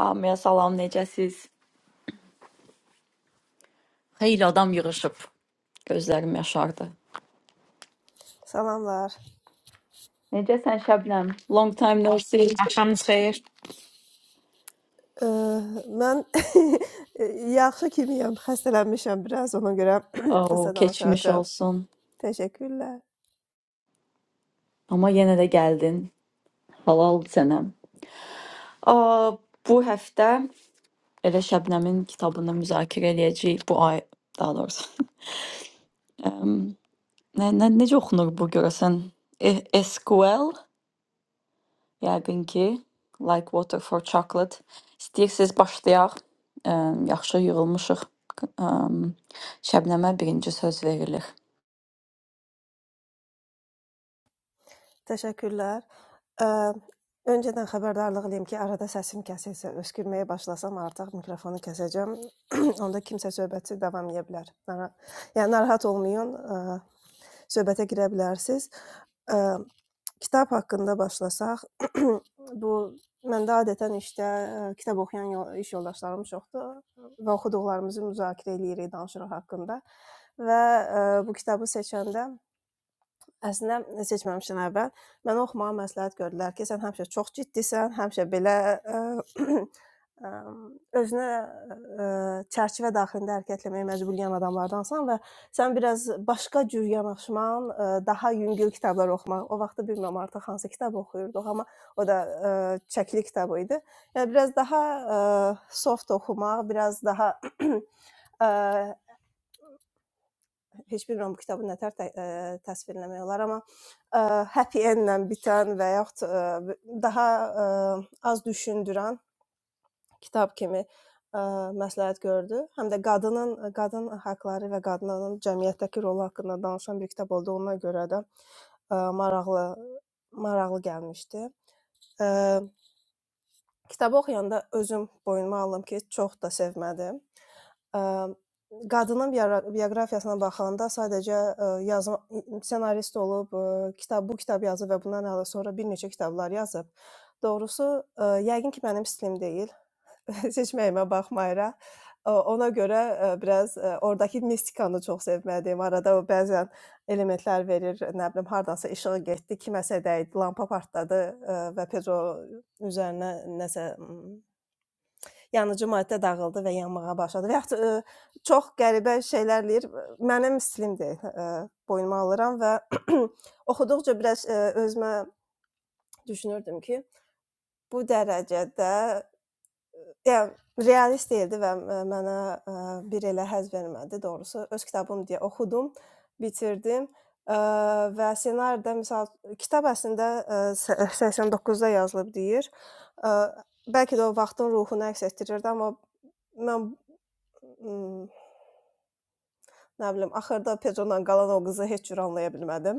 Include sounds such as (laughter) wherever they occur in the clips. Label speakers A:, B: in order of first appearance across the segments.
A: Hamıya salam, necəsiz? Xeyli adam yığışıb. Gözlərim yaşardı.
B: Salamlar.
A: Necəsən Şəbnəm? Long time no see.
C: Axşamınız xeyir.
B: Ə, mən (laughs) yaxşı kimiyəm, xəstələnmişəm biraz, ona görə (clears throat) (coughs)
A: Oh,
B: qısa
A: keçmiş
B: danışacağam.
A: olsun.
B: Təşəkkürlər.
A: Amma yenə də gəldin. Halal sənəm. Aa, bu həftə elə Şəbnəmin kitabını müzakirə eləyəcəyik bu ay, daha doğrusu. Əm, nə, nə necə oxunur bu görəsən? E SQL? Yəqin ki, like water for chocolate. İstəyirsiniz başlayaq. Əm, Yaxşı yığılmışıq. Əm, Şəbnəmə birinci söz verilir.
B: Təşəkkürlər. Ə, öncədən xəbərdarlıq eləyim ki, arada səsim kəsilsə, öskürməyə başlasam artıq mikrofonu kəsəcəm. (clears throat) (coughs) Onda kimsə söhbəti davam edə bilər. Nara yəni narahat olmayın, ə, söhbətə girə bilərsiniz. Ə, kitab haqqında başlasaq, (clears throat) (coughs) bu məndə adətən işdə ə, kitab oxuyan yol, iş yoldaşlarım çoxdur və oxuduqlarımızı müzakirə eləyirik, danışırıq haqqında. Və ə, bu kitabı seçəndə Əslində seçməmişdən əvvəl mənə oxumağı məsləhət gördülər ki, sən həmişə çox ciddisən, həmişə belə ə, ə, özünə ə, çərçivə daxilində hərəkət etməyə məcbur olan adamlardansan və sən biraz başqa cür yanaşman, ə, daha yüngül kitablar oxumaq. O vaxtı bilmirəm artıq hansı kitab oxuyurduq, amma o da ə, çəkili kitab idi. Yəni biraz daha ə, soft oxumaq, biraz daha (clears throat) ə, ə, heç bilmirəm bu kitabı nə tər tə, ə, təsvirləmək olar, amma ə, happy endlə bitən və yaxud ə, daha ə, az düşündürən kitab kimi ə, məsləhət gördü. Həm də qadının qadın haqqları və qadının cəmiyyətdəki rolu haqqında danışan bir kitab olduğuna görə də ə, maraqlı maraqlı gəlmişdi. Ə, kitabı oxuyanda özüm boynuma aldım ki, çox da sevmədim. Əm, qadının biora bioqrafiyasına baxanda sadəcə, ə, yazma ssenarist olub, ə, kitab bu kitab yazıb və bundan əlavə sonra bir neçə kitablar yazıb. Doğrusu, ə, yəqin ki, mənim stilim deyil, (laughs) seçməyimə baxmayaraq. O ona görə, ə, biraz, ə, ordakı mistikanı çox sevməliyəm. Arada o bəzən elementlər verir, nə bilim, hardansa işığı getdi, kiməsə dəydi, lampa partladı, ə, və tez o üzərinə nəsə, ımm yanıcı maddə dağıldı və yanmağa başladı. Və yaxud ə, çox qəribə şeylər eləyir. Mənim stilimdir. Ə, boynuma alıram və (clears throat) (coughs) oxuduqca biraz ə, özümə düşünürdüm ki, bu dərəcədə yəni realist deyildi və ə, mənə ə, bir elə həzz vermədi doğrusu. Öz kitabım deyə oxudum, bitirdim. Ə, və ssenaridə məsəl kitab əslində ə, sə- 89-da yazılıb deyir. Ə, bəlkə də o vaxtın ruhunu əks etdirirdi, amma mən Hmm, nə bilim, axırda Pedro'dan qalan o qızı heç cür anlaya bilmədim.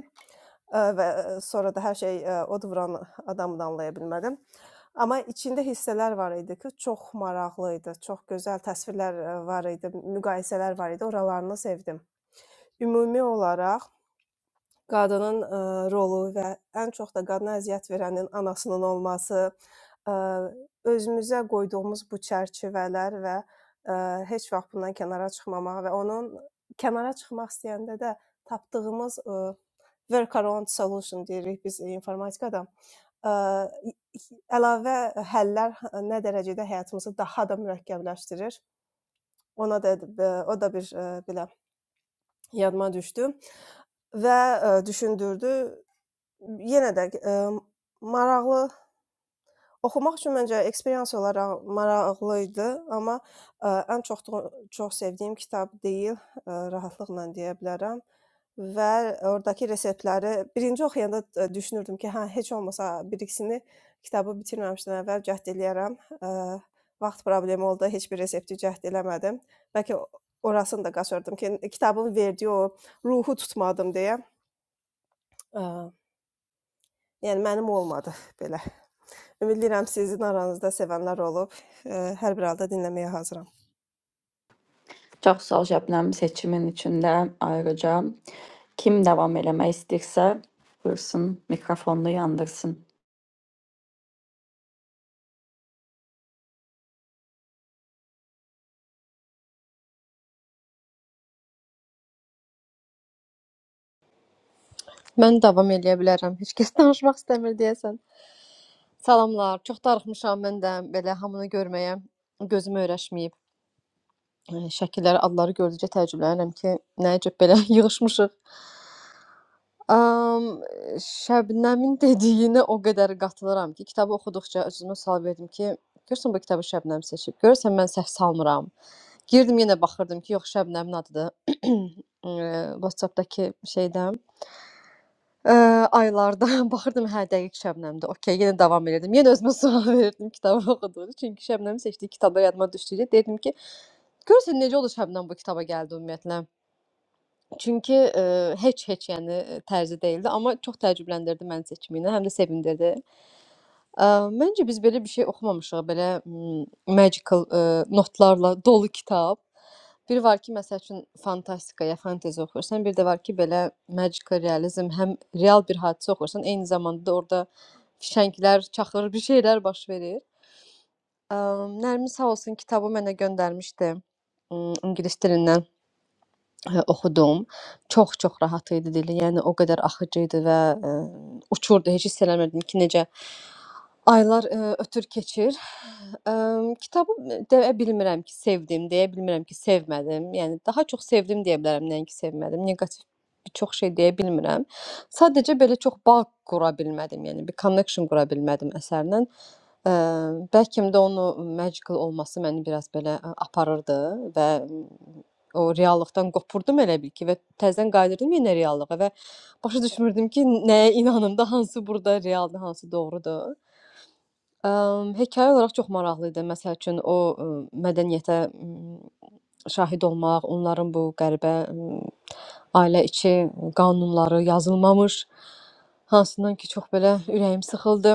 B: Ə, Və ə, sonra da hər şey ə, od vuran adamı da anlaya bilmədim. Amma içində hissələr var idi ki, çox maraqlı idi, çox gözəl təsvirlər ə, var idi, müqayisələr var idi. Oralarını sevdim. Ümumi olaraq qadının ə, rolu və ən çox da qadına əziyyət verənin anasının olması, ə, özümüzə qoyduğumuz bu çərçivələr və ə, heç vaxt bundan kənara çıxmamaq və onun kənara çıxmaq istəyəndə də tapdığımız ə, workaround solution deyirik biz informatikada. Ə, əlavə həllər nə dərəcədə həyatımızı daha da mürəkkəbləşdirir. Ona da e, o da bir ə, belə yadıma düşdü və ə, düşündürdü. Yenə də, emm, maraqlı oxumaq üçün məncə eksperians olaraq maraqlı idi, amma, ə, ən çoxdu çox sevdiyim kitab deyil, ə, rahatlıqla deyə bilərəm və ordakı reseptləri birinci oxuyanda, ə, düşünürdüm ki, hə, heç olmasa bir ikisini kitabı bitirməmişdən əvvəl cəhd eləyərəm. Ə, vaxt problemi oldu, heç bir resepti cəhd eləmədim. Bəlkə orasını da qaçırdım ki, kitabın verdiyi o ruhu tutmadım deyə. Ə, yəni mənim olmadı belə. Bilirəm sizin aranızda sevənlər olub. Ə, Hər bir halda dinləməyə hazıram.
A: Çox sağ ol Şəbnəm seçimin içində. Ayrıca kim davam eləmək istəyirsə, buyursun mikrofonunu yandırsın.
D: Mən davam eləyə bilərəm. Heç kəs (laughs) danışmaq istəmir deyəsən. Salamlar. Çox darıxmışam mən də belə hamını görməyə. Gözüm öyrəşməyib. E, Şəkilləri, adları gördükcə təəccüblənirəm ki, nəyəcəb belə (laughs) yığılmışıq. Um, Şəbnəmin dediyinə o qədər qatılıram ki, kitabı oxuduqca özümə sual verdim ki, görürsən bu kitabı Şəbnəm seçib. Görürsən mən səhv salmıram. Girdim yenə baxırdım ki, yox Şəbnəmin adıdır. (clears throat) E, WhatsApp-dakı şeydən. Eee, aylarda (laughs) baxırdım, hə, dəqiq Şəbnəmdir, okey, yenə davam edirdim. Yenə özümə sual (laughs) verirdim kitabı oxuduqca, çünki Şəbnəmin seçdiyi kitablar yadıma düşdükcə deyirdim ki, görürsən necə oldu Şəbnəm bu kitaba gəldi ümumiyyətlə. Çünki, eee, heç heç, yəni, tərzi deyildi, amma çox təəccübləndirdi məni seçimi ilə, həm də sevindirdi. Ə, məncə biz belə bir şey oxumamışıq, belə m magical, ə, notlarla dolu kitab. Bir var ki, məsəl üçün fantastika ya fantezi oxuyursan, bir də var ki, belə magical realizm, həm real bir hadisə oxuyursan, eyni zamanda da orada fişənglər çaxır, bir şeylər baş verir. Ə, Nərmin sağ olsun kitabı mənə göndərmişdi. M, ingilis dilindən ə, oxudum. Çox-çox rahat idi dili. Yəni o qədər axıcı idi və ə, uçurdu. Heç hiss eləmirdim ki, necə Aylar, eee, ötür keçir. Emm, kitabı deyə bilmirəm ki, sevdim, deyə bilmirəm ki, sevmədim. Yəni daha çox sevdim deyə bilərəm, nəinki sevmədim. Neqativ bir çox şey deyə bilmirəm. Sadəcə belə çox bağ qura bilmədim, yəni bir connection qura bilmədim əsərlə. Emm, bəlkə də onu magical olması məni biraz belə a aparırdı və m, o reallıqdan qopurdum elə bil ki və təzədən qayıdırdım yenə reallığa və başa düşmürdüm ki, nəyə inanım da, hansı burda realdır, hansı doğrudur. Əm, hekayə olaraq çox maraqlı idi. Məsəl üçün, o, ımm, mədəniyyətə, ımm, şahid olmaq, onların bu qəribə, ımm, ailə içi qanunları yazılmamış, hansından ki, çox belə ürəyim sıxıldı.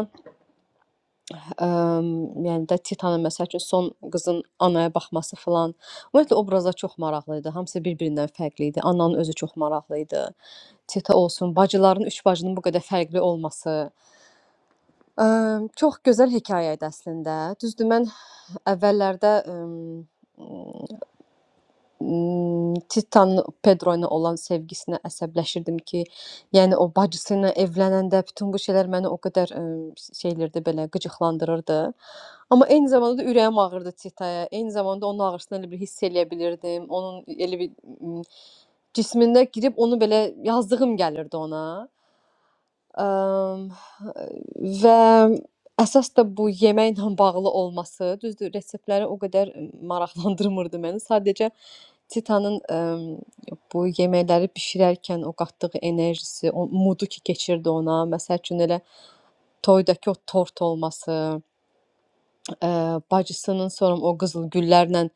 D: Əm, yəni də Titanın məsəl üçün son qızın anaya baxması filan. Ümumiyyətlə obrazlar çox maraqlı idi. Hamısı bir-birindən fərqli idi. Ananın özü çox maraqlı idi. Tita olsun, bacıların, üç bacının bu qədər fərqli olması. Əm, çox gözəl hekayə idi əslində. Düzdür, mən əvvəllərdə, ımm, ımm, Titanın Pedro ilə olan sevgisinə əsəbləşirdim ki, yəni o bacısı ilə evlənəndə bütün bu şeylər məni o qədər, ımm, şey eləyirdi belə, qıcıqlandırırdı. Amma eyni zamanda da ürəyim ağrıdı Titaya. Eyni zamanda onun ağrısını elə bil hiss eləyə bilirdim. Onun elə bir, ımm, cismində girib onu belə yazdığım gəlirdi ona. Əm, Və əsas da bu yeməklə (laughs) bağlı olması, düzdür, reseptləri o qədər maraqlandırmırdı məni. Sadəcə Titanın əm, bu yeməkləri bişirərkən o qatdığı enerjisi, o moodu ki, keçirdi ona. Məsəl üçün elə toydakı o tort olması. Eee, bacısının sonra o qızıl güllərlə,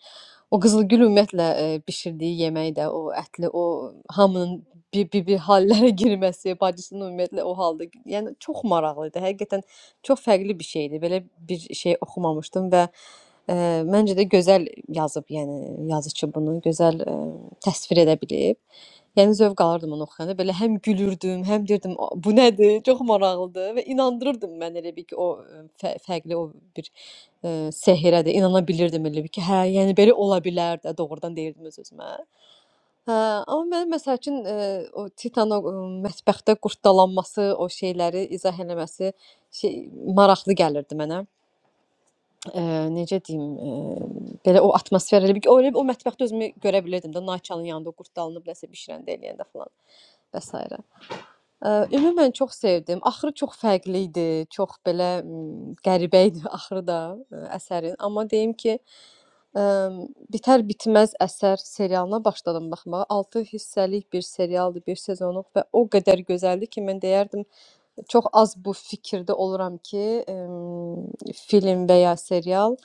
D: o qızıl gül ümumiyyətlə, eee, bişirdiyi yemək də, o ətli, o hamının bir-bir hallərə (laughs) girməsi, bacısının ümumiyyətlə o halda, yəni çox maraqlı idi. Həqiqətən çox fərqli bir şeydi. Belə bir şey oxumamışdım və, eee, məncə də gözəl yazıb, yəni yazıçı bunu gözəl, eee, təsvir edə bilib. Yəni zövq alırdım onu oxuyanda, belə həm gülürdüm, həm deyirdim "A, bu nədir, çox maraqlıdır" və inandırırdım mən elə bil ki, o ə, fə fərqli o bir ə, sehrə də inana bilirdim elə bil ki, hə, yəni belə ola bilər də, doğrudan deyirdim öz-özümə. Hə, amma mənim məsəl üçün ə, o Titanın o, ə, mətbəxdə qurddalanması, o şeyləri izah eləməsi şey maraqlı gəlirdi mənə. Ə, necə deyim, ə, belə o atmosfer elə bil ki, o elə o mətbəxdə özümü görə bilirdim də, Nayçanın yanında o qurddalanıb nəsə bişirəndə, eləyəndə filan və sairə. Eee, ümumən çox sevdim. Axırı çox fərqli idi, çox belə, ımm, qəribə idi (laughs) axırı da, eee, əsərin. Amma deyim ki, emm, bitər-bitməz əsər serialına başladım baxmağa. 6 hissəlik bir serialdır, bir sezonluq və o qədər gözəldir ki, mən deyərdim Çox az bu fikirdə oluram ki, emm, film və ya serial,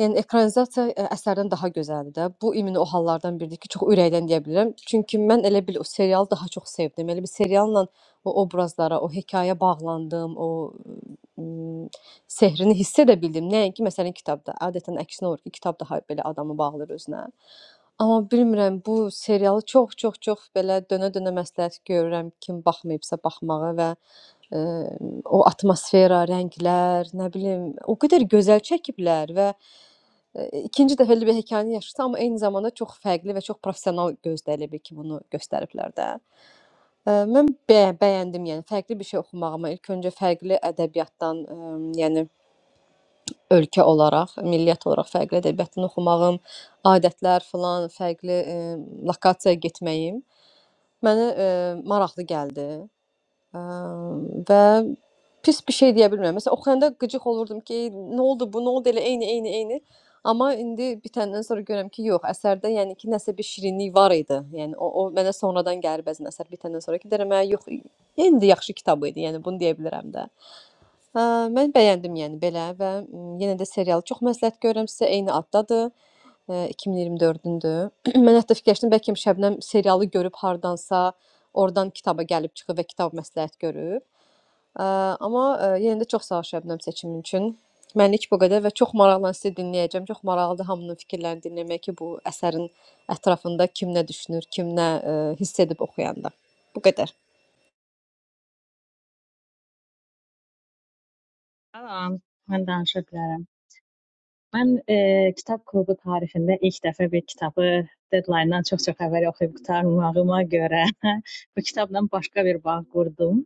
D: yəni ekranizasiya ə əsərdən daha gözəldir də. Bu ümumi o hallardan biridir ki, çox ürəkdən deyə bilirəm. Çünki mən elə bil o serialı daha çox sevdim. Elə bir serialla o obrazlara, o hekayəyə bağlandım, o, ımm, sehrini hiss edə bildim. Nəinki məsələn kitabda. Adətən əksinə olur ki, kitab daha belə adamı bağlayır özünə. Amma bilmirəm, bu serialı çox, çox, çox belə dönə-dönə məsləhət görürəm kim baxmayıbsa baxmağı və Ə, o atmosfera, rənglər, nə bilim, o qədər gözəl çəkiblər və ə, ikinci dəfə elə bir hekayəni yaşadı, amma eyni zamanda çox fərqli və çox professional gözdəlibi ki, bunu göstəriblər də. Ə, mən bə bəyəndim, yəni fərqli bir şey oxumağıma ilk öncə fərqli ədəbiyyatdan, ə, yəni ölkə olaraq, millət olaraq fərqli ədəbiyyatdan oxumağım, adətlər filan, fərqli ə, lokasiyaya getməyim mənə ə, maraqlı gəldi. Əm, və pis bir şey deyə bilmirəm. Məsələn, oxuyanda qıcıq olurdum ki, "Ey, nə oldu bu, nə oldu elə eyni, eyni, eyni." Amma indi bitəndən sonra görürəm ki, yox, əsərdə yəni ki, nəsə bir şirinlik var idi. Yəni o, o mənə sonradan gəlir bəzən əsər bitəndən sonra ki, deyirəm, "Hə, yox, indi yaxşı kitab idi." Yəni bunu deyə bilərəm də. Hə, mən bəyəndim yəni belə və m, yenə də serialı çox məsləhət görürəm sizə. Eyni addadır. Ə, 2024-dür. (clears throat) Mən hətta fikirləşdim bəlkə Şəbnəm serialı görüb hardansa, oradan kitaba gəlib çıxıb və kitab məsləhət görüb. Ə, amma ə, yenə də çox sağ ol Şəbnəm seçimin üçün. Mənlik bu qədər və çox maraqla sizi dinləyəcəm. Çox maraqlıdır hamının fikirlərini dinləmək ki, bu əsərin ətrafında kim nə düşünür, kim nə ə, hiss edib oxuyanda. Bu qədər.
E: Salam, mən danışa bilərəm. Mən eee, kitab klubu tarixində ilk dəfə bir kitabı deadline-dan çox-çox əvvəl oxuyub qurtarmağıma görə (laughs) bu kitabla başqa bir bağ qurdum.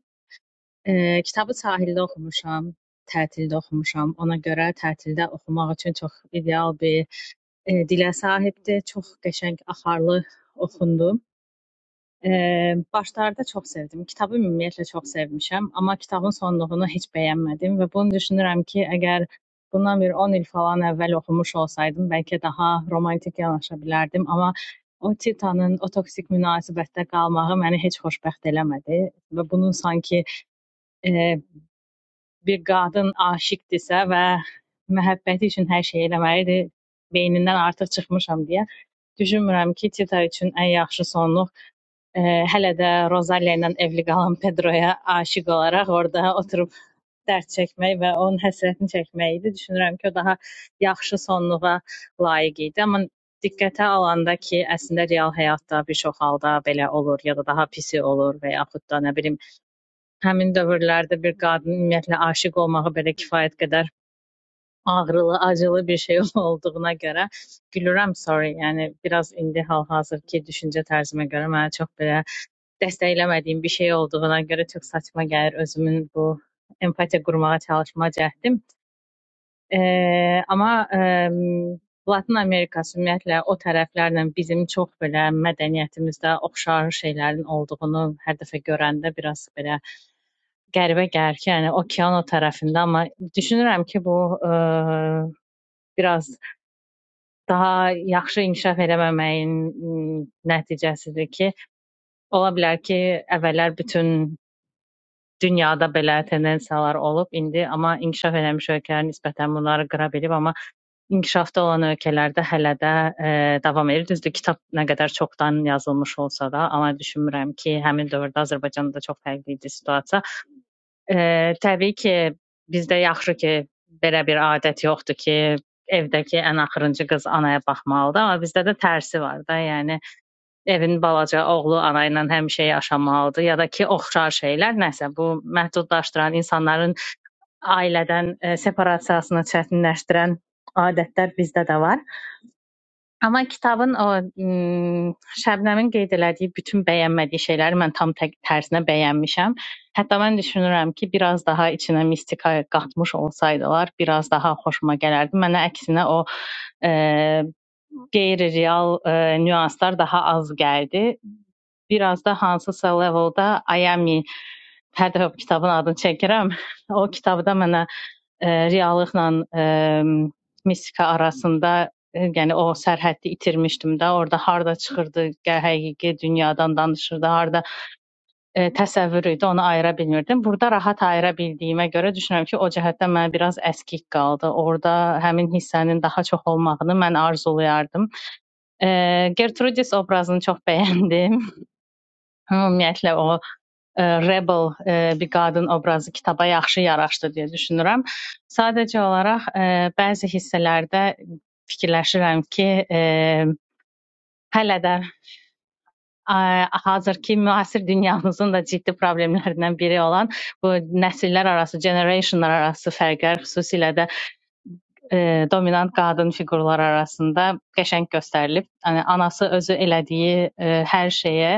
E: Eee, kitabı sahildə oxumuşam, tətildə oxumuşam. Ona görə tətildə oxumaq üçün çox ideal bir eee, dilə sahibdir. Çox qəşəng, axarlı oxundu. Eee, başlarda çox sevdim. Kitabı ümumiyyətlə çox sevmişəm, amma kitabın sonluğunu heç bəyənmədim və bunu düşünürəm ki, əgər bundan bir 10 il falan əvvəl oxumuş olsaydım, bəlkə daha romantik yanaşa bilərdim, amma o Titanın o toksik münasibətdə qalmağı məni heç xoşbəxt eləmədi və bunun sanki eee bir qadın aşiqdirsə və məhəbbəti üçün hər şey eləməlidir, beynindən artıq çıxmışam deyə düşünmürəm ki, Tita üçün ən yaxşı sonluq e, hələ də Rosalia ilə evli qalan Pedroya aşiq olaraq orada oturub dərd çəkmək və onun həsrətini çəkmək idi. Düşünürəm ki, o daha yaxşı sonluğa layiq idi. Amma diqqətə alanda ki, əslində real həyatda bir çox halda belə olur ya da daha pisi olur və yaxud da nə bilim Həmin dövrlərdə bir qadın ümumiyyətlə aşiq olmağı belə kifayət qədər ağrılı, acılı bir şey (laughs) olduğuna görə gülürəm, sorry. Yəni biraz indi hal-hazırki düşüncə tərzimə görə mənə çox belə dəstəkləmədiyim bir şey olduğuna görə çox saçma gəlir özümün bu empatiya qurmağa çalışma cəhdim. Eee, amma eee Latin Amerikası ümumiyyətlə o tərəflərlə bizim çox belə mədəniyyətimizdə oxşar şeylərin olduğunu hər dəfə görəndə biraz belə qəribə gəlir ki, yəni okean o tərəfində, amma düşünürəm ki, bu ə, biraz daha yaxşı inkişaf eləməməyin m, nəticəsidir ki, ola bilər ki, əvvəllər bütün dünyada belə tendensiyalar olub indi, amma inkişaf eləmiş ölkələr nisbətən bunları qıra bilib, amma inkişafda olan ölkələrdə hələ də ə, davam edir. Düzdür, kitab nə qədər çoxdan yazılmış olsa da, amma düşünmürəm ki, həmin dövrdə Azərbaycanda da çox fərqli idi situasiya. Eee, təbii ki, bizdə yaxşı ki, belə bir adət yoxdur ki, evdəki ən axırıncı qız anaya baxmalıdır, amma bizdə də tərsi var da, yəni evin balaca oğlu ana ilə həmişə yaşamalıdır ya da ki, oxşar şeylər nəsə bu məhdudlaşdıran insanların ailədən e, separasiyasını çətinləşdirən adətlər bizdə də var. Amma kitabın o ım, Şəbnəmin qeyd elədiyi bütün bəyənmədiyi şeyləri mən tam tə tərsinə bəyənmişəm. Hətta mən düşünürəm ki, biraz daha içinə mistika qatmış olsaydılar, biraz daha xoşuma gələrdi. Mənə əksinə o e, qeyri-real e, nüanslar daha az gəldi. Biraz da hansısa levelda Ayami hər dəfə bu kitabın adını çəkirəm. (laughs) O kitabda mənə e, reallıqla e, mistika arasında e, yəni o sərhəddi itirmişdim də. Orda harda çıxırdı gə- həqiqi dünyadan danışırdı, harda e, təsəvvür idi, onu ayıra bilmirdim. Burada rahat ayıra bildiyimə görə düşünürəm ki, o cəhətdən mənə biraz əskik qaldı. Orda həmin hissənin daha çox olmağını mən arzulayardım. E, Gertrudis obrazını çox bəyəndim. (laughs) Ümumiyyətlə o ə, rebel ə, bir qadın obrazı kitaba yaxşı yaraşdı deyə düşünürəm. Sadəcə olaraq ə, bəzi hissələrdə fikirləşirəm ki, ə, hələ də ə, hazırki müasir dünyamızın da ciddi problemlərindən biri olan bu nəsillər arası, generationlar arası fərqlər, xüsusilə də ə, dominant qadın fiqurlar arasında qəşəng göstərilib. Yəni anası özü elədiyi ə, hər şeyə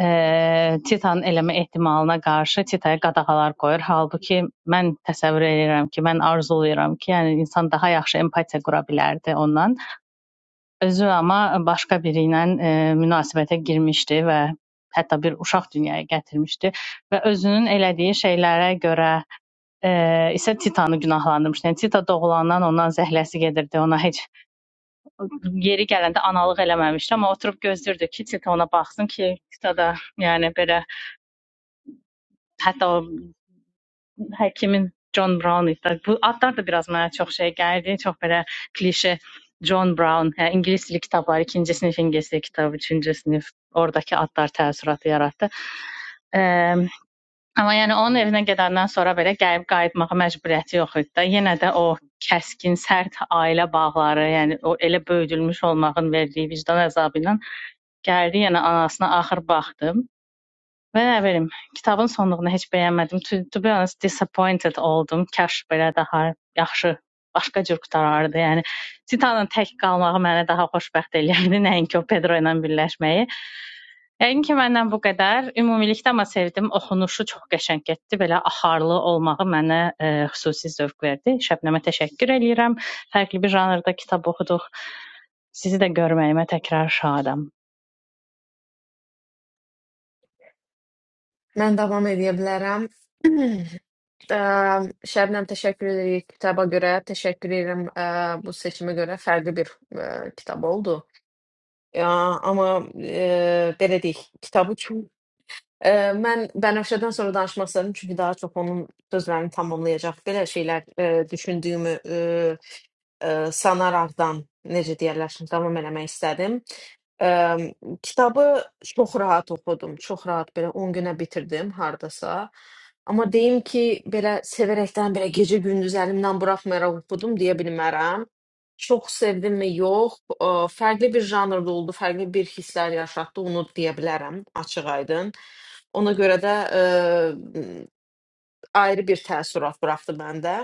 E: eee, Titanın eləmə ehtimalına qarşı Titaya qadağalar qoyur. Halbuki mən təsəvvür edirəm ki, mən arzulayıram ki, yəni insan daha yaxşı empatiya qura bilərdi ondan. Özü amma başqa biri ilə eee, münasibətə girmişdi və hətta bir uşaq dünyaya gətirmişdi və özünün elədiyi şeylərə görə e, isə Titanı günahlandırmışdı. Yəni Tita doğulandan ondan zəhləsi gedirdi. Ona heç yeri gələndə analıq eləməmişdi, amma oturub gözləyirdi ki, Tita ona baxsın ki, Tita da yəni belə hətta o həkimin John Brown idi. Bu adlar da biraz mənə çox şey gəldi. Çox belə klişe John Brown, hə, ingilis dili kitabları, ikinci sinif ingilis dili kitabı, üçüncü sinif oradakı adlar təəssüratı yaratdı. Ə, amma yəni onun evinə gedəndən sonra belə gəlib qayıtmağa məcburiyyəti yox idi də. Yenə də o kəskin, sərt ailə bağları, yəni o elə böyüdülmüş olmağın verdiyi vicdan əzabı ilə gəldi, yəni anasına axır baxdım. Və nə bilim, kitabın sonluğunu heç bəyənmədim. To, to be honest, disappointed oldum. Kaş belə daha yaxşı başqa cür qutarardı. Yəni Titanın tək qalmağı mənə daha xoşbəxt eləyirdi, (laughs) nəinki o Pedro ilə birləşməyi. Yəqin ki, məndən bu qədər. Ümumilikdə amma sevdim. Oxunuşu çox qəşəng getdi. Belə axarlı olmağı mənə e, xüsusi zövq verdi. Şəbnəmə təşəkkür eləyirəm. Fərqli bir janrda kitab oxuduq. Sizi də görməyimə təkrar şadam.
C: Mən davam edə bilərəm. (clears throat) Ə, Şəbnəm təşəkkür edirik (clears throat) kitaba görə, təşəkkür edirəm ə, bu seçimə görə. Fərqli bir ə, kitab oldu. Ə, amma ə, belə deyək, kitabı çox ə, mən Bənövşədən sonra danışmaq istədim çünki daha çox onun sözlərini tamamlayacaq belə şeylər ə, düşündüyümü e, sanaraqdan necə deyərlər, şimdi davam eləmək istədim. E, kitabı çox rahat oxudum, çox rahat belə 10 günə bitirdim hardasa. Amma deyim ki, belə sevərəkdən belə gecə gündüz əlimdən buraxmayaraq oxudum deyə bilmərəm. Çox sevdimmi? Yox. E, fərqli bir janrda oldu, fərqli bir hisslər yaşatdı, onu deyə bilərəm açıq-aydın. Ona görə də e, ayrı bir təəssürat buraxdı məndə.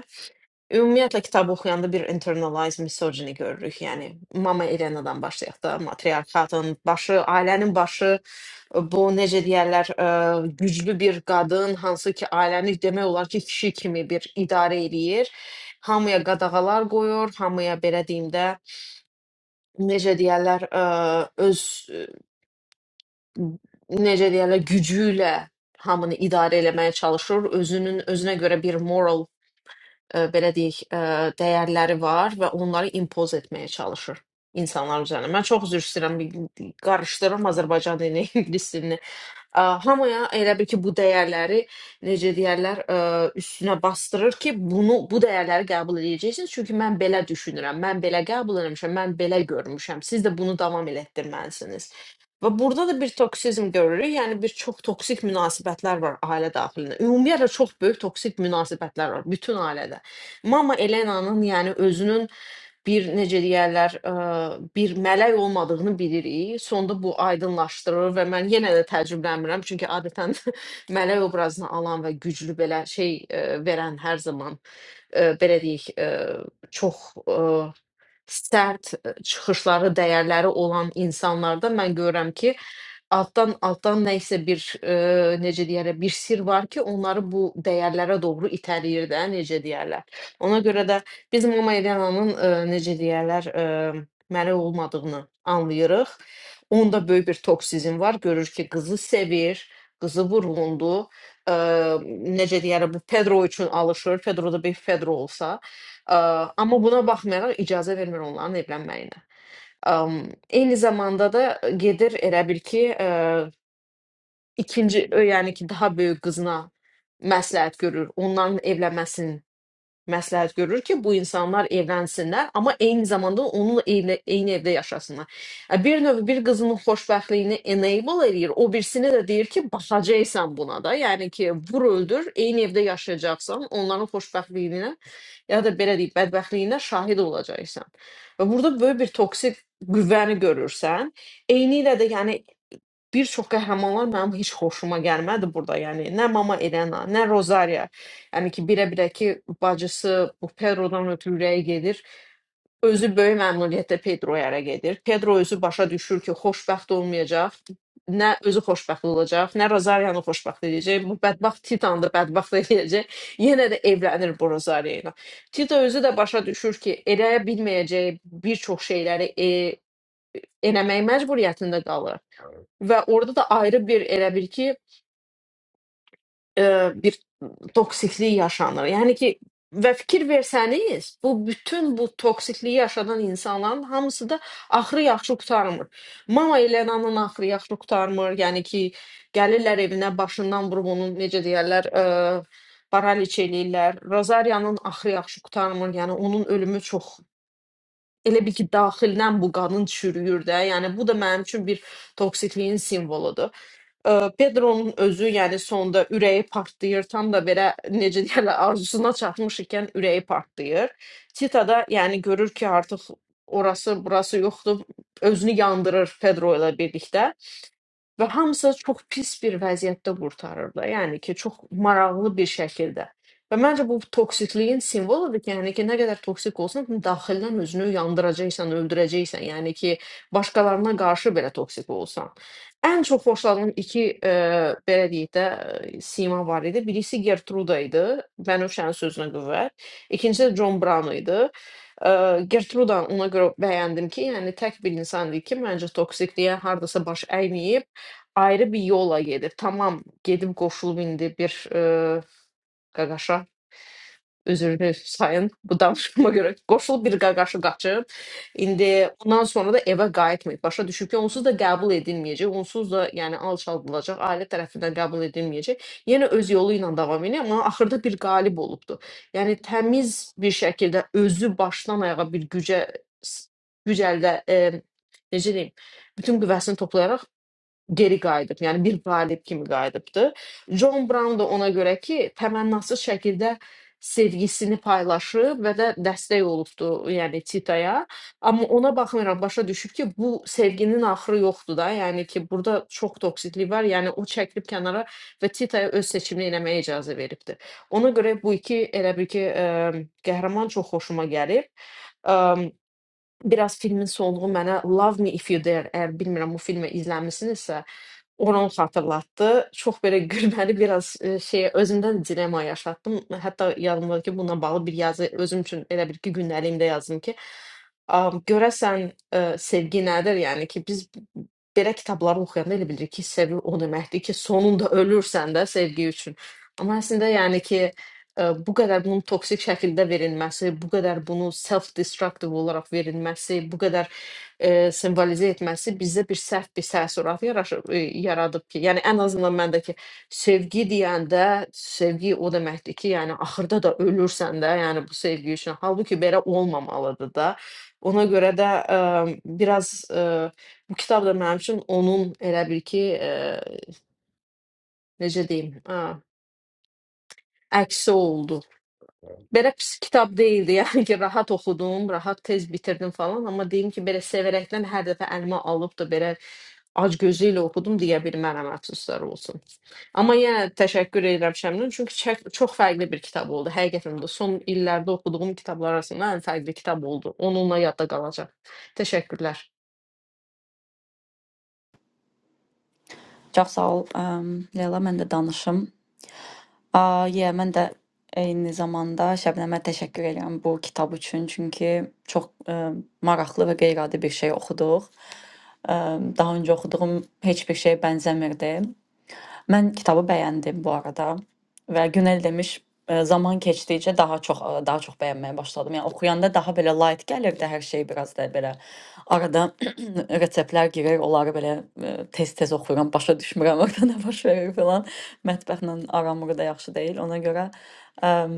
C: Ümumiyyətlə kitab oxuyanda bir internalized misogyni görürük. Yəni Mama Elenadan başlayaq da, matriarxatın başı, ailənin başı, bu necə deyərlər, ə, güclü bir qadın, hansı ki ailəni demək olar ki, kişi kimi bir idarə eləyir. Hamıya qadağalar qoyur, hamıya belə deyim də, necə deyərlər, ə, öz ə, necə deyərlər, gücü ilə hamını idarə eləməyə çalışır, özünün özünə görə bir moral e, belə deyək, e, dəyərləri var və onları impoz etməyə çalışır insanlar üzərinə. Mən çox üzr istəyirəm, bir- qarışdırıram Azərbaycan dilini, (laughs) ingilis dilini. Ə, hamıya elə bil ki, bu dəyərləri necə deyərlər, ə, üstünə bastırır ki, bunu bu dəyərləri qəbul edəcəksiniz. Çünki mən belə düşünürəm, mən belə qəbul etmişəm, mən belə görmüşəm. Siz də bunu davam elətdirməlisiniz. Və burada da bir toksizm görürük. Yəni bir çox toksik münasibətlər var ailə daxilində. Ümumiyyətlə çox böyük toksik münasibətlər var bütün ailədə. Mama Elena'nın yəni özünün Bir necə deyərlər, eee, bir mələk olmadığını bilirik. Sonda bu aydınlaşdırır və mən yenə də təəccüblənmirəm, çünki adətən (laughs) mələk obrazını alan və güclü belə şey, eee, verən hər zaman, eee, belə deyək, eee, çox, eee, sərt, eee, çıxışları, dəyərləri olan insanlarda mən görürəm ki, Alttan alttan nəysə bir, eee, necə deyərlər, bir sirr var ki, onları bu dəyərlərə doğru itələyir də, necə deyərlər. Ona görə də biz Mama Elenanın, eee, necə deyərlər, emm, məli olmadığını anlayırıq. Onda böyük bir toksizm var. Görür ki, qızı sevir, qızı vurğundur. Eee, necə deyərlər, bu Pedro üçün alışır. Pedro da bir Pedro olsa. Eee, amma buna baxmayaraq icazə vermir onların evlənməyinə. Am, eyni zamanda da gedir elə bil ki, eee, ikinci, yəni ki, daha böyük qızına məsləhət görür, ondan evlənməsini məsləhət görür ki, bu insanlar evlənsinlər, amma eyni zamanda onunla eyni, eyni evdə yaşasınlar. Ə, Bir növ bir qızının xoşbəxtliyini enable eləyir, o birisini də deyir ki, baxacaqsan buna da. Yəni ki, vur öldür, eyni evdə yaşayacaqsan, onların xoşbəxtliyinə ya da belə deyək, bədbəxtliyinə şahid olacaqsan. Və burada böyük bir toksik qüvvəni görürsən. Eynilə də yəni Bir çox qəhrəmanlar mənim heç xoşuma gəlmədi burda, yəni nə Mama Elena, nə Rosaria. Yəni ki, birə-birə ki, bacısı bu Pedrodan ötürü ürəyi gedir. Özü böyük məmnuniyyətlə Pedroya ərə gedir. Pedro özü başa düşür ki, xoşbəxt olmayacaq. Nə özü xoşbəxt olacaq, nə Rozariyanı xoşbəxt edəcək. Bu bədbəxt Titanı da bədbəxt (laughs) edəcək. Yenə də evlənir bu Rosaria ilə. Tito özü də başa düşür ki, eləyə bilməyəcəyi bir çox şeyləri e, eləmək məcburiyyətində qalır. Və orada da ayrı bir elə bir ki, e, bir toksiklik yaşanır. Yəni ki, və fikir versəniz, bu bütün bu toksikliyi yaşadan insanların hamısı da axırı yaxşı qurtarmır. Mama Elena'nın axırı yaxşı qurtarmır. Yəni ki, gəlirlər evinə başından vurub onu necə deyərlər, e, paraliç eləyirlər. Rozaryanın axırı yaxşı qurtarmır. Yəni onun ölümü çox elə bir ki, daxildən bu qanın çürüyür də. Yəni bu da mənim üçün bir toksikliyin simvoludur. Ee, Pedro'nun özü yəni sonda ürəyi partlayır, tam da belə necə deyirlər, arzusuna çatmış ikən ürəyi partlayır. Tita da yəni görür ki, artıq orası, burası yoxdur, özünü yandırır Pedro ilə birlikdə. Və hamısı çox pis bir vəziyyətdə qurtarır da. Yəni ki, çox maraqlı bir şəkildə. Və məncə bu toksikliyin simvoludur ki, yəni ki, nə qədər toksik olsan, daxildən özünü yandıracaqsan, öldürəcəksən. Yəni ki, başqalarına qarşı belə toksik olsan. Ən çox xoşladığım iki e, belə deyək də e, sima var idi. Birisi Gertruda idi, Bənövşənin sözünə qüvvət. İkincisi də John Brown idi. Ə, Gertruda ona görə bəyəndim ki, yəni tək bir insan idi ki, məncə toksikliyə hardasa baş əyməyib Ayrı bir yola gedib. Tamam, gedib qoşulub indi bir, eee, qaqaşa, üzürlü sayın bu danışığıma görə qoşulub bir qaqaşı qaçıb. İndi ondan sonra da evə qayıtmayıb. Başa düşüb ki, onsuz da qəbul edilməyəcək, onsuz da yəni alçaldılacaq, ailə tərəfindən qəbul edilməyəcək. Yenə öz yolu ilə davam edir, amma axırda bir qalib olubdur. Yəni təmiz bir şəkildə özü başdan ayağa bir gücə s güc əldə, emm, necə deyim, bütün qüvvəsini toplayaraq geri qayıdıb, yəni bir qalib kimi qayıdıbdı. John Brown da ona görə ki, təmənnasız şəkildə sevgisini paylaşıb və də dəstək olubdu, yəni Titaya. Amma ona baxmayaraq başa düşüb ki, bu sevginin axırı yoxdur da, yəni ki, burada çox toksiklik var. Yəni o çəkilib kənara və Titaya öz seçimini eləməyə icazə veribdi. Ona görə bu iki elə bir ki, ə, qəhrəman çox xoşuma gəlib. Ə, Biraz filmin sonluğu mənə Love Me If You Dare, əgər bilmirəm bu filmi izləmisinizsə, onu xatırlatdı. Çox belə gülməli biraz e, şey özümdən dilema yaşatdım. Hətta yadımdadır ki, bununla bağlı bir yazı özüm üçün elə bir iki gündəliyimdə yazdım ki, am, görəsən e, sevgi nədir? Yəni ki, biz belə kitabları oxuyanda elə bilirik ki, sevgi o deməkdir ki, sonunda ölürsən də sevgi üçün. Amma əslində yəni ki, ə, bu qədər bunun toksik şəkildə verilməsi, bu qədər bunu self-destructive olaraq verilməsi, bu qədər ə, simvolizə etməsi bizdə bir səhv bir təəssürat yaraşır, ə, yaradıb ki, yəni ən azından məndə ki, sevgi deyəndə sevgi o deməkdir ki, yəni axırda da ölürsən də, yəni bu sevgi üçün. Halbuki belə olmamalıdır da. Ona görə də ə, biraz ə, bu kitab da mənim üçün onun elə bir ki, ə, necə deyim, ə, əksi oldu. Belə pis kitab deyildi, yəni ki, rahat oxudum, rahat tez bitirdim falan, amma deyim ki, belə sevərəkdən hər dəfə əlimə alıb da belə ac gözü ilə oxudum deyə bilmərəm, əfsuslar olsun. Amma yenə təşəkkür edirəm Şəmlin, çünki çək, çox fərqli bir kitab oldu. Həqiqətən də son illərdə oxuduğum kitablar arasında ən fərqli kitab oldu. Onunla yadda qalacaq. Təşəkkürlər.
A: Çox sağ ol əm, Leyla, mən də danışım. Aa, yeah, mən də eyni zamanda Şəbnəmə təşəkkür edirəm bu kitab üçün, çünki çox ə, maraqlı və qeyri-adi bir şey oxuduq. Ə, Daha öncə oxuduğum heç bir şeyə bənzəmirdi. Mən kitabı bəyəndim bu arada və Günel demiş, e, zaman keçdikcə daha çox e, daha çox bəyənməyə başladım. Yəni oxuyanda daha belə light gəlirdi hər şey biraz da belə arada (clears throat) reseptlər girir, onları belə e, tez-tez oxuyuram, başa düşmürəm orada (laughs) nə baş verir filan. Mətbəxlə aramı da yaxşı deyil. Ona görə əm,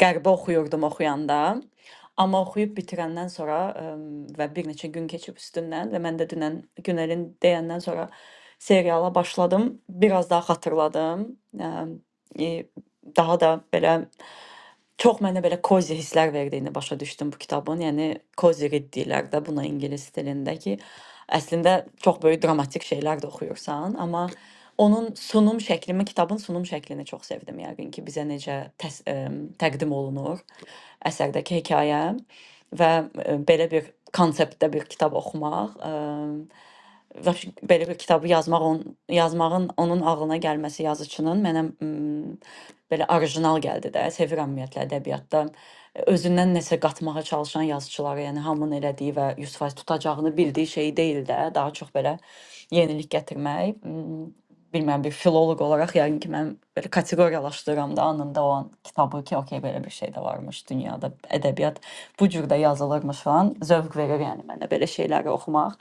A: qəribə oxuyurdum oxuyanda. Amma oxuyub bitirəndən sonra əm, və bir neçə gün keçib üstündən və mən də dünən Günəlin deyəndən sonra seriala başladım. Biraz daha xatırladım. Ə, e, daha da belə çox mənə belə kozi hisslər verdiyini başa düşdüm bu kitabın. Yəni kozi read deyirlər də buna ingilis dilində ki, əslində çox böyük dramatik şeylər də oxuyursan, amma onun sunum şəklini, kitabın sunum şəklini çox sevdim yəqin ki, bizə necə təs ə, təqdim olunur əsərdəki hekayə və ə, belə bir konseptdə bir kitab oxumaq. Ə, daş- belə bir kitabı yazmaq on, yazmağın onun ağlına gəlməsi yazıçının mənə mm, belə orijinal gəldi də. Sevirəm ümumiyyətlə ədəbiyyatda özündən nəsə qatmağa çalışan yazıçıları, yəni hamının elədiyi və 100% tutacağını bildiyi şey deyil də, daha çox belə yenilik gətirmək bilmirəm bir filoloq olaraq yəqin ki, mən belə kateqoriyalaşdıram da anında o an kitabı ki, okey belə bir şey də varmış dünyada, ədəbiyyat bu cür də yazılırmış falan. Zövq verir yəni mənə belə şeyləri oxumaq.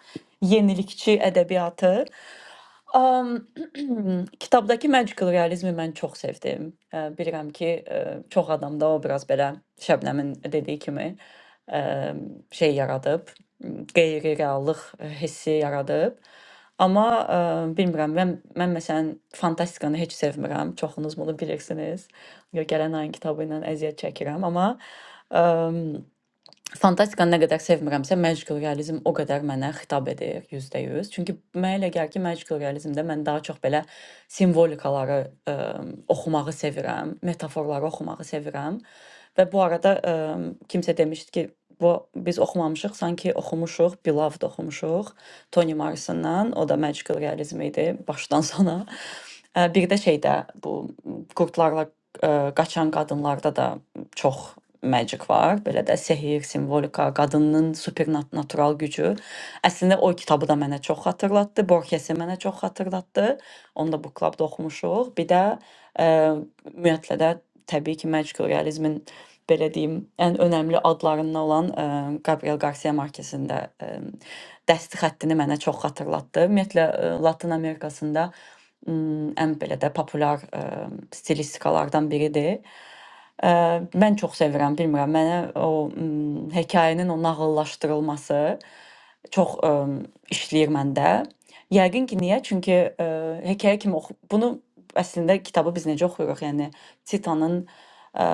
A: Yenilikçi ədəbiyyatı. Am, (clears throat) kitabdakı magical realizmi mən çox sevdim. Ə, Bilirəm ki, ə, çox adam da o biraz belə Şəbnəmin dediyi kimi ə, şey yaradıb, m, qeyri-reallıq hissi yaradıb. Amma ə, bilmirəm, mən, mən məsələn fantastikanı heç sevmirəm. Çoxunuz bunu bilirsiniz. Yo, Gələn ayın kitabı ilə əziyyət çəkirəm, amma Fantastikanı nə qədər sevmirəmsə, magical realizm o qədər mənə xitab edir 100%. Çünki mənə elə gəlir ki, magical realizmdə mən daha çox belə simvolikaları ə, oxumağı sevirəm, metaforları oxumağı sevirəm. Və bu arada ə, kimsə demişdi ki, bu biz oxumamışıq, sanki oxumuşuq, Beloved oxumuşuq Toni Morrisondan. O da magical realizm idi başdan sona. (laughs) Ə, bir də şeydə bu qurdlarla ə, qaçan qadınlarda da çox magic var. Belə də sehr, simvolika, qadının supernatural gücü. Əslində o kitabı da mənə çox xatırlatdı. Borges-i mənə çox xatırlatdı. Onu da bu klubda oxumuşuq. Bir də ə, ümumiyyətlə də təbii ki, magic realizmin belə deyim, ən önəmli adlarından olan ə, Gabriel Garcia Marquez-in də ə, dəsti xəttini mənə çox xatırlatdı. Ümumiyyətlə ə, Latın Amerikasında m, ən belə də populyar ə, stilistikalardan biridir. Ə, mən çox sevirəm, bilmirəm, mənə o m, hekayənin o nağıllaşdırılması çox ə, işləyir məndə. Yəqin ki, niyə? Çünki ə, hekayə kimi oxu bunu əslində kitabı biz necə oxuyuruq? Yəni Titanın ə,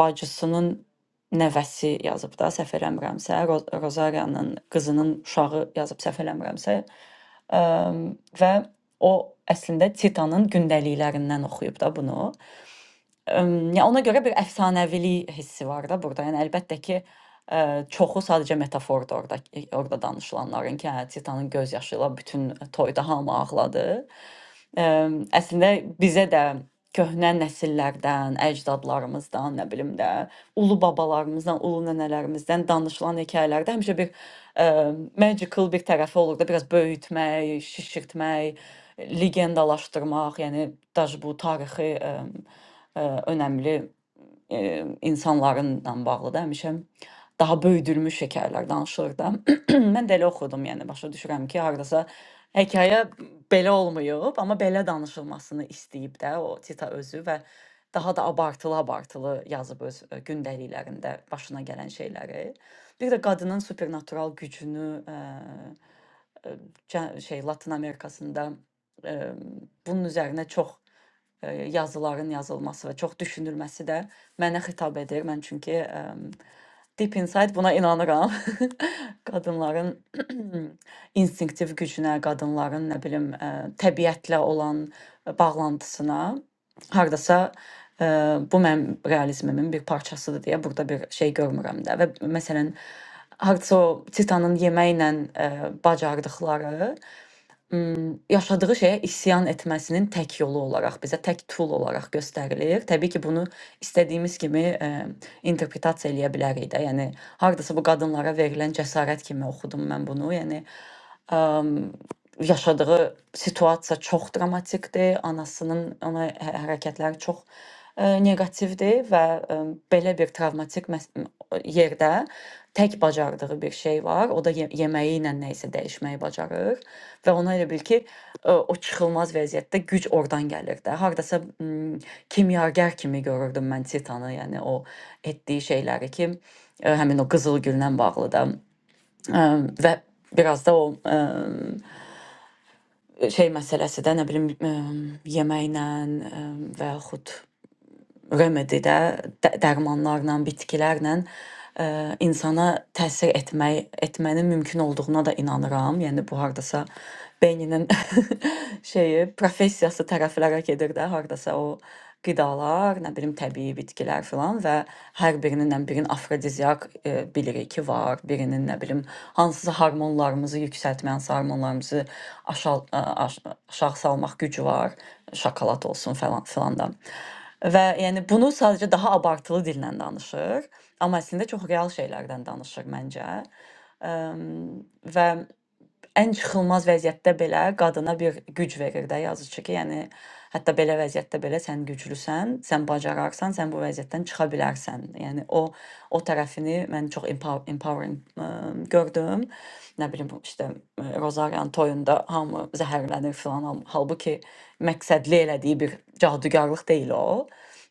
A: bacısının nəvəsi yazıb da, səhv eləmirəmsə, Ro Rozarianın qızının uşağı yazıb səhv eləmirəmsə, ə, və o əslində Titanın gündəliklərindən oxuyub da bunu. Emm, ya, ona görə bir əfsanəvilik hissi var da burada. Yəni əlbəttə ki, eee, çoxu sadəcə metafordur orda orada danışılanların ki, hə, Titanın göz yaşı ilə bütün toyda hamı ağladı. Əm, Əslində bizə də köhnə nəsillərdən, əcdadlarımızdan, nə bilim də, ulu babalarımızdan, ulu nənələrimizdən danışılan hekayələrdə həmişə bir ə, magical bir tərəfi olur da, biraz böyütmək, şişirtmək, legendalaşdırmaq, yəni daş bu tarixi ə, ə, önəmli ə, insanlarla bağlı da həmişə daha böyüdülmüş hekayələr danışılır da. (clears throat) Mən də elə oxudum, yəni başa düşürəm ki, hardasa hekayə belə olmayıb, amma belə danışılmasını istəyib də o Tita özü və daha da abartılı-abartılı yazıb öz ə, gündəliklərində başına gələn şeyləri. Bir də qadının supernatural gücünü ə, ə, cə- şey Latın Amerikasında ə, bunun üzərinə çox ə, yazıların yazılması və çox düşünülməsi də mənə xitab edir. Mən çünki e, Deep Inside buna inanıram. (laughs) Qadınların (clears throat) instinktiv gücünə, qadınların nə bilim, ə, təbiətlə olan bağlantısına hardasa ə, bu mənim realizmimin bir parçasıdır deyə burada bir şey görmürəm də və məsələn hardasa o Titanın yeməklə ə, bacardıqları ım, yaşadığı şeyə isyan etməsinin tək yolu olaraq bizə tək tool olaraq göstərilir. Təbii ki, bunu istədiyimiz kimi ə, interpretasiya eləyə bilərik də. Yəni hardasa bu qadınlara verilən cəsarət kimi oxudum mən bunu. Yəni yaşadığı situasiya çox dramatikdir. Anasının ona hə- hərəkətləri çox ə, neqativdir və ə, belə bir travmatik məs- yerdə tək bacardığı bir şey var. O da ye yeməyi ilə nə isə dəyişməyi bacarır və ona elə bil ki, ə, o çıxılmaz vəziyyətdə güc oradan gəlir də. Hardasa m, kimyager kimi görürdüm mən Titanı, yəni o etdiyi şeyləri ki, ə, həmin o qızıl güllə bağlı da ə, və biraz da o e, شاید مثلاً صدای نبلیم یه ماینن وارد remedidə, də dərmanlarla, bitkilərlə ə, insana təsir etmək etmənin mümkün olduğuna da inanıram. Yəni bu hardasa beyninin (laughs) şeyi, professiyası tərəflərə gedir də, hardasa o qidalar, nə bilim təbii bitkilər filan və hər birinin nə birinin afrodiziak e, bilirik ki var, birinin nə bilim hansısa hormonlarımızı yüksəltmə, hansı hormonlarımızı aşağı aşağı salmaq gücü var, şokolad olsun falan filan da. Və yəni bunu sadəcə daha abartılı dillə danışır, amma əslində çox real şeylərdən danışır məncə. Əm, Və Ən çıxılmaz vəziyyətdə belə qadına bir güc verir də yazıçı ki, yəni hətta belə vəziyyətdə belə sən güclüsən, sən bacararsan, sən bu vəziyyətdən çıxa bilərsən. Yəni o o tərəfini mən çox empower, empowering ə, gördüm. Nə bilim bu işte ə, Rozaryan toyunda hamı zəhərlənir filan, ham- halbuki məqsədli elədiyi bir cadugarlıq deyil o.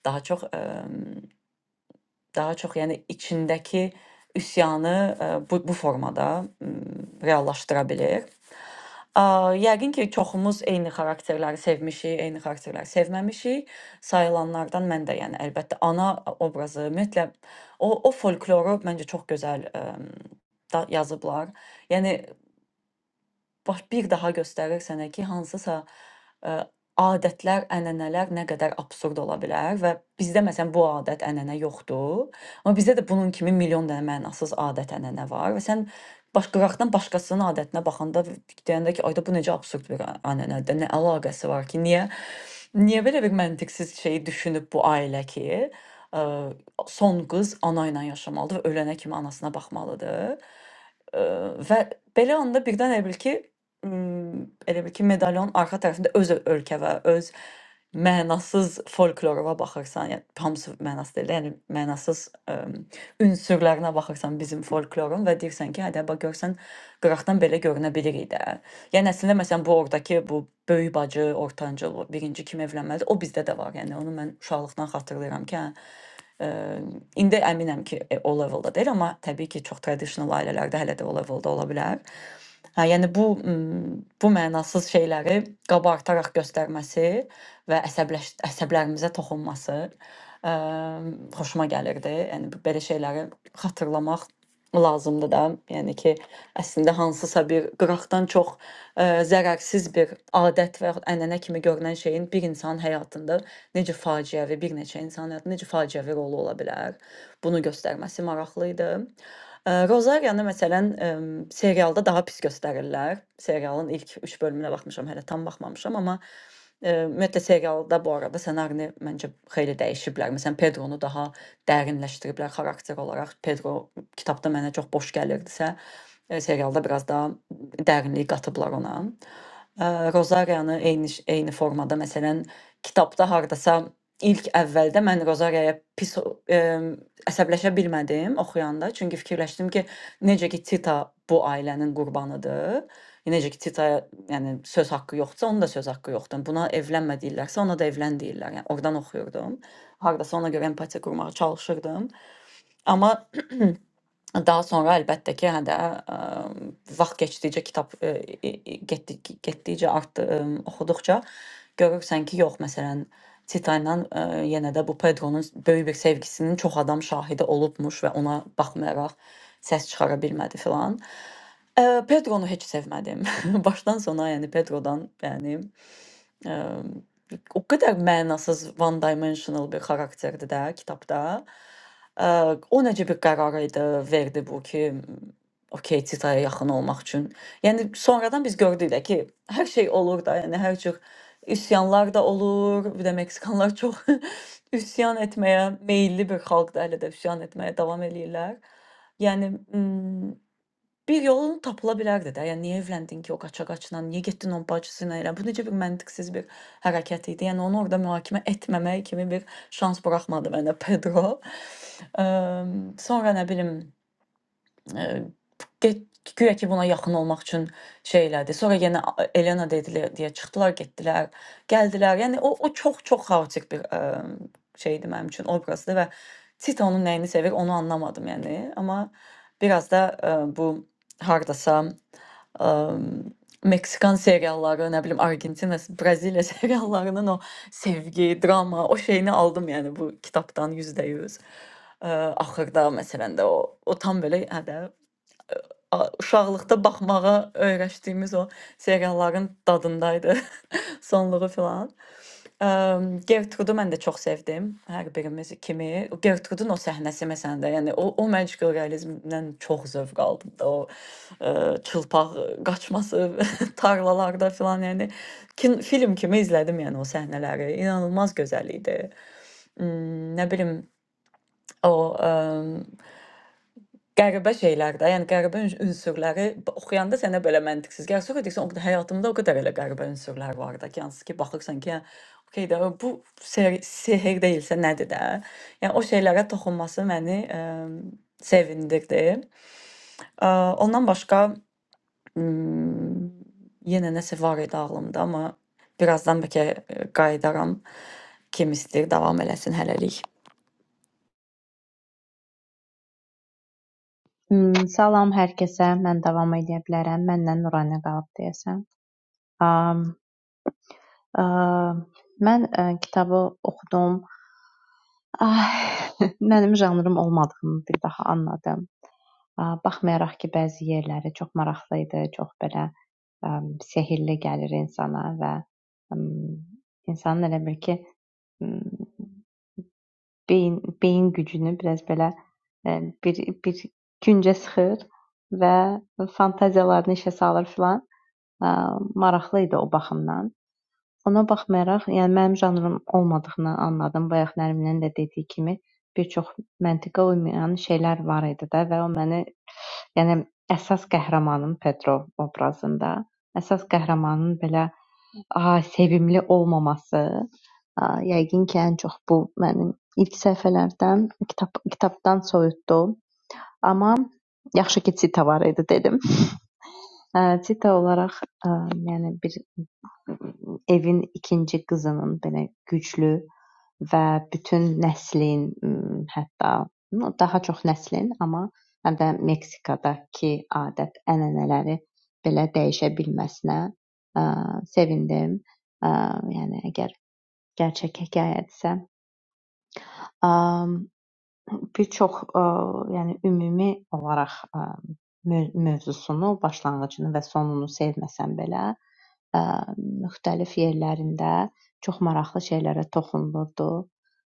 A: Daha çox ə, daha çox yəni içindəki üsyanı ə, bu bu formada ə, reallaşdıra bilir. Ə, Yəqin ki, çoxumuz eyni xarakterləri sevmişik, eyni xarakterləri sevməmişik. Sayılanlardan mən də, yəni əlbəttə ana obrazı, ümumiyyətlə o o folkloru məncə çox gözəl ə, da yazıblar. Yəni baş bir daha göstərir sənə ki, hansısa ə, adətlər, ənənələr nə qədər absurd ola bilər və bizdə məsələn bu adət, ənənə yoxdur. Amma bizdə də bunun kimi milyon dənə mənasız adət, ənənə var və sən başqıraqdan başqasının adətinə baxanda deyəndə ki, ayda bu necə absurd bir ə- ənənədir, nə əlaqəsi var ki, niyə niyə belə bir məntiqsiz şeyi düşünüb bu ailə ki, ə, son qız ana ilə yaşamalıdır və ölənə kimi anasına baxmalıdır. Eee, və belə anda birdən elə bil ki, ımm, elə bil ki, medalionun arxa tərəfində öz ö- ölkə və öz mənasız folkloruna baxırsan, yəni hamısı mənasız deyil də, yəni mənasız, əm, ünsürlərinə baxırsan bizim folklorun və deyirsən ki, hə də bax görsən qıraqdan belə görünə bilik idi də. Yəni əslində məsələn bu ordakı bu böyük bacı, ortancıl, birinci kim evlənməlidir, o bizdə də var. Yəni onu mən uşaqlıqdan xatırlayıram ki, hə Eee, İndi əminəm ki, e, o levelda deyil, amma təbii ki, çox traditional ailələrdə hələ də o levelda ola bilər. Hə, yəni bu m, bu mənasız şeyləri qabartaraq göstərməsi və əsəbləş əsəblərimizə toxunması ə, xoşuma gəlirdi. Yəni bu- belə şeyləri xatırlamaq lazımdır da. Yəni ki, əslində hansısa bir qıraqdan çox ə, zərərsiz bir adət və yaxud ənənə kimi görünən şeyin bir insanın həyatında necə faciəvi, bir neçə insanın həyatında necə faciəvi rolu ola bilər. Bunu göstərməsi maraqlı idi. Ə, Rozariyanı məsələn ə, serialda daha pis göstərirlər. Serialın ilk 3 bölümünə baxmışam, hələ tam baxmamışam, amma Eee, Ümumiyyətlə serialda bu arada ssenarini məncə xeyli dəyişiblər. Məsələn, Pedronu daha dərinləşdiriblər xarakter olaraq. Pedro kitabda mənə çox boş gəlirdisə, e, serialda biraz daha dərinlik qatıblar ona. Eee, Rozariyanı eyni ş- eyni formada məsələn kitabda hardasa ilk əvvəldə mən Rozariyaya pis e, əsəbləşə bilmədim oxuyanda, çünki fikirləşdim ki, necə ki Tita bu ailənin qurbanıdır. Necə ki, Titaya yəni, söz haqqı yoxdursa, onun da söz haqqı yoxdur. Yəni, Buna evlənmə deyirlərsə, ona da evlən deyirlər. Yəni oradan oxuyurdum. Hardasa ona görə empatiya qurmağa çalışırdım. Amma daha sonra əlbəttə ki, hə də ə, vaxt keçdikcə kitab ə, e- e- getdi getdikcə artdı, ə, oxuduqca görürsən ki, yox, məsələn, Tita ilə ə, yenə də bu Pedronun böyük bir sevgisinin çox adam şahidi olubmuş və ona baxmayaraq səs çıxara bilmədi filan. Eee, Pedro'nu heç sevmədim. Başdan (laughs) sona, yəni Pedro'dan, yəni, emm, o qədər mənasız one dimensional bir xarakterdir də kitabda. Eee, o necə bir qərar idi, verdi bu ki, okey, Titaya yaxın olmaq üçün. Yəni sonradan biz gördük də ki, hər şey olur da, yəni hər cür üsyanlar da olur. Bir də meksikanlar çox (laughs) üsyan etməyə meyilli bir xalqdır, hələ də üsyan etməyə davam eləyirlər. Yəni, ımm Bir yolunu tapılabilirdi də. Yəni niyə evləndin ki o qaçaqaçla? Niyə getdin onun bacısı ilə elə? Bu necə bir məntiqsiz bir hərəkət idi? Yəni onu orada mühakimə etməmək kimi bir şans buraxmadı mənə Pedro. Eee, sonra nə bilim Eee, get guya ki, buna yaxın olmaq üçün şey elədi. Sonra yenə a- Elena dedilə deyə çıxdılar, getdilər, gəldilər. Yəni o o çox-çox xaotik bir ə, şeydi mənim üçün obrazdı və Tito onun nəyini sevir, onu anlamadım yəni. Amma biraz da ə, bu hardasa ə, Meksikan serialları, nə bilim Argentina, Braziliya (laughs) seriallarının o sevgi, drama, o şeyini aldım yəni bu kitabdan %100. Ə, axırda məsələn də o o tam belə hə də a- uşaqlıqda baxmağa öyrəşdiyimiz o serialların dadındaydı. (laughs) Sonluğu filan. Əm, Gertrudu mən də çox sevdim. Hər birimiz kimi. O Gertrudun o səhnəsi məsələn də, yəni o o məşqül realizmdən çox zövq aldım da o ə, çılpaq qaçması (laughs) tarlalarda filan, yəni kin, film kimi izlədim yəni o səhnələri. İnanılmaz gözəl idi. Hmm, nə bilim o Qəribə şeylərdir. Yəni qəribə üns- ünsürləri b- oxuyanda sənə belə məntiqsiz gəlir. Sonra deyirsən, o qədər həyatımda o qədər elə qəribə ünsürlər var da ki, hansı ki baxırsan ki, hə, okey də bu sehr, sehr deyilsə nədir də? Yəni o şeylərə toxunması məni ə, sevindirdi. Ə, ondan başqa m, yenə nəsə var idi ağlımda, amma birazdan bəlkə ə, qayıdaram. Kim istəyir davam eləsin hələlik.
F: Mm, Salam hər kəsə. Mən davam edə bilərəm. Məndən Nuranə qalıb deyəsən. Um, um, mən ə, kitabı oxudum. Ah, (laughs) Mənim janrım olmadığını bir daha anladım. Ah, Baxmayaraq ki, bəzi yerləri çox maraqlı idi, çox belə um, sehrli gəlir insana və um, insanın elə bir ki, mm, beyin beyin gücünü biraz belə e, bir bir güncə sıxır və fantaziyalarını işə salır filan. maraqlı idi o baxımdan. Ona baxmayaraq, yəni mənim janrım olmadığını anladım. Bayaq Nərminin də dediyi kimi, bir çox məntiqə uymayan şeylər var idi də və o məni, yəni əsas qəhrəmanım Pedro obrazında, əsas qəhrəmanın belə aha, sevimli olmaması, a, yəqin ki, ən çox bu mənim ilk səhifələrdən, kitab kitabdan soyutdu. Amma yaxşı ki, Cita var idi dedim. (laughs) Ə, Cita olaraq, ə, yəni bir Evin ikinci qızının belə güclü və bütün nəslin, hətta no, daha çox nəslin, amma həm də Meksikadakı adət-ənənələri belə dəyişə bilməsinə ə, sevindim. Ə, Yəni əgər gerçək hekayədirsə, bir çox, ə, yəni ümumi olaraq ə, mövzusunu, başlanğıcını və sonunu sevməsəm belə ə, müxtəlif yerlərində çox maraqlı şeylərə toxunulurdu.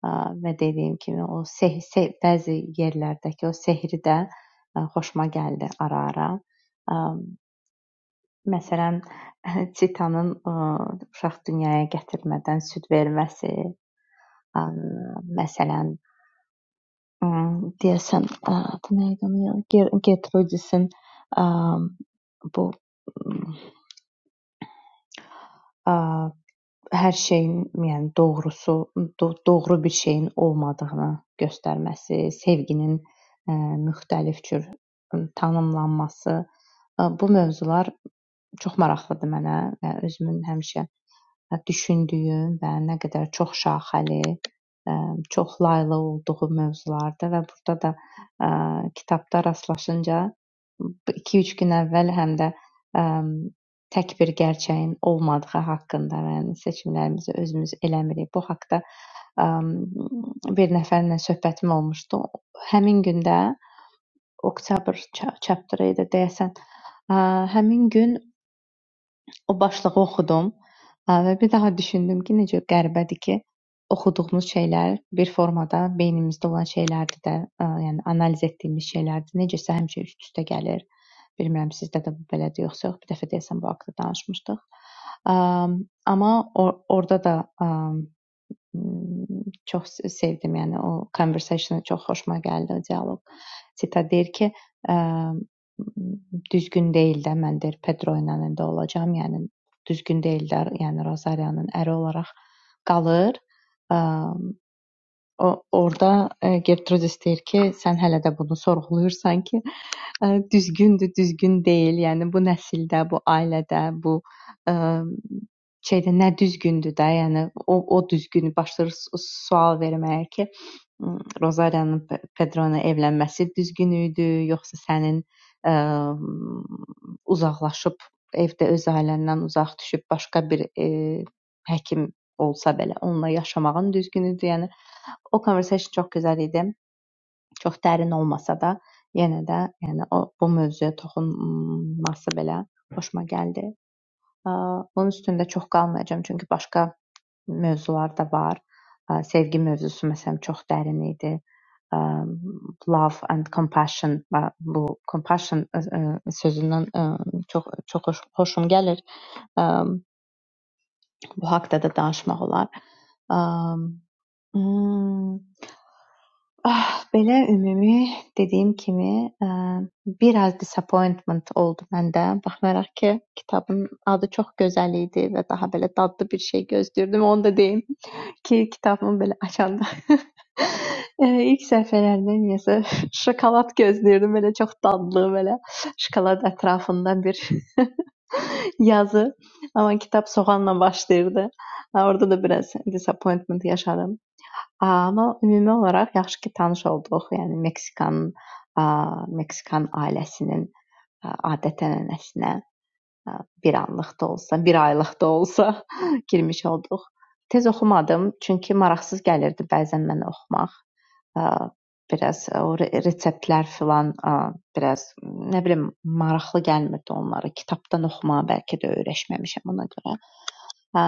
F: Ə, Və dediyim kimi o seh, seh bəzi yerlərdəki o sehri də ə, xoşuma gəldi ara-ara. Ə, Məsələn, (laughs) çitanın ə, uşaq dünyaya gətirmədən süd verməsi, ə, məsələn, ə, deyəsən, ə, bu nə idi? onun adı? Ger- Gertrudisin ə, bu ə, hər şeyin, yəni doğrusu, do doğru bir şeyin olmadığını göstərməsi, sevginin ə, müxtəlif cür tanımlanması, ə, bu mövzular çox maraqlıdır mənə və özümün həmişə ə, düşündüyüm və nə qədər çoxşaxəli, ə, çoxlaylı olduğu mövzulardır və burada da ə, kitabda rastlaşınca 2-3 gün əvvəl həm də ə, tək bir gerçəyin olmadığı haqqında, və yəni seçimlərimizi özümüz eləmirik. Bu haqqda ə, bir nəfərlə söhbətim olmuşdu. Həmin gündə oktyabr ça- chapter idi deyəsən. Ə, həmin gün O başlığı oxudum ə, və bir daha düşündüm ki, necə qəribədir ki, oxuduğumuz şeylər bir formada beynimizdə olan şeylərdir də, ə, yəni analiz etdiyimiz şeylərdir. Necəsə həmişə üst-üstə gəlir. Bilmirəm sizdə də bu belədir yoxsa yox. Bir dəfə deyəsən bu haqqda danışmışdıq. Əm, Amma or orada da əm, Hmm, çox s- sevdim, yəni o conversation çox xoşuma gəldi o dialoq. Zita deyir ki, ə, düzgün deyil də mən deyir Pedro ilə indi olacağam, yəni düzgün deyil də, yəni Rosaria'nın əri olaraq qalır. Ə, o orada ə, Gertrudis deyir ki, sən hələ də bunu sorğuluyursan ki, Ə, düzgündür, düzgün deyil. Yəni bu nəsildə, bu ailədə, bu, ə, şeydə nə düzgündür də, yəni o o düzgünü başlayır su- sual verməyə ki, m, Rozariyanın Pe- Pedro-la evlənməsi düzgün idi, yoxsa sənin ə, uzaqlaşıb evdə öz ailəndən uzaq düşüb başqa bir ə, həkim olsa belə onunla yaşamağın düzgün idi. Yəni o conversation çox gözəl idi çox dərin olmasa da, yenə də yəni o bu mövzuya toxunması belə xoşuma gəldi. Ə, Bunun üstündə çox qalmayacağam, çünki başqa mövzular da var. Ə, Sevgi mövzusu məsələn çox dərin idi. Ə, Love and compassion ə, bu compassion ə, ə, sözündən ə, çox çox xoş, xoşum gəlir. Ə, Bu haqqda da danışmaq olar. Ə, Ah, belə ümumi dediyim kimi, bir az disappointment oldu məndə, baxmayaraq ki, kitabın adı çox gözəl idi və daha belə dadlı bir şey gözləyirdim. Onu da deyim ki, kitabımı belə açanda (laughs) eee, ilk səhifələrində niyəsə (laughs) şokolad gözləyirdim, belə çox dadlı, belə şokolad ətrafında bir (laughs) yazı. Amma kitab soğanla başlayırdı. Ha, Orada da biraz disappointment yaşadım. Amma ümumi olaraq yaxşı ki, tanış olduq. Yəni Meksikan, aaa, Meksikan ailəsinin, ə, adət-ənənəsinə, ə, bir anlıq da olsa, bir aylıq da olsa (laughs) girmiş olduq. Tez oxumadım, çünki maraqsız gəlirdi bəzən mənə oxumaq. Ə, biraz ə, o re reseptlər filan, ə, biraz nə bilim maraqlı gəlmirdi onlara. Kitabdan oxumağı bəlkə də öyrəşməmişəm ona görə. Hə,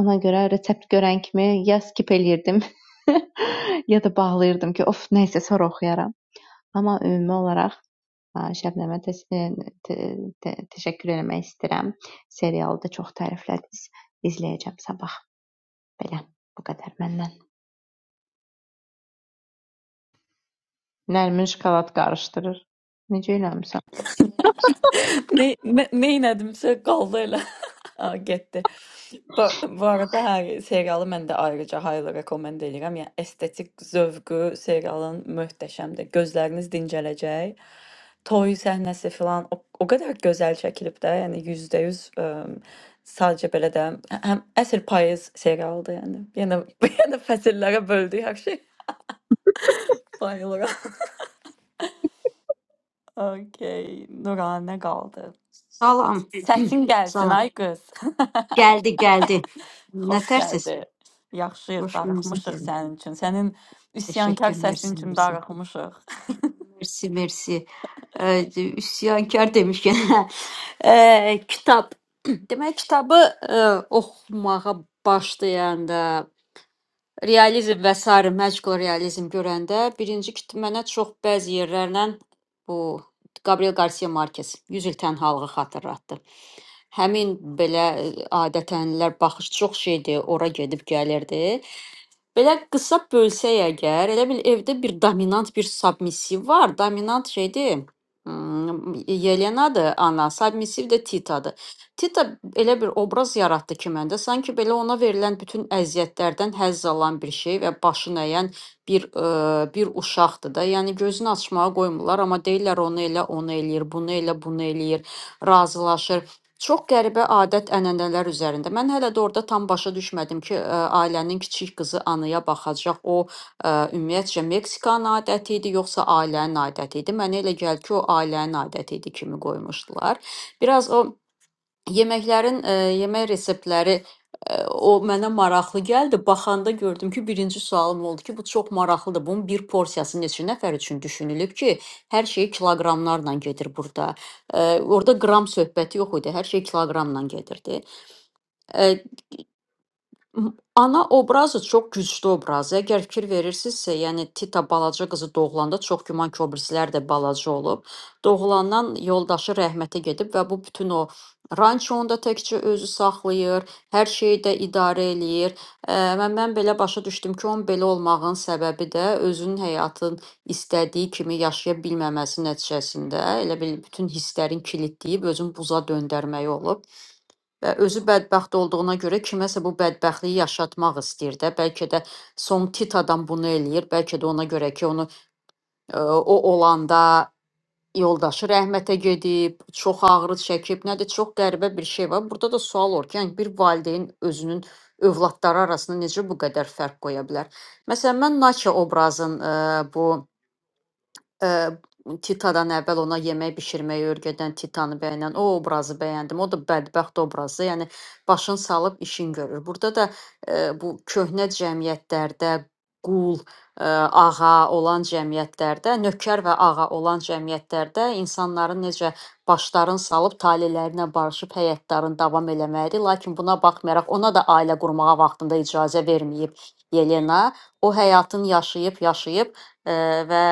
F: ona görə resept görən kimi ya skip eləyirdim, (laughs) ya da bağlayırdım ki, of, nə isə sonra oxuyaram. Amma ümumi olaraq ə, Şəbnəmə təs- ə, te- te- təşəkkür eləmək istəyirəm. Serialı da çox təriflədiniz. İzləyəcəm sabah. Belə, bu qədər məndən. Nərmin şokolad qarışdırır. Necə eləmisən?
A: Ne, ne, neynədimsə qaldı elə. (laughs) Ha, getdi. Bu, bu arada hər serialı mən də ayrıca highly recommend edirəm. Yəni estetik zövqü serialın möhtəşəmdir. Gözləriniz dincələcək. Toy səhnəsi filan o, o qədər gözəl çəkilib də, yəni 100% ə, sadəcə belə də hə, həm əsl payız serialıdır yəni. Yenə (laughs) yenə fəsillərə böldük hər şey. Bayılıram. (laughs) Okay, Nuranə qaldı.
G: Salam,
A: Səsin gəlsin
G: salam.
A: ay qız.
G: Gəldi, gəldi. Nə
A: Xoş
G: tərsiz?
A: gəldi. Yaxşıyıq,
G: Xoş gəlmisiniz.
A: darıxmışıq
G: gəlin.
A: sənin üçün. Sənin üsyankar
G: Təşəkkür,
A: səsin
G: mersi,
A: üçün
G: mersi.
A: darıxmışıq.
G: Mersi, mersi. Ə, Üsyankar demişkən, ə, kitab. (laughs) (clears throat) Demək, kitabı ə, oxumağa başlayanda realizm və sair magical realizm görəndə birinci ki mənə çox bəzi yerlərlə bu Gabriel Garcia Marquez 100 il tənhalığı xatırlatdı. Həmin belə e, adətənlər baxış çox şeydir, ora gedib gəlirdi. Belə qısa bölsək əgər, elə bil evdə bir dominant bir submissiv var. Dominant şeydir, hmm, Yelenadır ana, submissiv də Titadır. Tita elə bir obraz yaratdı ki məndə, sanki belə ona verilən bütün əziyyətlərdən həzz alan bir şey və başı nəyən bir ə, bir uşaqdır da. Yəni gözünü açmağa qoymurlar, amma deyirlər onu elə, onu eləyir, bunu elə, bunu eləyir, razılaşır. Çox qəribə adət-ənənələr üzərində. Mən hələ də orada tam başa düşmədim ki, ə, ailənin kiçik qızı anaya baxacaq. O ə, ümumiyyətcə Meksikanın adəti idi, yoxsa ailənin adəti idi? Mənə elə gəlir ki, o ailənin adəti idi kimi qoymuşdular. Biraz o Yeməklərin, ə, yemək reseptləri ə, o mənə maraqlı gəldi. Baxanda gördüm ki, birinci sualım oldu ki, bu çox maraqlıdır. Bunun bir porsiyası neçə nəfər üçün düşünülüb ki, hər şey kiloqramlarla gedir burada. Ə, orada qram söhbəti yox idi. Hər şey kiloqramla gedirdi. E, M- Ana obrazı çox güclü obrazdır. Əgər fikir verirsinizsə, yəni Tita balaca qızı doğulanda çox güman ki, o birisilər də balaca olub. Doğulandan yoldaşı rəhmətə gedib və bu bütün o rançonu da təkcə özü saxlayır, hər şeyi də idarə eləyir. Ə, Mən mən belə başa düşdüm ki, onun belə olmağın səbəbi də özünün həyatın istədiyi kimi yaşaya bilməməsi nəticəsində elə bil bütün hisslərin kilidləyib özünü buza döndərməyi olub. Və özü bədbəxt olduğuna görə kiməsə bu bədbəxtliyi yaşatmaq istəyir də. Bəlkə də somtit adam bunu eləyir. Bəlkə də ona görə ki, onu ə, o olanda yoldaşı rəhmətə gedib, çox ağrı çəkib. Nədir? Çox qəribə bir şey var. Burada da sual olur ki, yəni bir valideyn özünün övladları arasında necə bu qədər fərq qoya bilər? Məsələn, mən Naça obrazın ə, bu Ə, Titadan əvvəl ona yemək bişirməyi öyrədən Titanı bəyənən o obrazı bəyəndim. O da bədbəxt obrazı. Yəni başın salıb işin görür. Burada da ə, bu köhnə cəmiyyətlərdə qul, ə, ağa olan cəmiyyətlərdə, nökər və ağa olan cəmiyyətlərdə insanların necə başların salıb talelərinə barışıb həyatlarını davam eləməyidir. Lakin buna baxmayaraq ona da ailə qurmağa vaxtında icazə verməyib Yelena. O həyatını yaşayıb, yaşayıb ə, və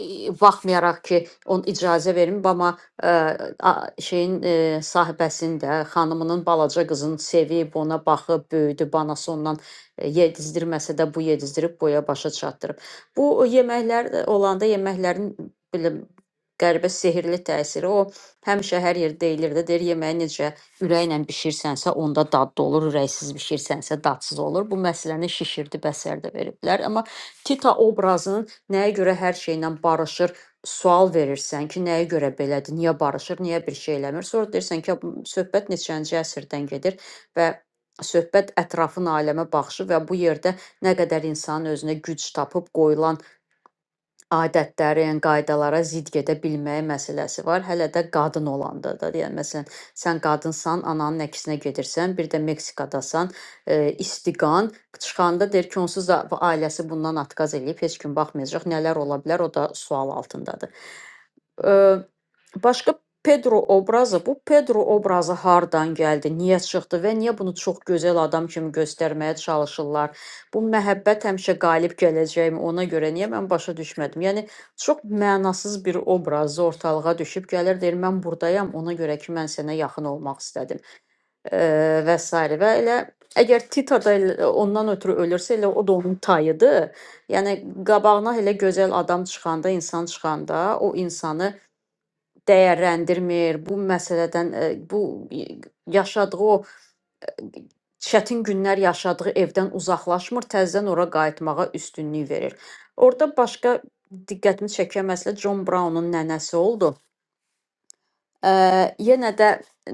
G: e, baxmayaraq ki, on icazə vermir, amma ə, a- şeyin ə, sahibəsinin də xanımının balaca qızını sevib, ona baxıb böyüdü, banası ondan e, yedizdirməsə də bu yedizdirib boya başa çatdırıb. Bu o yeməklər də olanda yeməklərin belə qəribə sehrli təsiri o həmişə hər yerdə deyilirdi. Deyir yeməyi necə ürəklə bişirsənsə, onda dadlı olur, ürəksiz bişirsənsə dadsız olur. Bu məsələni şişirdi, bəsər də veriblər. Amma Tita obrazının Nəyə görə hər şeylə barışır? Sual verirsən ki, nəyə görə belədir? Niyə barışır? Niyə bir şey eləmir? Sonra deyirsən ki, bu söhbət neçənci əsrdən gedir və söhbət ətrafın aləmə baxışı və bu yerdə nə qədər insanın özünə güc tapıb qoyulan adətlərə, yəni qaydalara zidd gedə bilməyi məsələsi var. Hələ də qadın olanda da, yəni məsələn, sən qadınsan, ananın əksinə gedirsən, bir də Meksikadasan, e, istiqan çıxanda deyir ki, onsuz da ailəsi bundan atqaz eləyib, heç kim baxmayacaq, nələr ola bilər, o da sual altındadır. E, Başqa Pedro obrazı, bu Pedro obrazı hardan gəldi, niyə çıxdı və niyə bunu çox gözəl adam kimi göstərməyə çalışırlar? Bu məhəbbət həmişə qalib gələcəkmi ona görə niyə mən başa düşmədim? Yəni çox mənasız bir obrazı ortalığa düşüb gəlir, deyir mən burdayam, ona görə ki mən sənə yaxın olmaq istədim Eee, və sairə və elə Əgər Tita da elə- ondan ötürü ölürsə, elə o da onun tayıdır. Yəni qabağına elə gözəl adam çıxanda, insan çıxanda o insanı dəyərləndirmir, bu məsələdən, ə, bu y- yaşadığı o e, çətin günlər yaşadığı evdən uzaqlaşmır, təzədən ora qayıtmağa üstünlük verir. Orda başqa diqqətimi çəkən məsələ John Brown'un nənəsi oldu. Ə, yenə də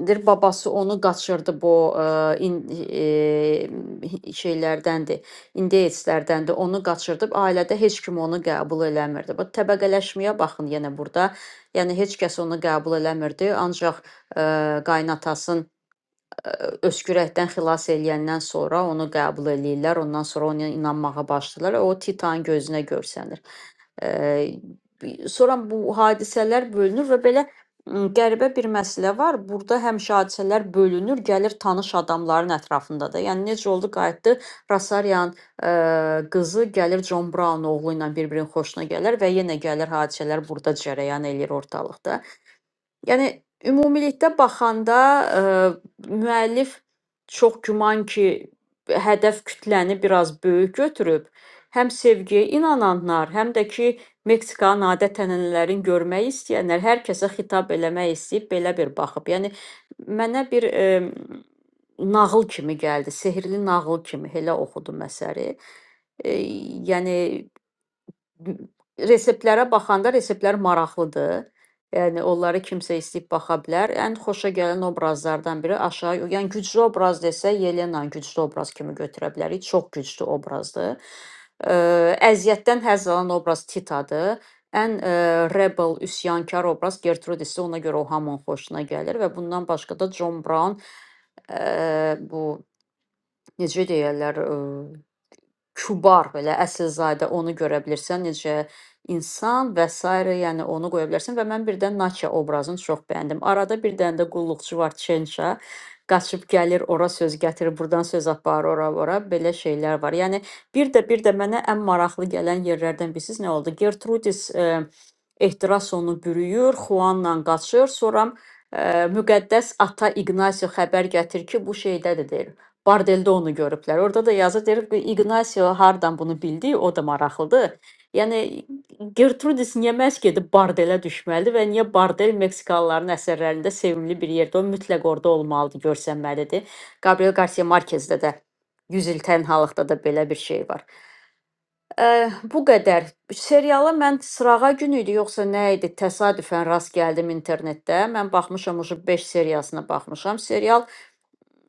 G: deyir babası onu qaçırdı bu ə, in, e, şeylərdəndir, indeyslərdəndir. Onu qaçırdı. Ailədə heç kim onu qəbul eləmirdi. Bu təbəqələşməyə baxın yenə burada. Yəni heç kəs onu qəbul eləmirdi. Ancaq ə, qaynatasın öskürəkdən xilas eləyəndən sonra onu qəbul eləyirlər. Ondan sonra ona inanmağa başlayırlar. O Titanın gözünə görsənir. Eee, sonra bu hadisələr bölünür və belə m, qəribə bir məsələ var. Burada həmişə hadisələr bölünür, gəlir tanış adamların ətrafında da. Yəni necə oldu qayıtdı Rosaryan eee, qızı gəlir John Brown oğlu ilə bir-birinin xoşuna gələr və yenə gəlir hadisələr burada cərəyan eləyir ortalıqda. Yəni ümumilikdə baxanda ə, müəllif çox güman ki, hədəf kütləni biraz böyük götürüb, həm sevgiyə inananlar, həm də ki, Meksikanın adət-ənənələrini görmək istəyənlər hər kəsə xitab eləmək istəyib belə bir baxıb. Yəni mənə bir ə, nağıl kimi gəldi, sehrli nağıl kimi elə oxudum əsəri. E, yəni Gü- Reseptlərə baxanda reseptlər maraqlıdır. Yəni onları kimsə istəyib baxa bilər. Ən xoşagələn obrazlardan biri aşağı, yəni güclü obraz desə, Yelenanı güclü obraz kimi götürə bilərik. Çox güclü obrazdır. Eee, Əziyyətdən həzz alan obraz Titadır. Ən eee, rebel, üsyankar obraz Gertrude isə ona görə o hamının xoşuna gəlir və bundan başqa da John Brown eee, bu necə deyirlər, kübar belə əsilzadə onu görə bilirsən necə insan və sairə, yəni onu qoya bilərsən və mən birdən Natya obrazını çox bəyəndim. Arada bir dənə də qulluqçu var Çença qaçıb gəlir, ora söz gətirir, buradan söz aparır, ora ora belə şeylər var. Yəni bir də bir də mənə ən maraqlı gələn yerlərdən birisi nə oldu? Gertrudis e, ehtiras onu bürüyür, Xuanla qaçır, sonra e, müqəddəs ata İqnasio xəbər gətirir ki, bu şeydədir deyir. Bardeldə onu görüblər. Orada da yazır, deyir ki, Ignacio hardan bunu bildi? O da maraqlıdır. Yəni Gertrudis niyə məhz gedib Bardelə düşməlidir və niyə Bardel Meksikalıların əsərlərində sevimli bir yerdə? O mütləq orada olmalıdır, görsənməlidir. Gabriel Garcia Marquez-də də 100 il tənhalıqda da belə bir şey var. Ə, bu qədər. Seriala mən sırağa günü idi, yoxsa nə idi? Təsadüfən rast gəldim internetdə. Mən baxmışam, o 5 seriyasına baxmışam. Serial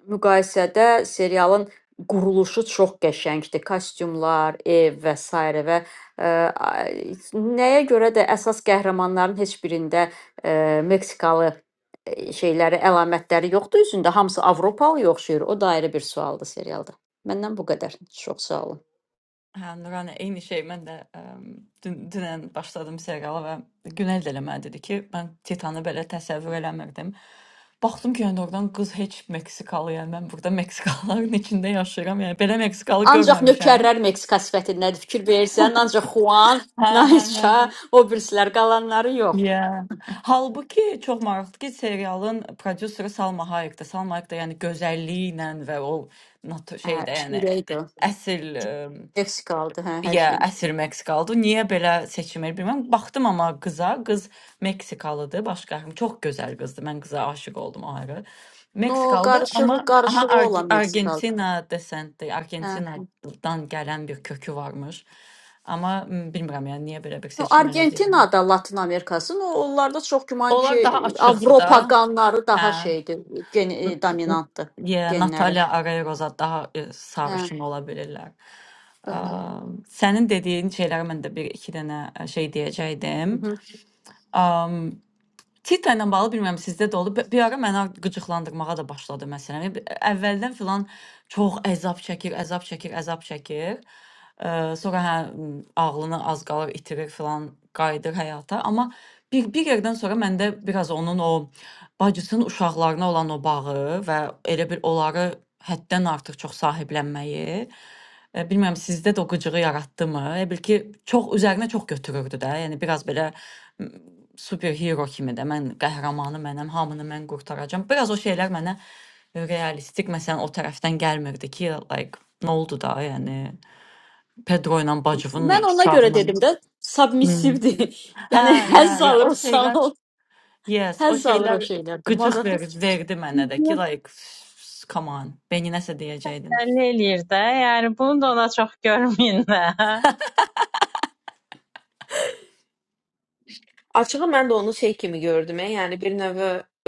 G: Müqayisədə serialın quruluşu çox qəşəngdir. Kostyumlar, ev və sairə və ə, ay- nəyə görə də əsas qəhrəmanların heç birində ə, Meksikalı ə, şeyləri, əlamətləri yoxdur üzündə. Hamısı Avropalı oxşayır. O da ayrı bir sualdır serialda. Məndən bu qədər. Çox sağ olun.
A: Hə, Nurani, eyni şey. Mən də ə, dün, dünən başladım seriala və Günel də elə mənə dedi ki, mən Titanı belə təsəvvür eləmirdim. Baxdım ki, yəni oradan qız heç Meksikalı, yəni mən burada Meksikalıların içində yaşayıram. Yəni belə Meksikalı
G: Ancaq
A: görməmişəm.
G: nökərlər Meksika sifətindədir. Fikir verirsən, ancaq Juan,
A: Hə, hə, hə.
G: Naisha,
A: hə.
G: o birislər qalanları yox.
A: Yeah. Halbuki çox maraqlıdır ki, serialın prodüseri Salma Hayekdir. Salma Hayek də yəni gözəlliyi ilə və o nat-
G: Hə,
A: şeydə yəni
G: ürəkdir.
A: əsl
G: Meksikalıdır, hə, hər
A: ya
G: şeydə.
A: əsl Meksikalıdır. Niyə belə seçim edir bilmirəm. Baxdım amma qıza, qız Meksikalıdır, başqa heç- çox gözəl qızdır. Mən qıza aşiq oldum o ayrı.
G: No,
A: Meksikalıdır,
G: qarışığı,
A: amma aha
G: qarışığı
A: Ar
G: olan Meksikalı.
A: Argentina desentli,
G: Hə.
A: Argentinadan gələn bir kökü varmış. Amma m, bilmirəm yəni niyə belə bir
G: No,
A: seçim edir.
G: Argentina da Latın Amerikası. No, onlarda çox güman
A: Onlar daha
G: ki,
A: açıqdır da.
G: Avropa qanları daha
A: Hə.
G: şeydir, gen e, dominantdır
A: Yeah,
G: genləri.
A: Natalya Arayroza daha e,
G: Hə.
A: sarışın ola bilirlər.
G: daha-
A: Am, Sənin dediyin şeylərə mən də bir iki dənə e, şey deyəcəkdim.
G: Mhm.
A: Titlə ilə bağlı bilmirəm sizdə də olub. Bir ara məni qıcıqlandırmağa da başladı məsələn. Bir- Əvvəldən filan çox əzab çəkir, əzab çəkir, əzab çəkir. Ə, Sonra hə m, ağlını az qalır itirir filan, qayıdır həyata. Amma bir bir yerdən sonra məndə biraz onun o bacısının uşaqlarına olan o bağı və elə bir onları həddən artıq çox sahiblənməyi ə, bilmirəm sizdə də o qıcığı yaratdı mı? Elə bil ki, çox üzərinə çox götürürdü də. Yəni biraz belə superhero kimi də mən qəhrəmanı mənəm, hamını mən qurtaracağam. Biraz o şeylər mənə realistik məsələn o tərəfdən gəlmirdi ki, like nə oldu da, yəni Pedro ilə bacımın
G: Mən ona görə
A: uşağına.
G: dedim də,
A: Hmm.
G: submissivdir. (laughs)
A: Hə,
G: yəni
A: ya,
G: həzz
A: ya,
G: alır
A: o
G: o sağ
A: şeylər,
G: ol.
A: yes, o
G: Həzz alır o
A: şeylər
G: şeylərdə.
A: qıcıq verdi,
G: Mazoxist.
A: verdi mənə də ki, like come on, beni nəsə deyəcəydin.
E: Bəlli eləyir də. Yəni bunu da ona çox görməyin də.
C: Açığı mən də onu şey kimi gördüm, e, yəni bir növ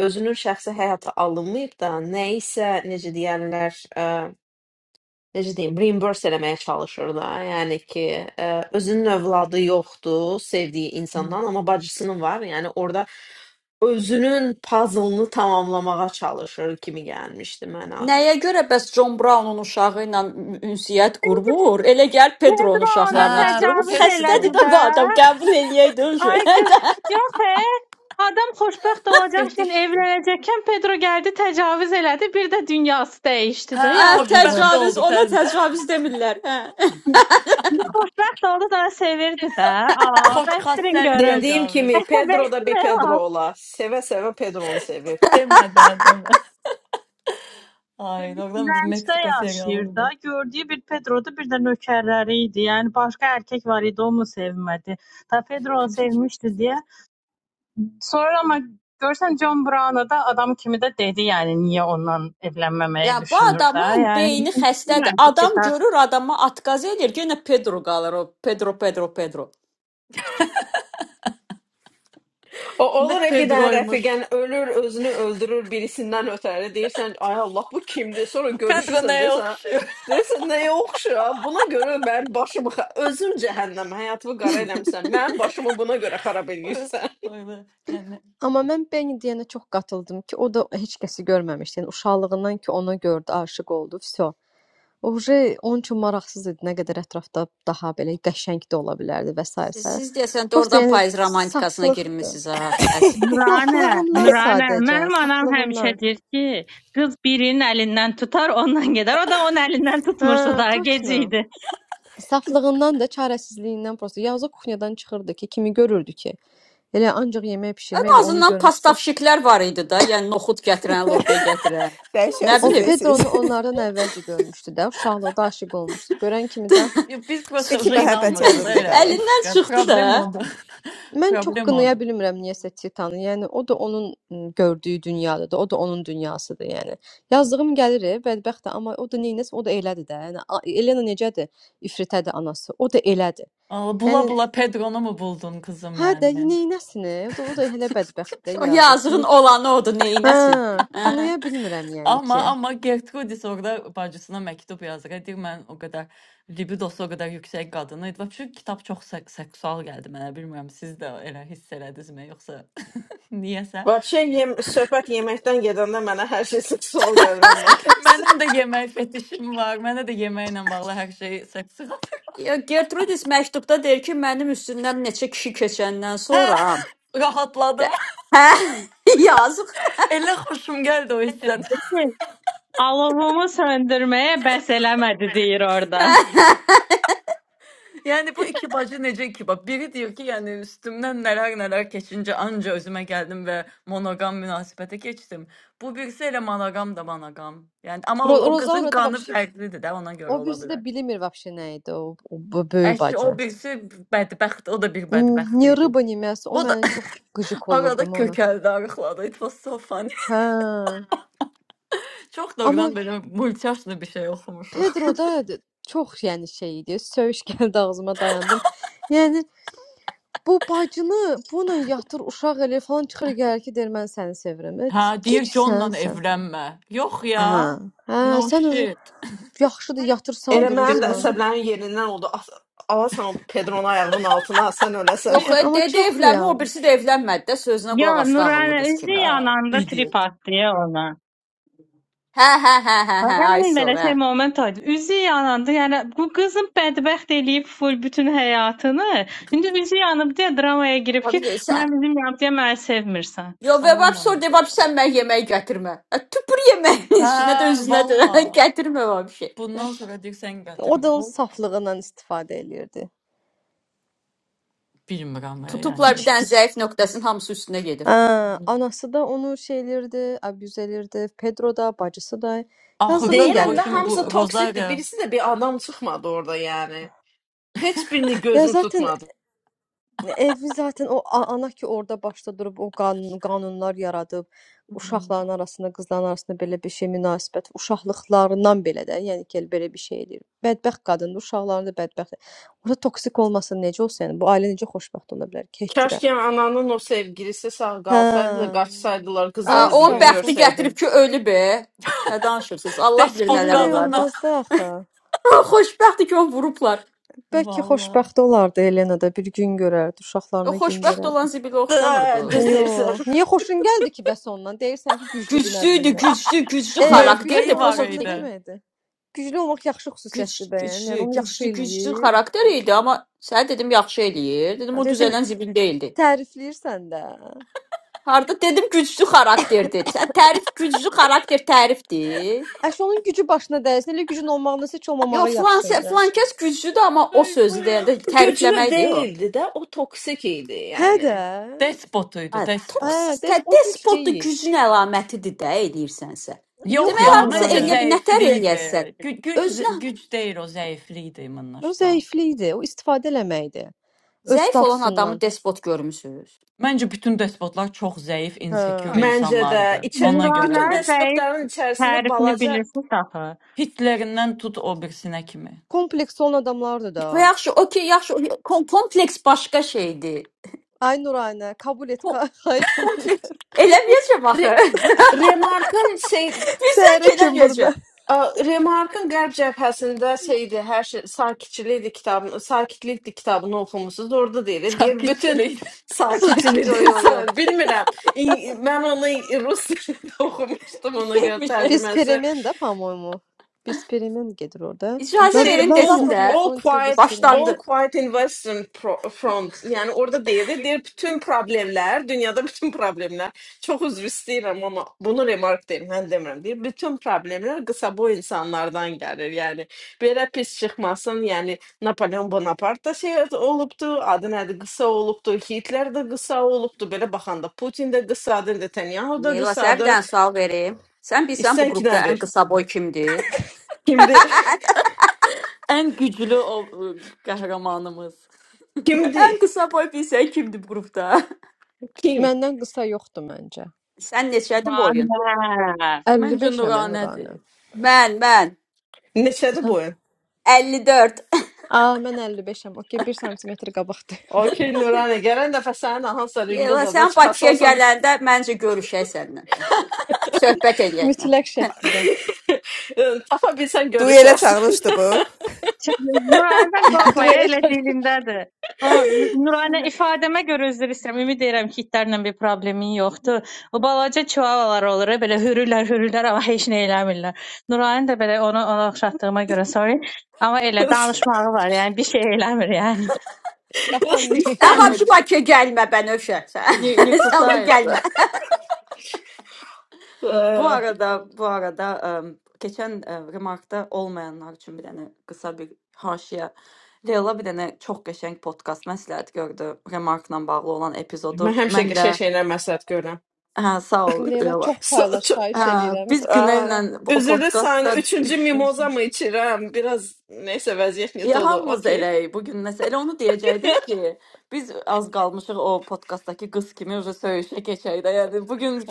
C: özünün şəxsi həyata alınmayıb da, nəyisə necə deyərlər, necə deyim, reimburse eləməyə çalışır da. Yəni ki, ə, özünün övladı yoxdur sevdiyi
A: Mhm.
C: insandan, amma bacısının var. Yəni orada özünün puzzle-ını tamamlamağa çalışır kimi gəlmişdi mənə.
G: Nəyə görə bəs John Brown'un uşağı ilə ünsiyyət qurmur? Elə gəl Pedro'nun
E: Pedro ona
A: Hə,
G: uşaqlarına tutur. Bu
E: təcavüz elədi
A: Pedro
G: xəstədir də
E: də.
G: bu adam. Qəbul eləyəydi o şey.
E: Ay qız,
G: (laughs)
E: yox e. Adam xoşbəxt olacaq üçün
A: fetişdir.
E: evlənəcəkkən Pedro gəldi təcavüz elədi, bir də dünyası dəyişdi
A: Hə,
E: də
G: Hə,
A: xoşbəxt
E: yazığın.
G: təcavüz,
A: oldu
G: ona
A: təzədən.
G: təcavüz demirlər, hə.
E: İndi xoşbəxt oldu da sevirdi də.
A: (laughs)
E: Aa, bəstirin
A: Xoşxassəli
E: görüm.
C: Dediyim
A: təcavüz.
C: kimi Pedro da bir
E: Əsəbəşmə
C: Pedro
E: var.
C: ola. Sevə-sevə pedro onu sevir.
A: Demədən, demə. Ay doğrudan biz
E: Bəncdə
A: Meksika
E: yaşayır da.
A: seriyalıydı.
E: Gördüyü bir Pedro'da bir də nökərləri idi. Yəni başqa erkek var idi, o mu sevmədi? Ta Pedro sevmişdi diye Sonra ama görsen John Brown'a da adam kimi de dedi yani niye ondan evlenmemeyi
G: Ya bu
E: düşünür de.
G: adamın
E: Yani
G: beyni xəstədir.
E: bilmirəm ki,
G: Adam
E: cidden.
G: görür adama atqaz edir, yenə Pedro qalır o. Pedro, Pedro, Pedro.
C: O
A: Ne
C: olur e bir dənə
A: Pedro'ymuş.
C: rəfiqən ölür, özünü öldürür birisindən ötəri. Deyirsən, ay Allah bu kimdir? Sonra
A: Bu Pedro
C: görüşürsən
A: neye
C: desən,
A: okşuyor?
C: deyirsən nəyə oxşuyur? Buna görə mən başımı xa- özüm cəhənnəm həyatımı qara eləmisən. Mənim başımı buna görə xarab
A: (laughs)
C: eləyirsən.
A: Öyle yani.
D: Amma mən Beni deyənə çox qatıldım ki, o da heç kəsi görməmişdi. Yəni uşaqlığından ki, ona gördü, aşiq oldu, vəsə. Oje onun üçün maraqsız idi, nə qədər ətrafda daha belə qəşəng də ola bilərdi və sair
G: Siz,
D: sair.
G: siz deyəsən də
D: Prosta
G: oradan
D: yəni
G: payız romantikasına
D: saflıqdır.
G: girmisiniz ha, əsl.
B: (laughs)
E: Nuranə,
D: Saflığından
E: Nuranə,
D: sadəcə,
E: mənim anam həmişə
D: saflığından.
E: deyir ki, qız birinin əlindən tutar, ondan gedər. O da onun əlindən tutmuşdu
D: Hə,
E: daha gec
D: точно.
E: idi.
D: Saflığından da, çarəsizliyindən prosta. Yalnız o kuknyadan çıxırdı ki, kimi görürdü ki, elə ancaq yemək
G: Ən
D: pişirmə, elə onu
G: azından
D: görmüşdü.
G: pastavşiklər var idi da, yəni noxud gətirən, lobya gətirən.
B: Dəhşət
G: Nə
D: O
B: siz.
G: bilim.
B: (laughs)
D: Pedronu onlardan əvvəlcə görmüşdü də, uşaqlıqda aşiq olmuşdu. Görən kimi də
A: Ya Biz prosta
B: İki
A: buna
B: məhəbbət
G: (laughs)
A: inanmıyoruz da
B: yadında
A: öyle.
B: qalıb.
G: Əlindən
A: eşkıya.
G: çıxdı da.
A: Problem oldu. (laughs)
D: mən çox
A: Problem
D: qınaya
A: oldu.
D: bilmirəm niyəsə Titanı. Yəni o da onun m, gördüyü dünyadadır, o da onun dünyasıdır, yəni. Yazdığım gəlir, e, bədbəxt də, amma o da neynəsə, o da elədir də. Yəni a- Elena necədir? İfritədir anası. O da elədir.
A: Aa, Bula
D: Yəni
A: bula Pedro'nu mu buldun kızım
D: hə də
A: yani?
D: neynəsin? e? O da, o da elə bədbəxtdir də
G: O yazığın
D: yazıq.
G: olanı odur,
D: Hə,
G: neynəsin? Hə.
D: qınaya bilmirəm yəni ki.
A: Ama ama Gertrudis orada bacısına mektup yazır. Deyir mən o qədər libidosu o qədər yüksək qadını idi. Çünki kitab çox sek seksual gəldi mənə. Bilmirəm siz də elə hiss elədinizmi yoxsa (laughs) niyəsə.
C: Vəbşə yem söhbət yeməkdən gedəndə mənə hər şey sual gəlir ondan deyirsən.
A: Mənim də yemək fetişim var. Mənə də yeməklə bağlı hər şey seksi.
G: Ya Gertrudis məktubda deyir ki, mənim üstündən neçə kişi keçəndən
A: Hə,
G: sonra
A: rahatladım.
G: Hə, yazıq.
A: (laughs) Elə xoşum gəldi o hissdən. (laughs)
E: Alovumu söndürməyə bəs eləmədi deyir orada.
G: (laughs)
A: Yəni bu iki bacı necə iki bab? Biri deyir ki, yəni üstümdən nələr-nələr keçincə anca özümə gəldim və monoqam münasibətə keçdim. Bu birisi elə monoqam da monoqam. Yəni amma
D: Ro
A: o, o qızın
D: Rozaura da
A: qanı
D: вообще
A: fərqlidir də, ona görə
D: o
A: ola
D: birisi də
A: bilər.
D: bilmir вообще nə idi o, o bu böyük
A: Əşi o
D: bacı.
A: birisi bədbəxt, o da bir
D: N-
A: bədbəxt
D: Ni
A: idi.
D: rıba ni мясо. O
A: O da
D: məni çox qıcıq
A: (laughs) arada
D: olurdum ona.
A: kökəldi, arıqladı. It was so funny.
D: Hə.
A: Çox doğrudan
D: Amma
A: belə multiyaşlı bir şey oxumuşuq.
D: Pedro da d- çox yəni şey idi. Söyüş (laughs) gəldi ağzıma dayandım. Yəni bu bacını bununla yatır, uşaq elə falan çıxır gəlir ki, deyir mən səni sevirəm. E,
A: Hə,
D: Gic
A: deyir Johnla
D: sən sən.
A: evlənmə. Yox ya.
D: Hə. Hə,
A: No
D: sən o
A: shit.
D: Yaxşıdır, yatırsan,
C: Elə mənim də
D: durursan.
E: (laughs)
C: əsəblərim yerindən oldu. As- Alasan o Pedronun ayağının altına, sən öləsən.
G: Yox,
C: (laughs)
G: e,
D: Amma
G: dede
D: çox
G: evlənmir, o
D: realdır.
G: birisi də evlənmədi də, sözünə
E: ya
G: qulaq
E: Nurane
G: asdı ağıllı
E: Nuranə
G: qız
E: üzü
G: kimi.
A: Hə,
E: yananda trip
A: idiot.
E: attı ya ona.
G: Hə, hə, hə, hə, hə, ay
E: Yəni belə
G: sor, hə.
E: şey moment oldu. Üzü yanandı. Yəni bu qızın bədbəxt eləyib full bütün həyatını. İndi üzü yanıb deyə dramaya girib ki,
G: Babi gel, sən.
E: mən bizim yanıb deyə məni sevmirsən.
G: Yo, və
A: Oh
G: babi
A: my
G: sor, de, babi
A: god.
G: sən mən yemək gətirmə. Ə, tüpür yeməyin
A: Hə,
G: içinə də, özünə də
A: valla.
G: (laughs) gətirmə babi şey. Hə.
A: Bundan sonra deyirsən
D: O da
A: gətirmə.
D: onun
A: Olmur.
D: saflığından istifadə eləyirdi.
A: Bilmirəm, e,
G: Tutublar
A: yəni.
G: bir dənə
D: Gic-gic.
G: zəif nöqtəsinin hamısı üstünə gedir.
D: Hə, anası da onu şey eləyirdi, abuz eləyirdi. Pedro da, bacısı da. Yazığım
A: Axırda da
C: Deyirəm
A: o
C: də
D: gəlirdi
A: gün
C: hamısı
A: bu
D: qıza.
C: toksikdir.
A: Rozaria
C: Birisi də bir adam çıxmadı orada yəni. Hiçbirini
D: Ya
C: gözüm
D: zaten
C: tutmadı.
D: Evi zaten o a- ana ki orada başda durub o qanun qanunlar yaradıb, uşaqların arasında, qızların arasında belə bir şey münasibət, uşaqlıqlarından belə də, yəni ki, elə belə bir şey eləyir. Bədbəxt qadındır, uşaqların da bədbəxt. Orada toksik olmasa necə olsa, yəni bu ailə necə xoşbəxt ola bilər ki, heç cürə.
C: Keşke ananın o sevgilisi sağ
D: Hə.
C: kalsaydı da kaçsaydılar kızlar
D: Ay
G: Ə,
C: da bir
G: onun
D: sağ
C: gün
D: ol.
G: bəxti
D: bu-
G: gətirib
C: görseydi.
G: ki, ölüb. e. Nə danışırsınız? Allah bilir
A: despot
G: nələr
D: Bilmək
A: qadınla
G: olardı.
D: olmazdı axı.
G: (laughs) Xoşbəxtdir ki, onu vurublar.
D: Bəlkə
A: valla
D: xoşbəxt olardı Elena da bir gün görərdi,
G: O
D: uşaqlarına gün
G: xoşbəxt
D: verərdi.
G: olan zibilə
C: Aa,
G: oxşamırdı.
C: Düzeysen.
D: Yox. Niyə xoşun gəldi ki bəs ondan? Deyirsən ki, güclüdür, nə
G: güçlüydü,
D: bilim nədir.
G: güçlü, güçlü
D: E, güclü
G: karakterdi.
A: mövqeyi var
D: olmaq
G: Prosta
D: nə
A: idi.
D: deməkdir? Güclü olmaq yaxşı xüsusiyyətdir
G: güç,
D: bəyəm. Yəni
G: güçlü,
D: onu yaxşı
G: güçlü, güçlü
D: eləyir.
G: karakteriydi ama sən dedim yaxşı eləyir. Dedim
D: Hə,
G: o
D: Deyəsən
G: düzələn zibil deyildi.
D: tərifləyirsən də.
G: Harda dedim güçlü karakterdi. Sən tərif güçlü karakter tərifdir.
D: Əş onun gücü başına dəysin. Elə gücün olmağındansa heç olmamağı
G: Yox, filan
D: yaxşı idi.
G: filan kəs güclüdür amma o sözü deyəndə
C: Güclü
G: tərifləməkdir o.
C: değildi de o toksik idi
D: Hə də.
C: yani.
A: Despot
G: Hə,
A: idi, despot.
D: Hə,
G: toksik tə
D: dəs o güc
G: despot da
D: deyil.
G: gücün əlamətidir də eləyirsənsə.
A: Yox
D: Yox
G: Demək
A: ya,
D: da
G: hardasa
A: məncə
D: Nuranə.
G: eləyə bir nətər
A: zəiflikdir.
G: eləyəsən.
A: Gü güc
G: Özünə
A: güc deyil o, zəiflikdir imanla
D: O
A: što.
D: zəiflikdir. O istifadə eləməkdir. Öz
G: zəif olan adamı
D: statusundan.
G: despot görmüsüz?
A: Məncə bütün despotlar çox zəif,
E: Ha.
D: Hə.
A: insecure
C: Bence de
A: insanlardır.
C: içe,
A: Ona görə
E: Nuranə
C: bütün
A: də
E: zəif
C: despotların içerisinde
E: tərifini
C: balaca
E: bilirsiniz axı.
A: Hitlerindən tut o birisinə kimi.
D: Kompleks olan adamlardır da.
G: Bu yaxşı, okey, yaxşı. Kom kompleks başqa şeydir.
D: Ay Nuranə, qəbul et, (laughs)
G: Ko
D: xahiş edirəm.
G: kompleks eləməyəcəm axı.
C: Re- Remark'ın şey,
G: (laughs) Bilirsən ki,
D: Səhərə kim burada?
G: eləməyəcəm.
C: Ə, Remarkın Qərb cəbhəsində şeydi, hər şey sakitçilikdir kitabını, sakitlikdir kitabını oxumusuz. Orada
A: (laughs)
C: deyir, deyir bütün
A: Sakitçilik
D: (laughs)
G: Yo,
D: Sakit.
C: sakitçilikdir.
G: yo, yo.
C: (laughs) Bilmirəm. İng- Mən (laughs) onu in- rus dilində (laughs) oxumuşdum
A: bir
C: ona görə
A: şeymiş.
C: tərcüməsi.
D: Бесперемен, да, по-моему? Besperimen gedir orada.
G: İcazə
D: Naz
C: Şey de
G: verin
C: all,
G: desin
D: Nazapodla
G: də.
C: all
D: Frontiya
C: quiet
D: Besperimen.
C: all
G: Başlandı.
C: quiet in Western pro- Front. Yəni orada deyirdi, deyir bütün problemlər, dünyada (laughs) bütün problemlər. Çox üzr istəyirəm amma bunu remark deyim, mən demirəm. Deyir bütün problemlər qısa boy insanlardan gəlir. Yəni belə pis çıxmasın. Yəni Napoleon Bonaparte da şey olubdu, adı nədir? Qısa olubdu. Hitler də qısa olubdu. Belə baxanda Putin də qısadır, Netanyahu da
G: Leyla, sənə bir
C: qısadır.
G: dənə sual verim. Sən bilirsən bu
C: İstən
G: qrupda
C: kimdən
G: ən
C: ver?
G: qısa boy kimdir?
C: Kimdi? (laughs)
A: Ən güclü (laughs) o ıı, qəhrəmanımız.
G: (laughs) Ən
C: Kimdi?
G: qısa boy bilirsən kimdir bu qrupda? (laughs)
C: Kim?
D: Məndən qısa yoxdur məncə.
G: Sən neçədir boyun?
E: Nuranə.
A: Məncə
D: 55-əm mən Nurana.
A: Nuranədir.
G: Mən, mən
C: Neçədir
D: Sən
C: boyu?
G: 54.
D: A, (laughs) mən 55-əm. Okay, 1 sm qabaqdır. (laughs)
C: Okey Nuranə, gələn dəfə sənin hansısa ringə
G: Leyla,
C: zada
G: sən
C: çıxası
G: Bakıya
C: olsam
G: gələndə məncə görüşək səninlə. Söhbət eləyək.
D: Mütləq şəkildə.
C: (laughs) tapa bilsən
B: Duelə
C: görüşərsən.
B: çağırışdı bu.
E: Şimdi Nurayədən
D: (laughs)
E: qorxmayın,
D: Duelə
E: elə
D: çağır.
E: dilindədir. O Nurayənə ifadəmə görə üzr istəyirəm. Ümid edirəm ki, itlərlə bir problemin yoxdur. O balaca çuvalar olur, e, belə hürürlər, hürürlər, amma heç nə eləmirlər. Nurayən də belə ona ona oxşatdığıma görə sorry. Amma elə danışmağı var, yəni bir şey eləmir yəni.
D: Qapan deyil.
G: Sən
E: Dəmir.
G: vəbşi
A: İşləmir.
G: Bakıya gəlmə Bənövşə. Sən (laughs) sən vəbşi
A: Nikusayet.
G: gəlmə.
C: Ə,
A: Bu arada, bu arada em, keçən e, remarkda olmayanlar üçün bir dənə qısa bir haşiyə. Leyla bir dənə çox qəşəng podkast məsləhət gördü. Remarkla bağlı olan
C: (laughs)
A: epizodu.
C: Mən həmişə
A: Mən də
C: qəşəng şeylər məsləhət görürəm.
A: hə, sağ ol
D: (laughs) Leyla
A: Leyla.
C: (laughs)
D: çox
C: So,
D: paylaş,
C: ço-
D: xahiş
A: Hə,
D: eləyirəm.
A: biz
C: ə,
A: Günellə o
C: üzrlü səni
A: podkastda
C: üçüncü
A: düşmüşük.
C: mimoza mı içirəm? Biraz neysə vəziyyət net
A: Ya
C: olur.
A: hamımız
C: Okey.
A: eləyik bu gün nəsə. Elə onu
C: (laughs)
A: deyəcəkdim ki, biz az qalmışıq o podkastdakı qız kimi üzə söyüşə keçək də. Yəni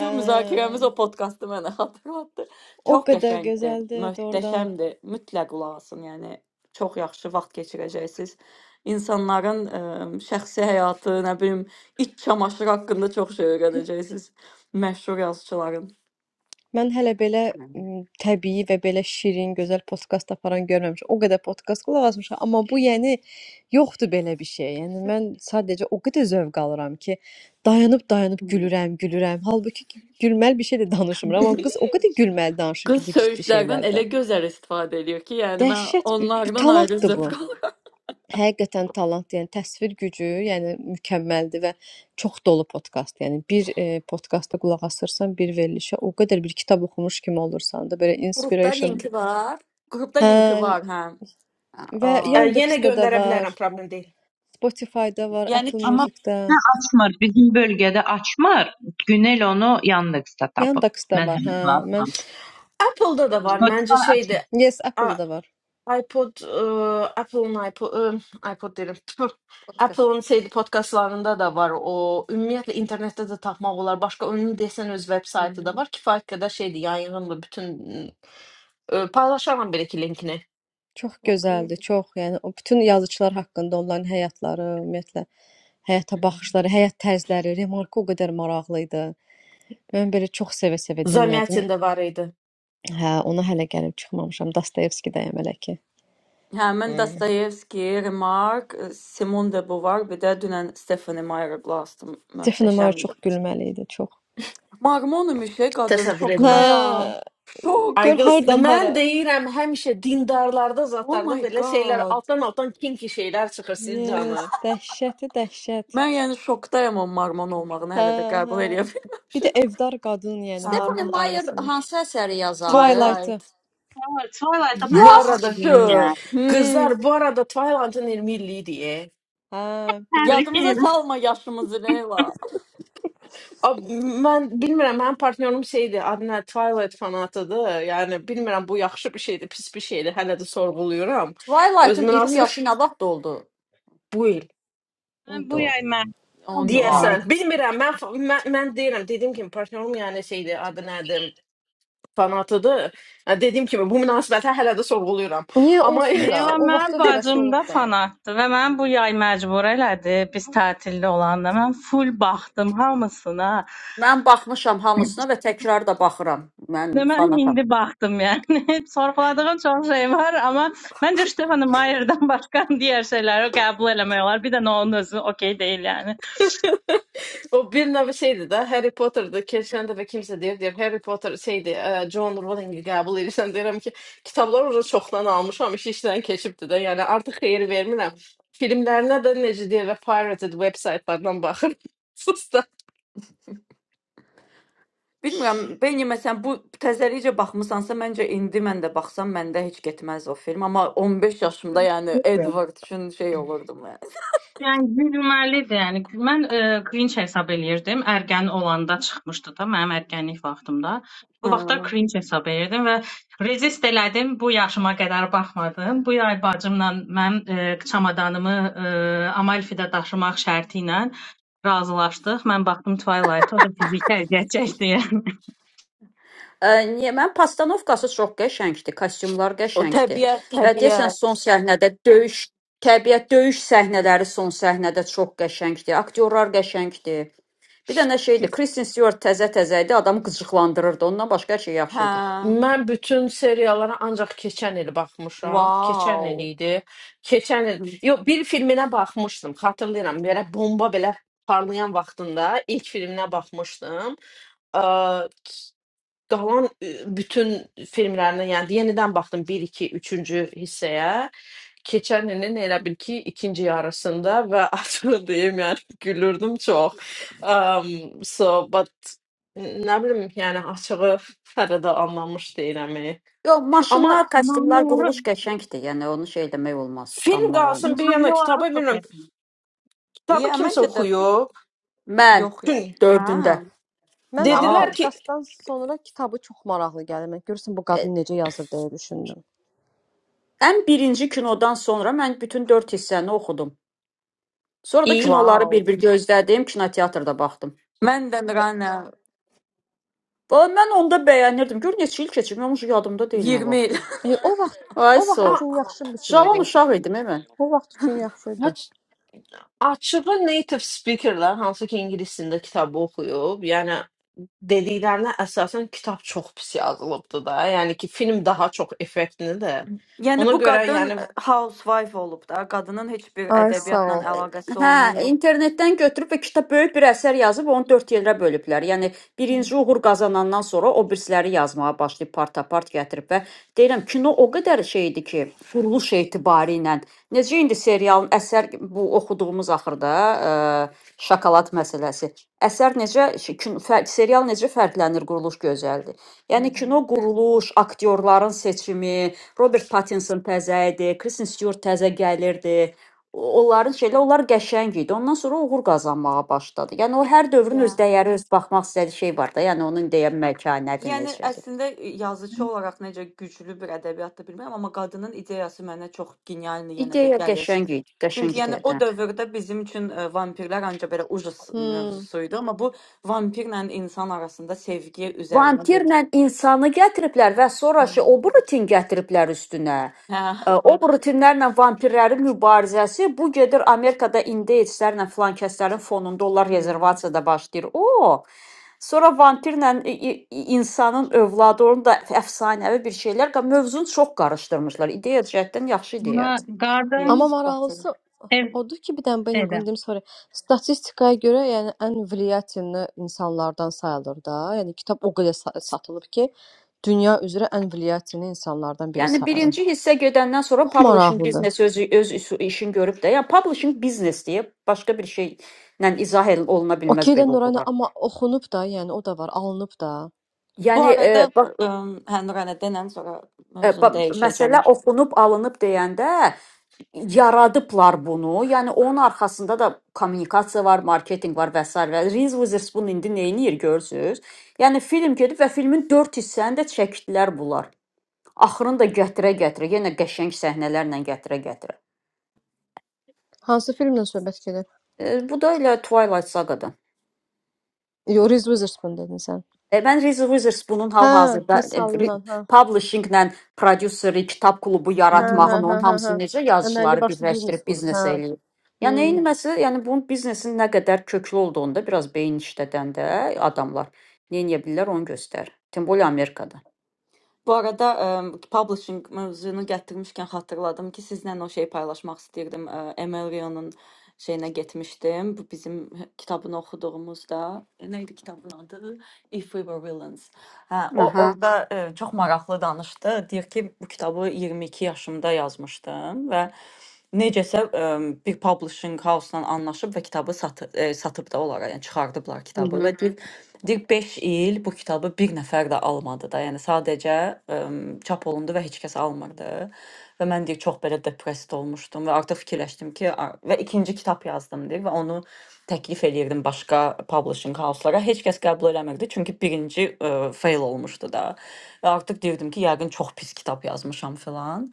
D: Hə,
A: müzakirəmiz o podkastı mənə (laughs) xatırlatdı.
D: o
A: Çox
D: qədər
A: qəşəngdir,
D: gözəldir, doğrudan.
A: möhtəşəmdir. Mütləq qulaq asın. Yəni çox yaxşı vaxt keçirəcəksiniz. İnsanların ə, şəxsi həyatı, nə bilim, iç çamaşırı haqqında çox şey öyrənəcəksiniz. Məşhur yazıçıların.
D: Mən hələ belə m, təbii və belə şirin, gözəl podkast aparan görməmişəm. O qədər podkast qulaq asmışam, amma bu yəni yoxdur belə bir şey. Yəni mən sadəcə o qədər zövq alıram ki, dayanıb-dayanıb gülürəm, gülürəm. Halbuki ki, gülməli bir şey də danışmıram, amma
A: (laughs)
D: qız o qədər gülməli danışır
A: Qız
D: ki, bu ciddi
A: söyüşlərdən
D: şeylərdə.
A: elə gözəl istifadə eləyir ki, yəni mən
D: Dəhşət bir, bir
A: onlardan ayrı
D: talantdır
A: zövq
D: bu.
A: (laughs) alıram.
D: Həqiqətən talant, yəni təsvir gücü, yəni mükəmməldir və çox dolu podkast. Yəni bir e, podkasta qulaq asırsan, bir verilişə o qədər bir kitab oxumuş kimi olursan da belə
G: Qrupda
D: inspiration.
G: linki var.
A: Qrupda
D: Hə,
A: linki var, hə.
G: Ha,
A: Ə,
D: və
G: okey.
C: Ə, Yenə
D: Yandex-də də
C: göndərə
D: var,
C: bilərəm, problem deyil.
D: Spotify-da var,
A: yəni
D: Apple
F: Amma
D: Music-də.
F: açmır. Bizim bölgədə açmır. Günel onu Yandex-də tapıb.
D: Yandex-də
F: Mən
D: var,
F: hələ
D: hə.
F: qulaq
D: Mən
F: asmamışam.
C: Apple-da da
G: Hı,
C: var, məncə
F: Spotify açmır.
C: şeydir.
D: Yes, Apple-da da var.
C: iPod, e, Apple'ın iPod, e, iPod derim. Tüh.
G: Podkast.
C: Apple'ın şeydi podkastlarında da (laughs) var o. Ümumiyyətlə internetdə də tapmaq olar. Başqa onun desən öz veb
G: Hı,
C: saytı da var. Kifayət qədər şeydi, yayınlı bütün e, paylaşaram belə ki linkini.
D: Çox
G: Okey.
D: gözəldir, çox. Yəni o bütün yazıçılar haqqında onların həyatları, ümumiyyətlə həyata baxışları, həyat tərzləri, remarka o qədər maraqlı idi. Mən belə çox sevə-sevə dinlədim.
C: Zamyatin-də var idi.
D: Hə, ona hələ gəlib çıxmamışam. Dostoyevskidəyəm hələ ki.
A: həmin
C: Hmm.
A: Dostoyevski, Remark, ə, Simon de Beauvoir, bir də dünən Stephanie Meyer Glass-dı,
D: Stefan Meyer çox
A: möhtəşəmdir.
D: gülməli idi, çox.
A: Marmonimuşe qadın
C: Təsəvvür
D: Hə,
C: edirəm.
A: şokdayam. Şok.
D: gör
C: Aygıs,
D: hardan
C: mən
D: hara.
C: deyirəm həmişə dindarlarda,
A: Oh
C: zatlarda
A: my
C: belə şeylər
A: god.
C: altdan-altdan kinki şeylər çıxır siz
D: Yes,
C: canı.
D: dəhşəti dəhşət.
A: Mən yəni şokdayam o Marmon olmağını
D: Hə,
A: hələ də
D: hə.
A: qəbul eləyə
D: Bir də
A: bilməmişəm.
D: evdar qadın, yəni
A: Hə.
G: Stephanie
D: Marmun
G: Meyer
D: ailəsinin.
G: hansı əsəri yazandı?
D: Twilight'ı.
A: Twilight.
E: Çuvalayda
C: Bu
E: baxanda
C: arada
G: Yaxşı.
E: dedim yəni.
A: Hmm.
C: qızlar bu arada Twilight'ın 20 illiyi idi.
D: Hə, bilirəm.
E: Təbrik
A: Yadımıza
E: edirəm.
A: salma yaşımızı
E: (laughs)
A: Leyla.
C: Abi, mən bilmirəm, mənim partnyorum şeydir, adına Twilight fanatıdır. Yəni bilmirəm bu yaxşı bir şeydir, pis bir şeydir. Hələ də sorğuluyuram. Öz
G: Twilight'ın 20
C: münasibət
G: yaşı nə vaxt oldu?
C: (laughs) bu il
E: Mən bu
G: Uydu.
E: yay mən.
A: Oh no.
G: Wow.
C: deyəsən. Bilmirəm, mən mən, mən deyirəm, dediyim kimi partnyorum yəni şeydir, adı nədir, fanatıdır. Yəni, dediyim kimi bu münasibətə hələ də sorğuluyuram.
D: Niyə
C: Amma (laughs)
D: olsun da,
E: Leyla
D: o
E: mən
D: vaxtı həvəsi
E: bacım da
D: olub da.
E: fanatdır və mən bu yay məcbur elədi, biz tətildə olanda mən full baxdım hamısına.
G: Mən baxmışam hamısına və təkrar da baxıram.
E: Və
G: Mən
E: mən
G: fanatam.
E: indi baxdım yəni. (laughs) Sorğuladığım çox şey var, amma məncə Stefan Mayer'dan başqa (laughs) digər şeyləri qəbul eləmək olar. Bir də onun özü okey deyil yəni.
C: O bir nevi şeydi də Harry Potter'dı. Keçən dəfə kimsə deyir, deyir Harry Potter şeydi, ə, John Rowling-i qəbul edirsən deyirəm ki, kitablar orada çoxdan almışam, iş işdən keçibdi də. Yəni artıq xeyir vermirəm. Filmlərinə də necə deyir və pirated vebsaytlardan baxıram. (laughs) Sus da.
A: Bilmirəm, Beyni məsələn bu təzəlikcə baxmısansa, məncə indi mən də baxsam məndə heç getməz o film, amma 15 yaşımda yəni Edward üçün şey olurdum mən.
E: Yəni gülməlidir. Yəni mən e, cringe hesab eləyirdim. Ərgən olanda çıxmışdı da mənim ərgənlik vaxtımda. Bu
A: Hə.
E: vaxtlar cringe hesab eləyirdim və rezist elədim. Bu yaşıma qədər baxmadım. Bu yay bacımla mənim e, çamadanımı e, Amalfi-də daşımaq şərti ilə razılaşdıq. Mən baxdım Twilight, o da fiziki əziyyət çəkdi.
G: Ə, Niyə mən postanovkası çox qəşəngdir, kostyumlar
A: O
G: qəşəngdir.
A: təbiət,
G: Və deyəsən
A: təbiət.
G: son səhnədə döyüş, təbiət döyüş səhnələri son səhnədə çox qəşəngdir. Aktyorlar qəşəngdir. Bir dənə şeydir, Kristen Stewart təzə-təzə idi, adamı qıcıqlandırırdı. Ondan başqa hər şey yaxşı
A: Hə.
G: idi.
C: Mən bütün seriallara ancaq keçən il baxmışam. Keçən il
A: Wow.
C: idi. Keçən il.
G: Mhm.
C: Yox, bir filminə baxmışdım. Xatırlayıram. Belə bomba belə parlayan vaxtında ilk filminə baxmışdım. qalan e, bütün filmlərinə, yəni yenidən baxdım 1 2 3-cü hissəyə. Keçən ilin elə bil ki, ikinci yarısında və (laughs) açığı deyim, yəni gülürdüm çox. Um, (laughs) so but nə bilim, yəni açığı hələ də anlamış deyiləm. e.
G: Yox,
C: Amma
G: maşınlar,
E: Məmnun
G: kostyumlar, quruluş
E: olurum.
G: qəşəngdir. Yəni onu şey demək olmaz,
C: film
G: danmaq
C: qalsın bir
G: olmaz.
C: yana
E: Məmnun
C: kitaba
E: olurum
C: bilmirəm.
E: söhbətinə.
C: Kitabı
A: Yeah,
C: kimsə
A: məncə də
C: oxuyub.
G: Mən
A: yox yəni.
C: Çünki
G: dördündə
A: Hə.
D: Mən amma
A: Wow.
C: dedilər ki,
D: podkastdan sonra kitabı çox maraqlı gəlir. Mən görürsən bu
G: e,
D: qadın necə yazır deyə düşündüm.
G: ən birinci kinodan sonra mən bütün dörd hissəni oxudum. Sonra da
C: i
G: kinoları
A: Wow.
G: bir-bir gözlədim, kinoteatrda baxdım.
A: Məndən rana
G: Valla mən onda bəyənirdim. Gör neçə il keçib, mən uşaq yadımda deyil nə
A: 20
G: vaxtı.
A: il. (laughs)
D: E, o vaxt
G: Ay
D: o vaxt
G: sağ ol.
C: a-
D: üçün yaxşı bir şey
G: Uşağam,
D: idi.
G: uşaq idim e mən.
D: O vaxt üçün yaxşı idi.
C: aç Açığı native speakerlər hansı ki ingilis dilində kitabı oxuyub, yəni dediklərinə əsasən kitab çox pis yazılıbdı da. Yəni ki, film daha çox effektini də.
A: yəni
C: Ona
A: bu
C: görə
A: qadın
C: yəni
A: e, housewife olub da, qadının heç bir
D: Ay sağ
A: ədəbiyyatla
D: ol.
A: əlaqəsi
G: Hə,
A: olmayıb.
G: internetdən götürüb və kitab böyük bir əsər yazıb onu 4 yerə bölüblər. Yəni birinci uğur qazanandan sonra o birisləri yazmağa başlayıb part-apart gətirib və deyirəm kino o qədər şey idi ki, quruluş etibarı ilə necə indi serialın əsər bu oxuduğumuz axırda ə, şokolad məsələsi. Əsər necə şey, kin- fə- serial necə fərqlənir quruluş gözəldir.
A: Hı
G: Yəni kino quruluş, aktyorların seçimi, Robert Pattinson təzə idi, Kristen Stewart təzə gəlirdi. O- onların şeyləri, onlar qəşəng idi. Ondan sonra uğur qazanmağa başladı. Yəni o hər dövrün
A: -hı.
G: öz dəyəri, öz baxmaq istədiyi şey var da. Yəni onun deyən məkanəti
A: Yəni
G: necədir.
A: əslində yazıçı olaraq necə güclü bir ədəbiyyatdır bilmirəm, amma qadının ideyası mənə çox genialdır yenə də
G: İdeya
A: gəlir.
G: qəşəng idi, qəşəng
A: Çünki yəni o
G: ideyadır.
A: dövrdə bizim üçün e, vampirlər ancaq belə ucuz
D: Hmm.
A: mövzusu idi, amma bu vampirlə insan arasında sevgi üzərinə bir
G: Vantirlə insanı gətiriblər və
A: Hmm.
G: sonraşı o rutin gətiriblər üstünə.
A: Hə.
G: Ə, O rutinlərlə vampirlərin mübarizəsi bu gedir Amerikada indeyslərlə filan kəslərin fonunda onlar
A: Hmm.
G: rezervasiyada başlayır. O Sonra vampirlə i- i- insanın övladı onun da əfsanəvi bir şeylər, qa- mövzunu çox qarışdırmışlar. İdeya cəhətdən yaxşı ideyadır.
E: Garden
A: Yes,
D: Amma
A: bottom.
D: maraqlısı
E: ev
D: odur ki, bir dənə Beni
E: edə.
D: bunu deyim sonra. Statistikaya görə, yəni ən vliyativli insanlardan sayılır da. Yəni kitab o qədər sa- satılıb ki, dünya üzrə ən vliyativli insanlardan biri
G: Yəni
D: sayılır.
G: birinci hissə gedəndən sonra
D: Çox
G: publishing
D: maraqlıdır.
G: biznesi özü öz iş- işin görüb də. Yəni publishing biznes deyə başqa bir şeylə izah el- oluna
D: Okey
G: bilməz
D: də
G: belə
D: Nurayna,
G: uğurlar.
D: amma oxunub da, yəni o da var, alınıb da.
A: Bu
G: Yəni
A: arada
G: e, bax
A: ə, hə Nuranə denən sonra
G: e,
A: mövzunu
G: ba-
A: dəyişəcəm.
G: məsələ oxunub alınıb deyəndə yaradıblar bunu. Yəni onun arxasında da kommunikasiya var, marketinq var və s. və Reese Witherspoon indi nə edir görürsüz? Yəni film gedib və filmin 4 hissəsini də çəkdilər bunlar. Axırını da gətirə-gətirə, yenə qəşəng səhnələrlə gətirə-gətirə.
D: Hansı filmdən söhbət gedir?
G: E, bu da elə Twilight Saga-dan.
D: Yo, Reese Witherspoon dedin sən.
G: E, ben Reese Witherspoon'un bunun
D: Hə,
G: hal-hazırda e, re-
D: misalından, hə.
G: publishinglə prodüseri, kitab klubu
D: Hə, hə,
G: yaratmağın,
A: Mhm.
D: hə,
G: onun
D: hə, hə.
G: hamısını necə
D: Əməlli
G: yazıçıları
D: başlı biznes
G: birləşdirib
D: qurub, hə.
G: biznes eləyib. Yəni
D: Hmm.
G: eyniməsi, yəni bunun biznesin nə qədər köklü olduğunu da biraz beyin işlədəndə adamlar nə edə bilirlər onu göstərir. Timbol Amerikada.
A: Bu arada em, publishing mövzunu gətirmişkən xatırladım ki, sizlə o şeyi paylaşmaq istəyirdim. Ə, Emil Rion'un şeyinə getmişdim. Bu bizim hə, kitabını oxuduğumuzda. Nə idi kitabın adı? If We Were Villains. Hə, o
G: Aha.
A: orada ə, çox maraqlı danışdı. Deyir ki, bu kitabı 22 yaşımda yazmışdım və necəsə ə, bir publishing house-la anlaşıb və kitabı satı, ə, satıb da onlara, yəni çıxardıblar kitabı və deyir, Deyir 5 il bu kitabı bir nəfər də almadı da. Yəni sadəcə ə, çap olundu və heç kəs almırdı. Və mən deyir çox belə depressed olmuşdum və artıq fikirləşdim ki, a- və ikinci kitab yazdım deyir və onu təklif eləyirdim başqa publishing house-lara. Heç kəs qəbul eləmirdi, çünki birinci ə, fail olmuşdu da. Və artıq deyirdim ki, yəqin çox pis kitab yazmışam filan.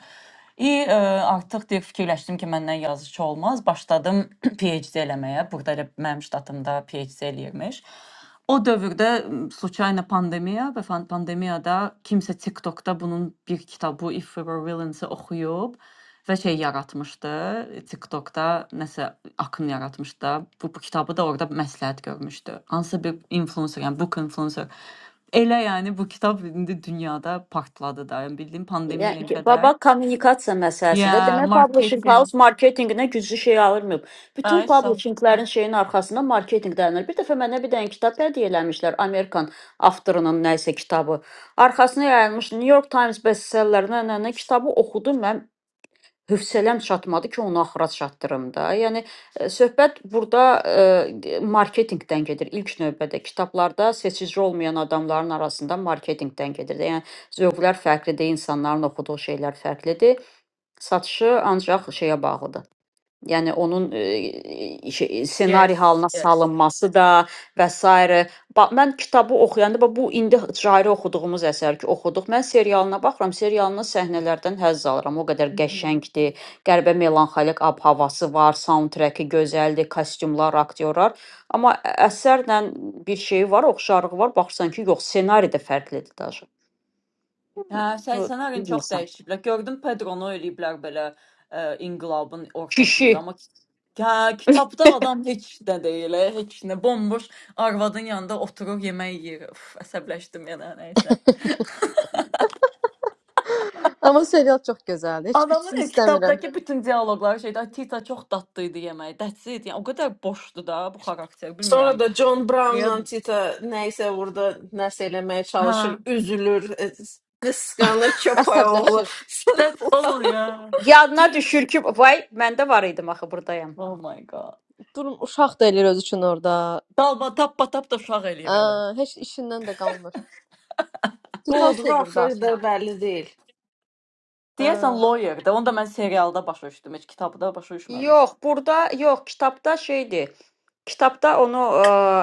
A: İ ə, artıq deyir fikirləşdim ki, məndən yazıçı olmaz. Başladım (clears throat) PhD eləməyə. Burada elə mənim ştatımda PhD eləyirmiş. O dövrdə m, случайно pandemiya və fan- pandemiyada kimsə TikTokda bunun bir kitabı If We Were Villains-i oxuyub və şey yaratmışdı. TikTokda nəsə akın yaratmışdı da. Bu, bu kitabı da orada məsləhət görmüşdü. Hansısa bir influencer, yəni book influencer. Elə yəni bu kitab indi dünyada partladı da. Yəni bildiyim pandemiyaya
G: Yəni
A: Yeah.
G: ki, baba
A: qədər.
G: kommunikasiya məsələsidir.
A: Yeah,
G: Demək publishing
A: marketing.
G: house marketinqinə güclü şey alırmayıb. Bütün
A: I saw.
G: publishinglərin şeyin arxasında marketinq dayanır. Bir dəfə mənə bir dənə kitab hədiyyə eləmişlər. Amerikan avtorunun nə isə kitabı. Arxasına yayılmış New York Times bestsellerlərinə nə nə kitabı oxudum mən. Hövsələm çatmadı ki, onu axıra çatdırım da. Yəni e, söhbət burada e, marketinqdən gedir ilk növbədə. Kitablarda seçici olmayan adamların arasında marketinqdən gedir də. Yəni zövqlər fərqlidir, insanların oxuduğu şeylər fərqlidir. Satışı ancaq şeyə bağlıdır. Yəni onun, eee, şey, ssenari
A: Yes.
G: halına
A: Yes.
G: salınması da və sairə. Bax, mən kitabı oxuyanda bax bu indi Cahiri oxuduğumuz əsər ki, oxuduq. Mən serialına baxıram, serialının səhnələrdən həzz alıram. O qədər
A: Mhm.
G: qəşəngdir. Qəribə melanxolik ab havası var, soundtreki gözəldir, kostyumlar, aktyorlar. Amma ə- əsərlə bir şey var, oxşarlığı var. Baxırsan ki, yox, ssenari də fərqlidir daşı.
A: Hə, 80-lərin çox
G: Bilmirsən.
A: dəyişiblər. Gördüm Pedro-nu eləyiblər belə ə, inqilabın ortasında,
G: Kişi
A: amma ki- hə, kitabda adam heç nə deyil, ə, heç nə bomboş arvadın yanında oturur, yemək yeyir. Uf, əsəbləşdim yenə, nəysə.
D: Amma serial çox gözəldir. Heç bitsin
A: Adamın heç
D: istəmirəm.
A: kitabdakı bütün dialoqları şeydə "Ay, Tita çox dadlı idi yeməyi. That's it. Yəni o qədər boşdu da bu xarakter,
C: sonra
A: bilmirəm.
C: da John
A: Niyə?
C: Brownla Tita nəysə burada nəsə eləməyə
A: Hə,
C: çalışır, üzülür, e, qısqanır köpəy oğlu.
D: Əsəbləşir.
C: (laughs)
A: that's all ya.
G: yadına düşür ki, vay, məndə var idim axı burdayam.
A: Oh my god.
D: Durun uşaq da eləyir öz üçün orada.
A: Dalba tappa tap da uşaq eləyir
D: Hə,
A: hələ.
D: heç işindən də qalmır. Titan
C: Doğduğu
D: sevirdi
C: axıra
D: axı.
C: qədər bəlli deyil.
D: Hə.
A: Deyəsən Lawyer-də. Onu da mən serialda başa düşdüm, heç kitabda başa
G: Yox,
A: düşməmişdim.
G: burada yox, kitabda şeydir. Kitabda onu e,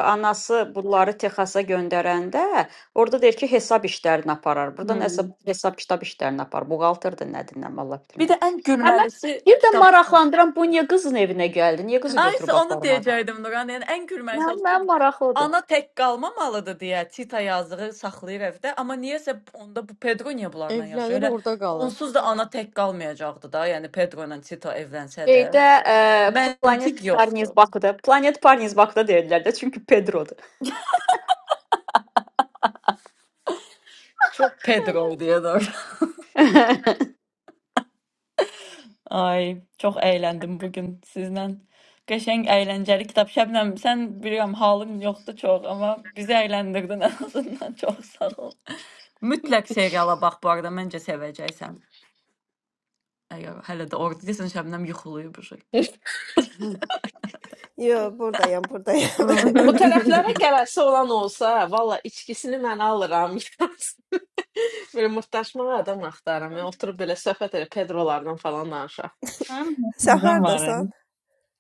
G: anası bunları Texasa göndərəndə orada deyir ki, hesab işlərini aparar. Burada nəsə
A: Hmm.
G: hesab kitab işlərini apar. Buğaltırdı nədir, nə Allah bilir
A: Bir
G: nə.
A: də ən
G: Həmən
A: gülməlisi
G: bir də
A: kitabdır.
G: maraqlandıran bu niyə qızın evinə gəldi? Niyə qızı
A: Ay,
G: götürüb
A: isə onu
G: aparmadı?
A: deyəcəydim Nuran. Yəni ən gülməlisi
G: Mənim
A: odur ki,
G: mənim maraqlıdır.
A: ana tək qalmamalıdır deyə Tita yazığı saxlayır evdə, amma niyəsə onda bu Pedro niyə bunlarla yaşayır?
D: Evlənir,
A: Elə
D: orada qalır.
A: onsuz da ana tək qalmayacaqdı da. Yəni Pedro ilə Tita evlənsə də
G: Şeydə e,
A: məntiq
G: Planet
A: yoxdur.
G: Parnis Bakıda, Planet Parnis Bakıda deyirlər də çünki Pedrodur.
A: Çox Pedro deyə də. Ay, çox əyləndim bu gün sizlə. Qəşəng əyləncəli kitab. Şəbnəm, sən bilirəm halın yoxdur çox, amma bizi əyləndirdin ən azından. (laughs) Çox sağ ol. Mütləq seriala bax bu arada, məncə sevəcəksən. Əgər hələ də orada desən Şəbnəm yuxulayıb bu şey.
B: Yo, buradayam, buradayam.
C: Hı. Bu tərəflərə
G: (laughs)
C: gələsi olan olsa, valla içkisini mən alıram. (laughs) belə mırtdaşmağa adam axtarıram. Yəni, oturub belə söhbət elə (laughs) Pedrolardan falan danışaq.
E: Həm
B: (laughs) Sən
E: mənim
B: hardasan?
E: var.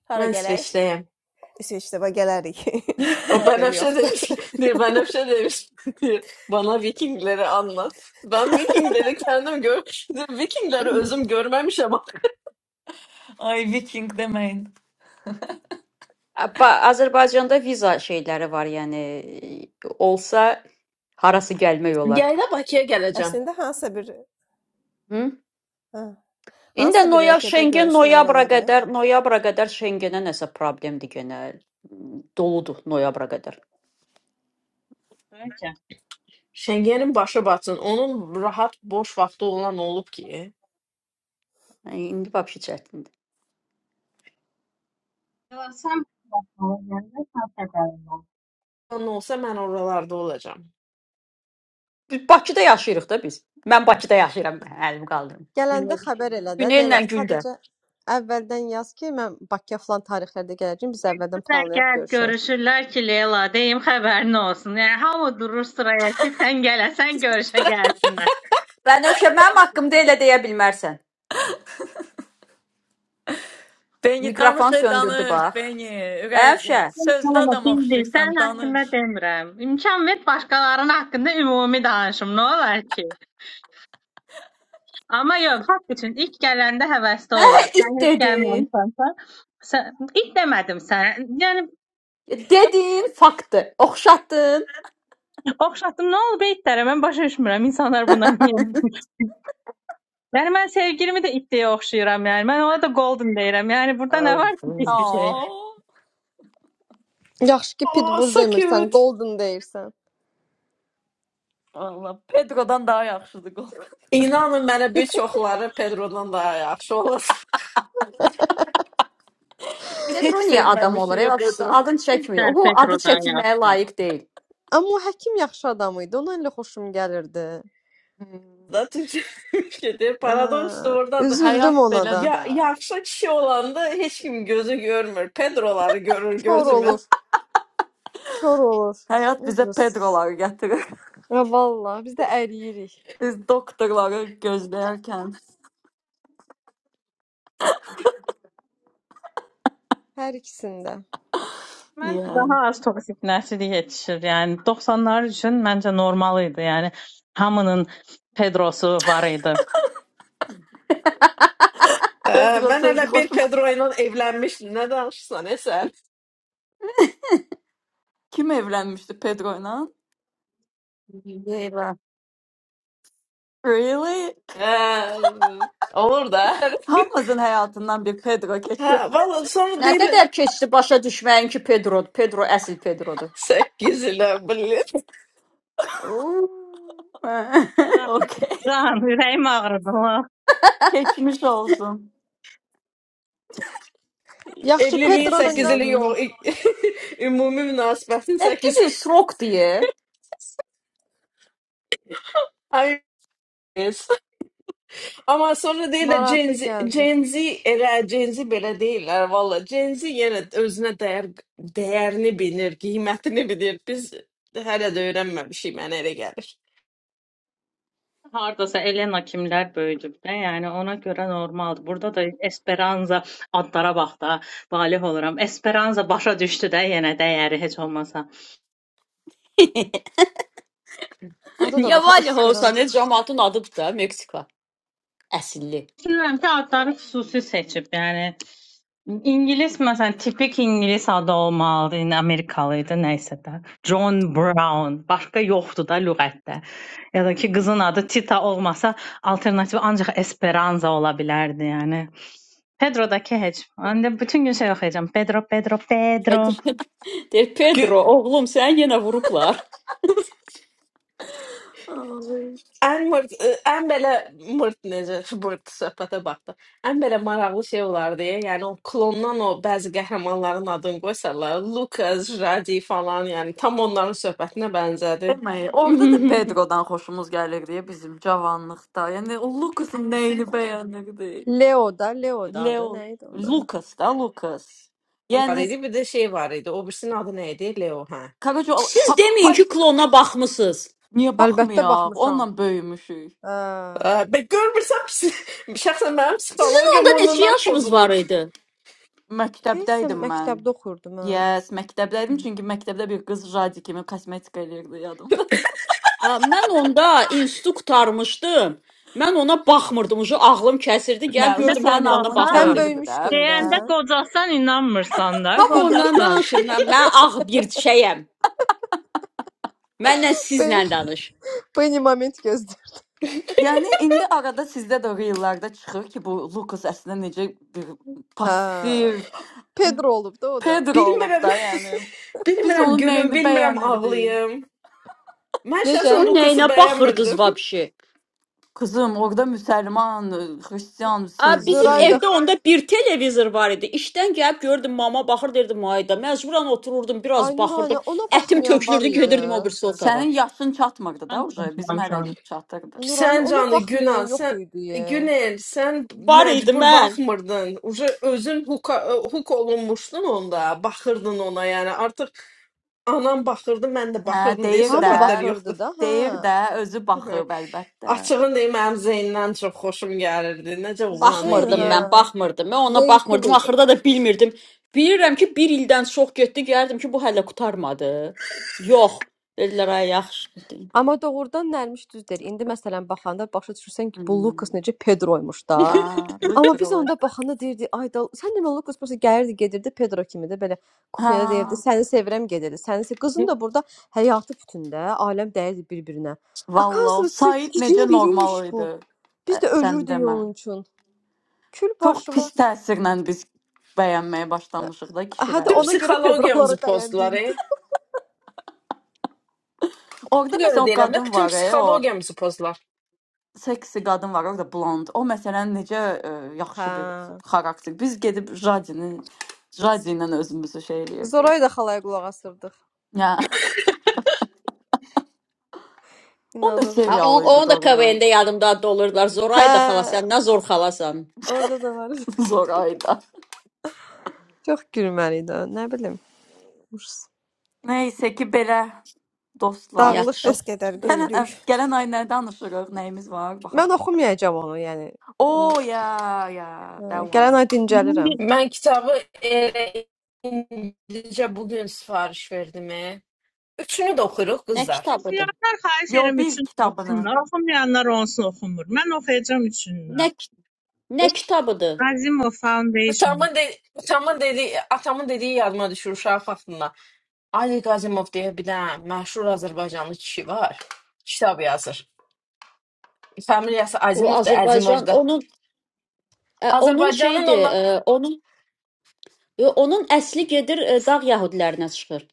B: Hara
C: Mən
B: gələk?
C: İsveçdəyəm.
B: İsveçrəyə gələrik. (laughs)
C: O
B: Problem
C: Benefşe
B: yoxdur.
C: demiş ki,
B: (laughs)
C: (laughs) diyor. Benefşe demiş (laughs) diyor. Bana Vikingleri anlat. Ben Vikingleri kendim gör. (laughs) diyor, Vikingleri özüm görmemiş ama.
A: Ay, Viking deməyin.
G: Ba Azərbaycanda viza şeyləri var, yəni e, olsa harası gəlmək olar.
C: Gel de Bakı'ya geleceğim.
B: Əslində hansısa bir
G: Hı?
B: hə,
G: İndi
B: hansısa bir
G: noyabr
B: ölkədə
G: Şengen
B: görüşmək
G: noyabra
B: olar. ə?
G: qədər, noyabra qədər Şengenə nəsə problemdir genə. Doludur noyabra qədər.
C: Şengen'in başı batsın. Onun rahat boş vakti olan olup ki.
G: Yəni, İndi vəbşi çətindir.
E: Görsəm xəbərlər, sən xəbərin ol.
C: Ne olsa ben oralarda olacağım.
G: Biz Bakıda yaşayırıq da biz. Mən Bakıda yaşayıram, əlim qaldırım.
D: Gələndə xəbər elə də
G: Günellə
D: Leyla,
G: Güldə.
D: sadəcə əvvəldən yaz ki, mən Bakıya falan tarixlərdə gələcəyəm, biz əvvəldən
E: Biz
D: planlayaq
E: Əgər
D: görüşək.
E: görüşürlər ki, Leyla, deyim xəbərin olsun. Yəni hamı durur sıraya ki, sən gələsən görüşə gəlsinlər.
G: Bənövşə, mənim haqqımda elə deyə bilmərsən.
A: Beni
G: Mikrofon
A: danış, ey,
G: söndürdü
A: danış,
G: bax.
A: Beni. Ürək
G: Bənövşə,
E: Hə,
A: sözlü adam
E: Bildir,
A: oxşuyursan,
E: sən haqqında
A: danış.
E: demirəm. İmkan ver başqalarının haqqında ümumi danışım, nə olar ki? Amma yox, haqq üçün ilk gələndə həvəsli olur.
G: it
E: Sən heç
G: dedin.
E: gəlməmisənsə, sən ilk demədim sənə. Yəni
G: Dedin, faktdır. Oxşatdın.
E: oxşatdım, nə olub eytlərə? Mən başa düşmürəm insanlar buna niyə. Yəni mən sevgilimi də itliyə oxşayıram yəni. Mən ona da golden deyirəm. Yəni burada nə var ki, pis bir
G: Avans.
E: şey?
A: Aa,
D: Yaxşı ki,
C: Oh,
D: Pitbull
C: so
D: demirsən,
C: cute.
D: Golden deyirsən.
A: Valla Pedro'dan daha yaxşıdır qol.
C: İnanın mənə bir çoxları Pedrodan daha yaxşı olasın
A: (laughs) Biz heç
G: Pedro niyə adam
A: sevməmişik
G: olur? Ev
A: ya
G: afişası
A: Pedro.
G: adın çəkmiyor.
E: Sen
G: O adı
E: Petro'dan
G: çəkilməyə
E: yapsınlar.
G: layiq deyil.
D: Amma o həkim yaxşı adam idi, ona elə xoşum gəlirdi.
C: da gedir.
D: Ə,
C: Paradoks da oradadır.
A: Həyat
D: üzüldüm ona da.
A: belədir
C: Ya,
A: də.
C: yaxşı kişi olanda heç kim gözü görmür. Pedroları görür
D: Kor
C: gözümüz.
D: olur. Kor olur.
A: Hayat bize
D: Ucuz.
A: Pedro'lar getirir.
D: Və vallah biz də əriyirik.
A: (laughs) Biz doktorları gözlerken.
D: Hər ikisində.
E: Mən
A: Yeah.
E: daha az toksik nəsil yetişir. Yəni 90-lar üçün məncə normal idi. Yəni hamının Pedrosu var idi.
C: Hə,
A: Pedro
C: mən
A: sözü
C: hələ bir
A: hoşuma.
C: Pedro ilə evlənmişdim. Nə danışırsan, e sən?
A: (laughs) Kim evlenmişti Pedro'yla?
G: Eyvah.
A: Really?
C: Hə, olur da.
A: Hamaz'ın hayatından bir Pedro
C: Hə,
A: geçip.
C: valla sonra
G: Nə
C: deyirlər
G: qədər keçdi başa düşməyin ki, Pedrodur. Pedro əsl Pedrodur.
C: 8 ilə bilir.
A: (laughs) okay.
E: Can, ürəyim ağrıdı. Allah.
A: Geçmiş olsun.
D: Yaxşı
C: Evliliyin
D: Pedro
G: 8 (laughs)
C: 8
D: ilə
G: il.
C: ili yox. (laughs) Ümumi münasibətin
G: 8
C: 8
G: il srok deyə.
C: ay. yes. Ama sonra deyirlər Gen
D: maraqlı
C: Z,
D: gəldi.
C: Gen Z elə Gen Z belə deyirlər valla. Gen Z yenə özünə dəyər dəyərini bilir, qiymətini bilir. Biz hələ də öyrənməmişik, mənə elə gəlir.
E: Hardasa Elena kimlər böyüdüb də, yəni ona görə normaldır. Burada da Esperanza adlara bax da, valeh oluram. Esperanza başa düşdü də yenə dəyəri heç olmasa.
G: (laughs)
D: Adı da
G: Niyə
D: bax
G: Valya olsa, nə
D: Esperanza.
G: camaatın adıdır da, Meksika. Əsilli.
E: Düşünürəm ki, adları xüsusi seçib. Yəni ingilis məsələn tipik ingilis adı olmalıdı, nə Amerikalı idi, nə isə də. John Brown, başqa yoxdur da lüğətdə. Ya da ki, qızın adı Tita olmasa, alternativ ancaq Esperanza ola bilərdi, yəni. Pedrodakı heç. Onda bütün gün şey oxuyacağam. Pedro, Pedro, Pedro.
G: Pedro- (laughs) Deyir
C: Gü
G: Pedro, oğlum, səni yenə vurublar.
A: Ay.
C: Ən mırt, ə, ən belə mırt necə mırt söhbətə baxdı. Ən belə maraqlı şey olardı. Yəni o klondan o bəzi qəhrəmanların adını qoysalar, Lucas, Radi falan, yəni tam onların söhbətinə bənzədi.
A: Demeyi. Orada da
G: (laughs)
A: Pedro'dan hoşumuz gelirdi bizim cavanlıkta. Yani o Lucas'ın neyini beğenirdi?
D: Leo da, Leo da adı
A: Leo.
D: nə idi onun adı?
A: Lucas da Lucas.
C: Var
A: Yani
C: idi,
D: Unutmuşam.
C: bir də şey var idi. O birisinin adı nə idi? Leo, hə.
A: Karaca o-
G: Siz
A: pa,
G: deməyin
A: pa,
G: ki, klona baxmısınız.
A: niye
D: Əlbəttə
A: bakmıyor?
D: baxmışam.
A: Onunla böyümüşük.
D: Hə.
C: Ə, Bə görmürsən, pis- (laughs) şəxsən mənim
G: Sizin onda
C: psixologiyam
G: neçə
C: ondan
G: yaşınız var
C: pozulub.
G: idi?
D: Deyəsən
A: Məktəbdəydim mən.
D: məktəbdə oxurdum ha.
A: Yes, məktəbdəydim çünki məktəbdə bir qız Jadi kimi kosmetika eləyirdi yadımda.
G: A, Mən onda institutu qurtarmışdım. Mən ona baxmırdım. Ucu ağlım kəsirdi.
A: (laughs) Nə,
G: Gəlib
A: üzə
E: Səndə
G: gördüm
A: sənin
G: hamı ona
A: ağlın
D: Sən
G: baxır.
E: qocasan.
A: kəsirdi də.
D: böyümüşdün də.
E: Deyəndə qocasan inanmırsan da,
G: Hamı ondan
E: qocasan.
G: danışır. Mən, mən ağ bir şeyəm. Mənlə
D: Böy
G: sizlə danış.
D: Beni (laughs) moment gözləyir.
A: Yəni indi arada sizdə də reellərdə çıxır ki, bu Lukas əslində necə bir
D: Hə.
A: passiv
D: Pedro olub da o da.
A: Pedro olub
C: Bilmirəm.
A: da, yəni
C: (laughs)
A: biz
C: bilmirəm
A: onun
C: gülüm,
A: nəyini
C: bilmirəm
A: bəyənirdik.
C: ağlayım. Mən
G: Siz
D: Necə?
C: şəxsən
G: onun
C: Lucası
G: nəyinə baxırdınız
C: bəyənmirdim.
G: vəbşi?
A: Qızım, orada müsəlman, xristian,
G: A, bizim
D: Zoray
A: sevgi.
D: da
G: evdə onda bir televizor var idi. İşdən gəlib görürdüm mama baxır derdim ayda. Məcburan otururdum,
D: Ay
G: biraz
D: Nuranə,
G: baxırdım.
D: ona
G: Ətim
D: baxmayan var
G: tökülürdü, gedirdim o
D: idi.
G: birisi otağa.
A: Sənin yaşın çatmırdı da,
E: Mən
A: uje
E: də
A: bizim hələ
E: inanmışam.
A: çatırdı.
D: Nurani
C: Sən
D: ona
C: canı
D: baxmayan
C: günah,
D: yox
C: sən
D: idi. Ya.
C: Günel, sən
G: Var idi
C: məcbur
G: mən.
C: baxmırdın. Uca özün huk, huk olunmuşdun onda, baxırdın ona, yəni artıq anam baxırdı, mən də
A: Hə,
C: baxırdım deyə
A: deyir də,
D: Hamı
C: söhbətlər
D: baxırdı
C: yoxdur.
D: da, hə.
A: deyir də, özü
C: (laughs)
A: baxıb əlbəttə.
C: Açığın deyim, mənim Zeynlə çox xoşum gəlirdi. Necə oğlan
D: Zeyn,
C: idi.
G: Baxmırdım
D: hə.
C: yə.
G: mən, baxmırdım. Mən ona
D: Zeyn cool
G: baxmırdım.
D: idi.
G: Axırda da bilmirdim. Bilirəm ki, bir ildən çox getdi. Gəldim ki, bu hələ qurtarmadı. Yox. Dedilər ay yaxşı. bitti."
D: Amma doğrudan Nərmiş düz deyir. İndi məsələn baxanda başa düşürsən ki, bu Lukas
A: Hmm.
D: necə Pedroymuş
A: Hə,
D: da. Amma biz
A: literally.
D: onda baxanda deyirdi, ay da sən demə Lukas prosta gəlirdi, gedirdi Pedro kimi də belə
A: Hə,
D: kuxnyada deyirdi, səni sevirəm gedirdi. Səni se qızın da burada həyatı bütündə, aləm dəyirdi bir-birinə.
A: vallah, o
D: Akazvısı
A: Said necə
D: gicin biriymiş
A: normal idi.
D: bu. Biz
A: Ə,
D: də
A: Sən
D: ölürdük
A: demə.
D: onun üçün. Kül
A: Çox
D: başı var.
A: pis təsirlə biz bəyənməyə başlamışıq da
D: Hə də
C: Bütün
A: kişiləri.
D: ona görə Pedroları
C: psixologiyamızı pozdular.
D: bəyəndiyiniz.
C: E.
A: Orda
C: Nə görə
A: məsələn o
C: deyirəm də,
A: qadın
C: bütün
A: var, e, o
C: psixologiyamızı pozdular.
A: seksi qadın var, orada blond. O məsələn necə ə,
D: (laughs) Hə.
A: yaxşı bir xarakter. Biz gedib Jadinin Jadi ilə özümüzü şey eləyirdik.
D: Zora'yı da xalaya qulaq asırdıq.
A: Ya, (laughs) o da
D: İnanırdıq.
G: Ha, on,
A: serial idi
G: onu da
A: doğrudan.
G: KVN-də yadımda dolurdular.
D: Hə,
G: Zoray da xala sən nə zor xalasan.
D: orada da var. (laughs) idi.
A: (laughs) Zoraydı.
D: Çox gülməli idi. o, Nə bilim. urs-
A: Neysə ki, belə dostlar.
G: Yaxşı.
D: Dağılışın.
B: Bəs qədər
A: Gələn həf-
B: güldük.
A: gələn ay nə danışırıq, nəyimiz var, baxaq
D: Mən
A: görək.
D: oxumayacağam onu, yəni.
A: O,
D: O-
A: ya, ya, that
D: hə, Gələn
A: one.
D: ay dincəlirəm.
C: Mən kitabı elə indicə bu gün sifariş verdim. e. Üçünü də oxuyuruq
G: Nə
C: qızlar.
G: kitabıdır?
E: Oxuyanlar xahiş
A: Yo,
E: edirəm
A: bir
E: üçün
A: kitabını.
E: oxusunlar. Oxumayanlar onsuz oxumur. Mən oxuyacağım
G: Nə
E: üçünlər.
G: ki- nə kitabıdır?
E: Azimov Foundation.
C: Atamın, de atamın, dedi atamın dediyi yadıma düşür uşaq vaxtında. Ali Qazimov deyə bir dənə məşhur Azərbaycanlı kişi var. Kitab yazır. Familiyası
G: O
C: Azimovdur,
G: Azərbaycan
C: Azimovdur.
G: onun ə, onun
C: Azərbaycanın
G: şeydir,
C: onunla
G: ə, onun yo, onun əsli gedir ə, dağ yəhudilərinə çıxır.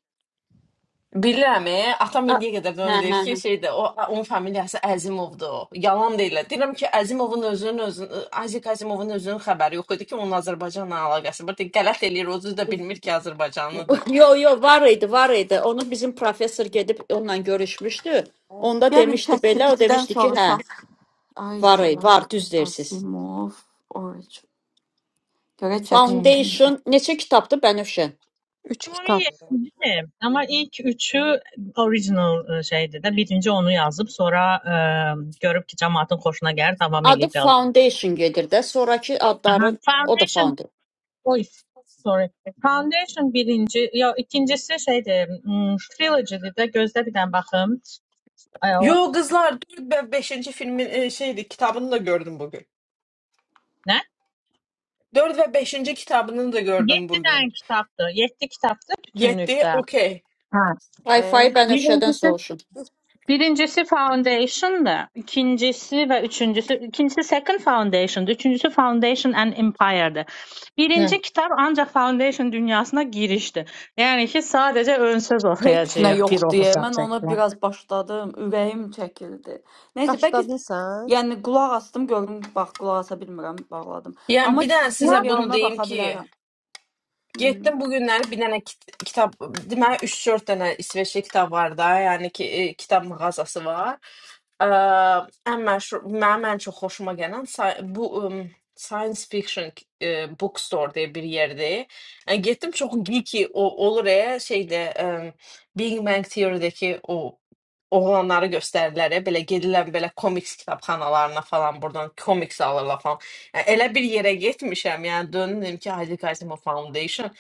C: Bilirəm, e, atam
G: A,
C: indiyə qədər də onu
G: hə,
C: deyir
G: hə,
C: ki,
G: hə.
C: şeydə o onun familiyası Əzimovdur. Yalan deyirlər. Deyirəm ki, Əzimovun özünün özünün Azik Əzimovun özünün xəbəri yox idi ki, onun Azərbaycanla əlaqəsi var. Deyir, Qələt eləyir, özü də bilmir ki, Azərbaycanlıdır.
G: Yo, yo, var idi, var idi. Onu bizim professor gedib onunla görüşmüşdü. Onda
A: Yəni
G: demişdi belə, o
A: ChatGPT-dən
G: demişdi ki, hə,
A: soruşaq.
G: var idi, var,
A: Isaac
G: düz deyirsiz.
A: Asimov Origin. Görək
C: Hmm.
A: ChatGPT.
G: Foundation neçə kitabdır Bənövşə?
D: Üç
E: Ümumi
D: kitab.
E: yetkidir. Ama ilk üçü original e, şeydi de. Birinci onu yazıp sonra e, görüp ki cemaatin hoşuna gelir devam
G: Adı
E: edip yazdım.
G: Foundation gedir də, sonrakı
E: Aha.
G: adları o da
E: Foundation.
G: Foundation.
E: Oy, sorry. Foundation birinci. Ya ikincisi şeydi. hmm, Trilogy'di de. Gözde bir dənə baxım. Ay, o-
C: Yo kızlar 4 ve beşinci filmin e, şeydi kitabını da gördüm bugün.
E: Ne?
C: 4 ve beşinci kitabını da gördüm
E: Yedi
C: bugün.
E: tane kitaptı. Yedi kitaptı
C: Yetti
E: bütünlükte.
C: okey.
D: Ə,
G: Sci-fi Bənövşədən
E: Birincisi,
G: soruşun.
E: birincisi Foundation'dı. İkincisi ve üçüncüsü, ikincisi Second Foundation'dı. Üçüncüsü Foundation and Empire'dı.
C: Hı.
E: Birinci kitap ancak Foundation dünyasına girişti. Yani ki sadece ön söz
A: Heç nə
E: okuyacağız bir
A: yox deyə mən ona
E: okusacaklar.
A: biraz başladım, ürəyim çəkildi. Neysə, bəlkə
D: Başladın sən?
A: yəni qulaq astım, gördüm, bax qulaq asa bilmirəm, bağladım.
C: Yani
A: Amma
C: bir daha
E: Ya,
C: size bunu
A: serialına
C: diyeyim
A: baxa
C: ki
A: bilərəm. Hmm.
C: Getdim bu günləri bir dənə kit kitab, deməli 3-4 dənə İsveçli kitab var da, yəni ki, e, kitab mağazası var. Ə, ən məşhur, mənim ən çox xoşuma gələn sci- bu ım, Science Fiction e, Bookstore deyə bir yerdir. Yəni getdim çox geeky o, olur e, şeydə ə, Big Bang Theory-dəki o oğlanları göstərdilər e, belə gedilən belə komiks kitabxanalarına falan buradan komiks alırlar falan. E, Elə bir yerə getmişəm, yəni döndüm dedim ki, Hadi Kazimo Foundation.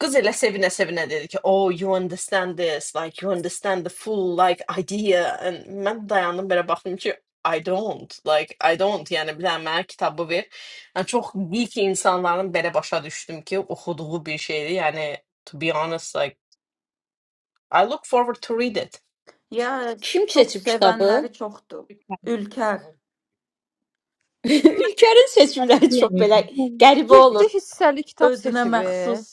C: Qız elə sevinə-sevinə dedi ki, "Oh, you understand this, like you understand the full like idea." And mən dayandım belə baxdım ki, I don't, like I don't, yəni bir dənə mənə kitabı ver. Yəni çox geek insanların belə başa düşdüm ki, oxuduğu bir şeydir. Yəni to be honest, like I look forward to read it.
A: Ya
G: Kim
A: çox
G: seçib kitabı?
A: sevənləri çoxdur. Ülkər,
G: (laughs) Ülkenin seçimləri çox
E: yani,
G: belə qəribə
D: 7
G: olur.
D: hissəli kitab
A: özünə
D: seçibi.
A: məxsus.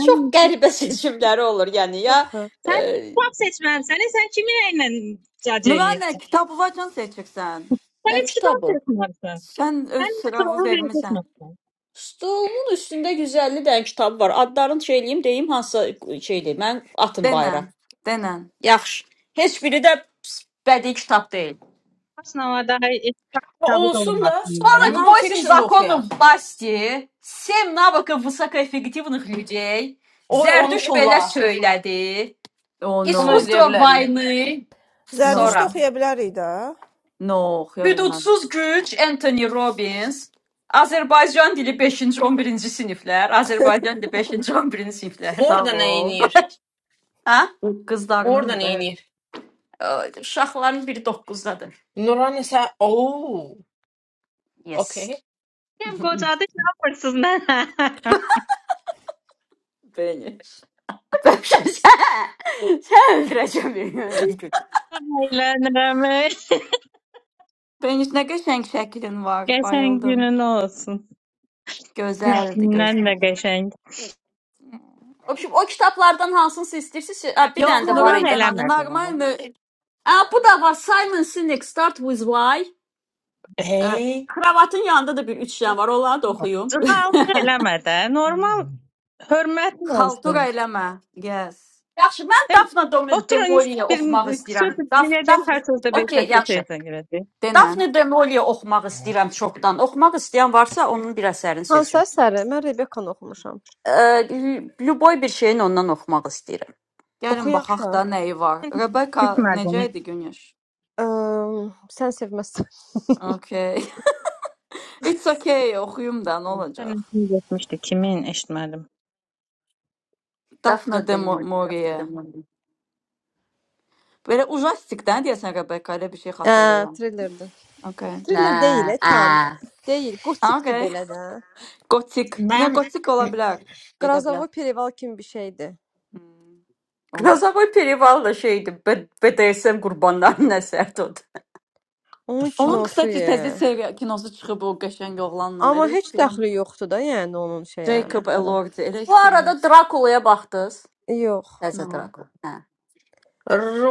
G: Çox
D: 7
G: qəribə seçimləri (laughs) olur. Yəni
D: yox.
G: ya
D: e.
E: sen
G: e,
E: kitap seçmezsen sen kiminle cac
A: Nuranə,
E: ediyorsun?
A: Kitabovacan seçirsən.
E: Sen
G: nə
E: hiç kitap
G: kitabı?
E: seçmezsen.
A: Sən öz
E: Sen sıra
A: sıravı
E: onu bile
A: vermisən.
E: seçmezsen.
G: Stolumun üstündə 150 dənə kitab var. Adlarını şey eləyim, deyim hansısa şeydir. Mən atın bayıra.
A: Denən, denən.
G: Yaxşı. Heç biri də bədii kitab deyil.
E: Aslında daha eski
C: Amma
E: kitabı da
C: Olsun da
E: olmak.
G: 48
C: non-fiction da
G: законов
C: oxuyaq.
G: власти, 7 навыков высокоэффективных людей,
C: Oy onu
G: Зердüş belə
C: tulla.
G: söylədi,
A: Oh no,
C: Onu eləyə
G: Искусство
C: bilərik.
G: войны,
A: no,
B: Zərdüştü
G: sonra.
B: oxuya bilərik də.
A: no, oxuya bilməm.
G: Hüdudsuz güc Anthony Robbins. Azərbaycan dili 5-ci 11-ci siniflər,
B: (laughs)
G: Azərbaycan dili 5-ci 11-ci siniflər.
A: Sağ
C: Orada nə
A: ol.
C: eləyir?
G: Ha?
A: Bu
C: Oradan
A: qızlarınındır da.
C: eynir.
G: Ə, Uşaqların biri 9-dadır.
C: Nuran isə oh,
G: Yes.
C: okay.
G: (laughs)
E: Hem kocada yapırsız ne? yaparsın?
A: Beni.
G: sən sən öldürəcəm bir gün.
E: (laughs) Eğlenirim. (laughs)
A: Beni nə qəşəng şəklin var.
E: Geçen
A: Bayıldım.
E: günün olsun.
A: Gözəldir,
E: Kendimden de
A: gözəl.
E: geçen.
G: Obşim, o kitablardan hansını istəyirsiniz? Ə,
E: Bak,
G: Bir
A: Yox,
G: dənə də var
E: Cıkallık
G: idi.
A: Nuranə,
G: Hani?
A: normal
E: eləmədən.
A: mü
G: Ə, bu da var. Simon Sinek Start with Why. Ə,
C: Hey.
G: Kravatın yanında da bir üç dənə var. Onları da oxuyum.
E: Cıkallık eləmədən. Normal hörmətin
A: xaltura
E: olsun.
A: eləmə. Yes.
G: Yaxşı, mən
E: Hə,
G: Dafna Dom-
E: Oturun
G: Demoliyə
E: bir
G: oxumaq
E: söz
G: istəyirəm. Daf, Daf.
E: dinleyeceğim her sözde bir
G: Okay,
E: dakika
G: yaxşı.
E: teyze girdi.
A: Denən.
G: Dafna Demoliyə oxumaq istəyirəm çoxdan. Oxumaq istəyən varsa, onun bir əsərini
D: Hansı
G: seçim.
D: əsəri? Mən Rebekanı oxumuşam.
G: Ə, Lüboy bir şeyin ondan oxumaq istəyirəm.
A: Gəlin
D: Oxuyaq
A: baxaq
D: da.
A: da nəyi var. Rebecca necə
E: Gitmedim.
A: idi Günüş?
D: Əm, sən sevməzsən. (laughs)
A: Okay. (laughs) It's okay, oxuyum da, nə olacaq?
E: Sen kim geçmişti? Kimin eşitmedim?
A: Daphne
G: Dafna
A: de Mo-
G: Demoli, Dafna
A: Maurier.
G: Demoli.
A: Belə ujastikdən deyəsən Rebecca, elə bir şey
D: Hə,
A: xatırlayıram. Hmm.
D: thrillerdir.
A: Okay.
G: Nə?
D: Thriller deyil, e,
G: Ə.
D: tam. Deyil, gotikdir
A: Okay.
D: belə də.
A: (laughs) Gotik. Niyə
C: Mən
A: gotik ola
C: the
A: bilər? Gedə bilər.
D: Qrazavoy Perival kimi bir şeydir.
A: Hmm. Onda.
G: Qrazovoy Perivalda şeydi. B- BDSM qurbanlarının əsəridir o. da.
D: Onun
A: Onun
C: fuck.
D: kinosu
A: kısaca təzə
D: ye.
A: seriya kinosu çıxıb o qəşəng oğlanla.
D: Amma
A: Elə
D: heç
A: istəyirəm.
D: dəxli yoxdur da, yəni onun şeyə,
A: Jacob
D: əsərə.
A: Elordi. Elə
G: Bu
A: istəyirəm.
G: arada Drakulaya baxdınız?
D: Yox.
G: Təzə
A: No.
G: Drakul. Hə.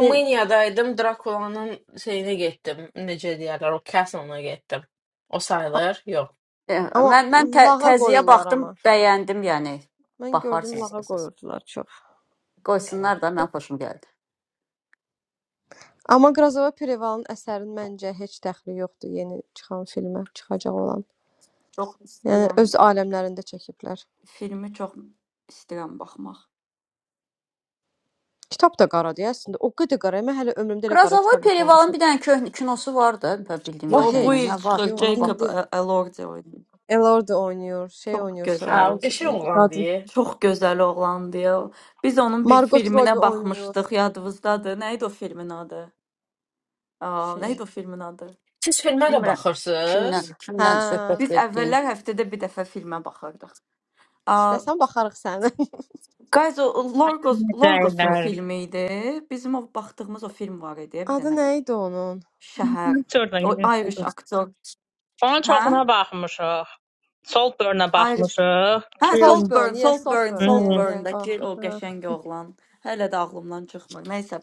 D: De
C: Drakulanın şeyinə getdim. Necə deyirlər, o castle-na getdim. O
D: a-
C: sayılır? Yox.
G: Eh,
D: amma
G: Mən mən tə
D: lağa
G: təziyə
D: qoyurlar
G: baxdım,
D: amma.
G: bəyəndim, yəni
D: Mən gördüm
G: baxarsınız
D: lağa
G: istəsəz.
D: qoyurdular çox.
G: Qoysunlar da, mən xoşum gəldi.
D: Amma Qrazavoy Perivalın əsərinin məncə heç dəxli yoxdur yeni çıxan filmə, çıxacaq olan.
A: Çox
D: Yəni
A: istəyirəm.
D: öz aləmlərində çəkiblər.
A: Filmi çox istəyirəm baxmaq.
D: Kitab da qaradır ya, əslində. O qədər qara. Mən hələ ömrümdə elə qara
G: Krasovoy
D: kitab
G: Perivalın
D: oxumamışam.
G: bir dənə köhnə kinosu var da, bə- bildiyim
D: O
A: Yo bu
G: qədərilə.
A: il
G: Nə
D: heç.
G: var?
A: çıxır
D: Yox,
G: Ona
A: Jacob
D: indi
A: Ä-
G: baxmışam.
A: Elordi oynayır.
D: Elordi oynayır, şey
A: Çox
D: oynayır
C: Hə,
D: sonra.
C: o
A: gözəl.
C: qəşəng
D: Neydi?
C: oğlan
D: Qadın.
C: deyir.
A: Çox gözəl oğlandı ya. Biz onun bir
D: Margot Robbie
A: filminə
D: oynayır
A: baxmışdıq, yadınızdadır. Nə idi o filmin adı? Aa, nə
D: şey.
A: idi o filmin adı?
C: Siz filmə də
G: Bilmirəm
C: baxırsınız?
G: kimdən,
D: Hə.
G: kimdən söhbət
A: Biz
G: etdiyin.
A: əvvəllər həftədə bir dəfə filmə baxırdıq. Aa,
D: İstəsən baxarıq sənə. (laughs)
A: guys, o Lorgos Lorgosun
E: Necələr.
A: filmi idi. Bizim o baxdığımız o film var idi, bir
D: Adı
A: dənə
D: nə idi onun?
A: şəhər.
E: Hiç oradan
A: O
E: gidiyorsun.
A: Irish aktor,
E: Onun
A: hə?
E: çoxuna baxmışıq. Saltburn-a
A: Irish
E: baxmışıq.
A: Hə,
E: Kiln.
D: Saltburn,
A: Saltburn,
D: yes,
A: Saltburn,
D: Saltburn, yeah,
E: Hmm.
D: yeah. O.
A: Saltburn-dakı o
D: Hə.
A: qəşəng oğlan hələ də ağlımdan çıxmır. Nəysə,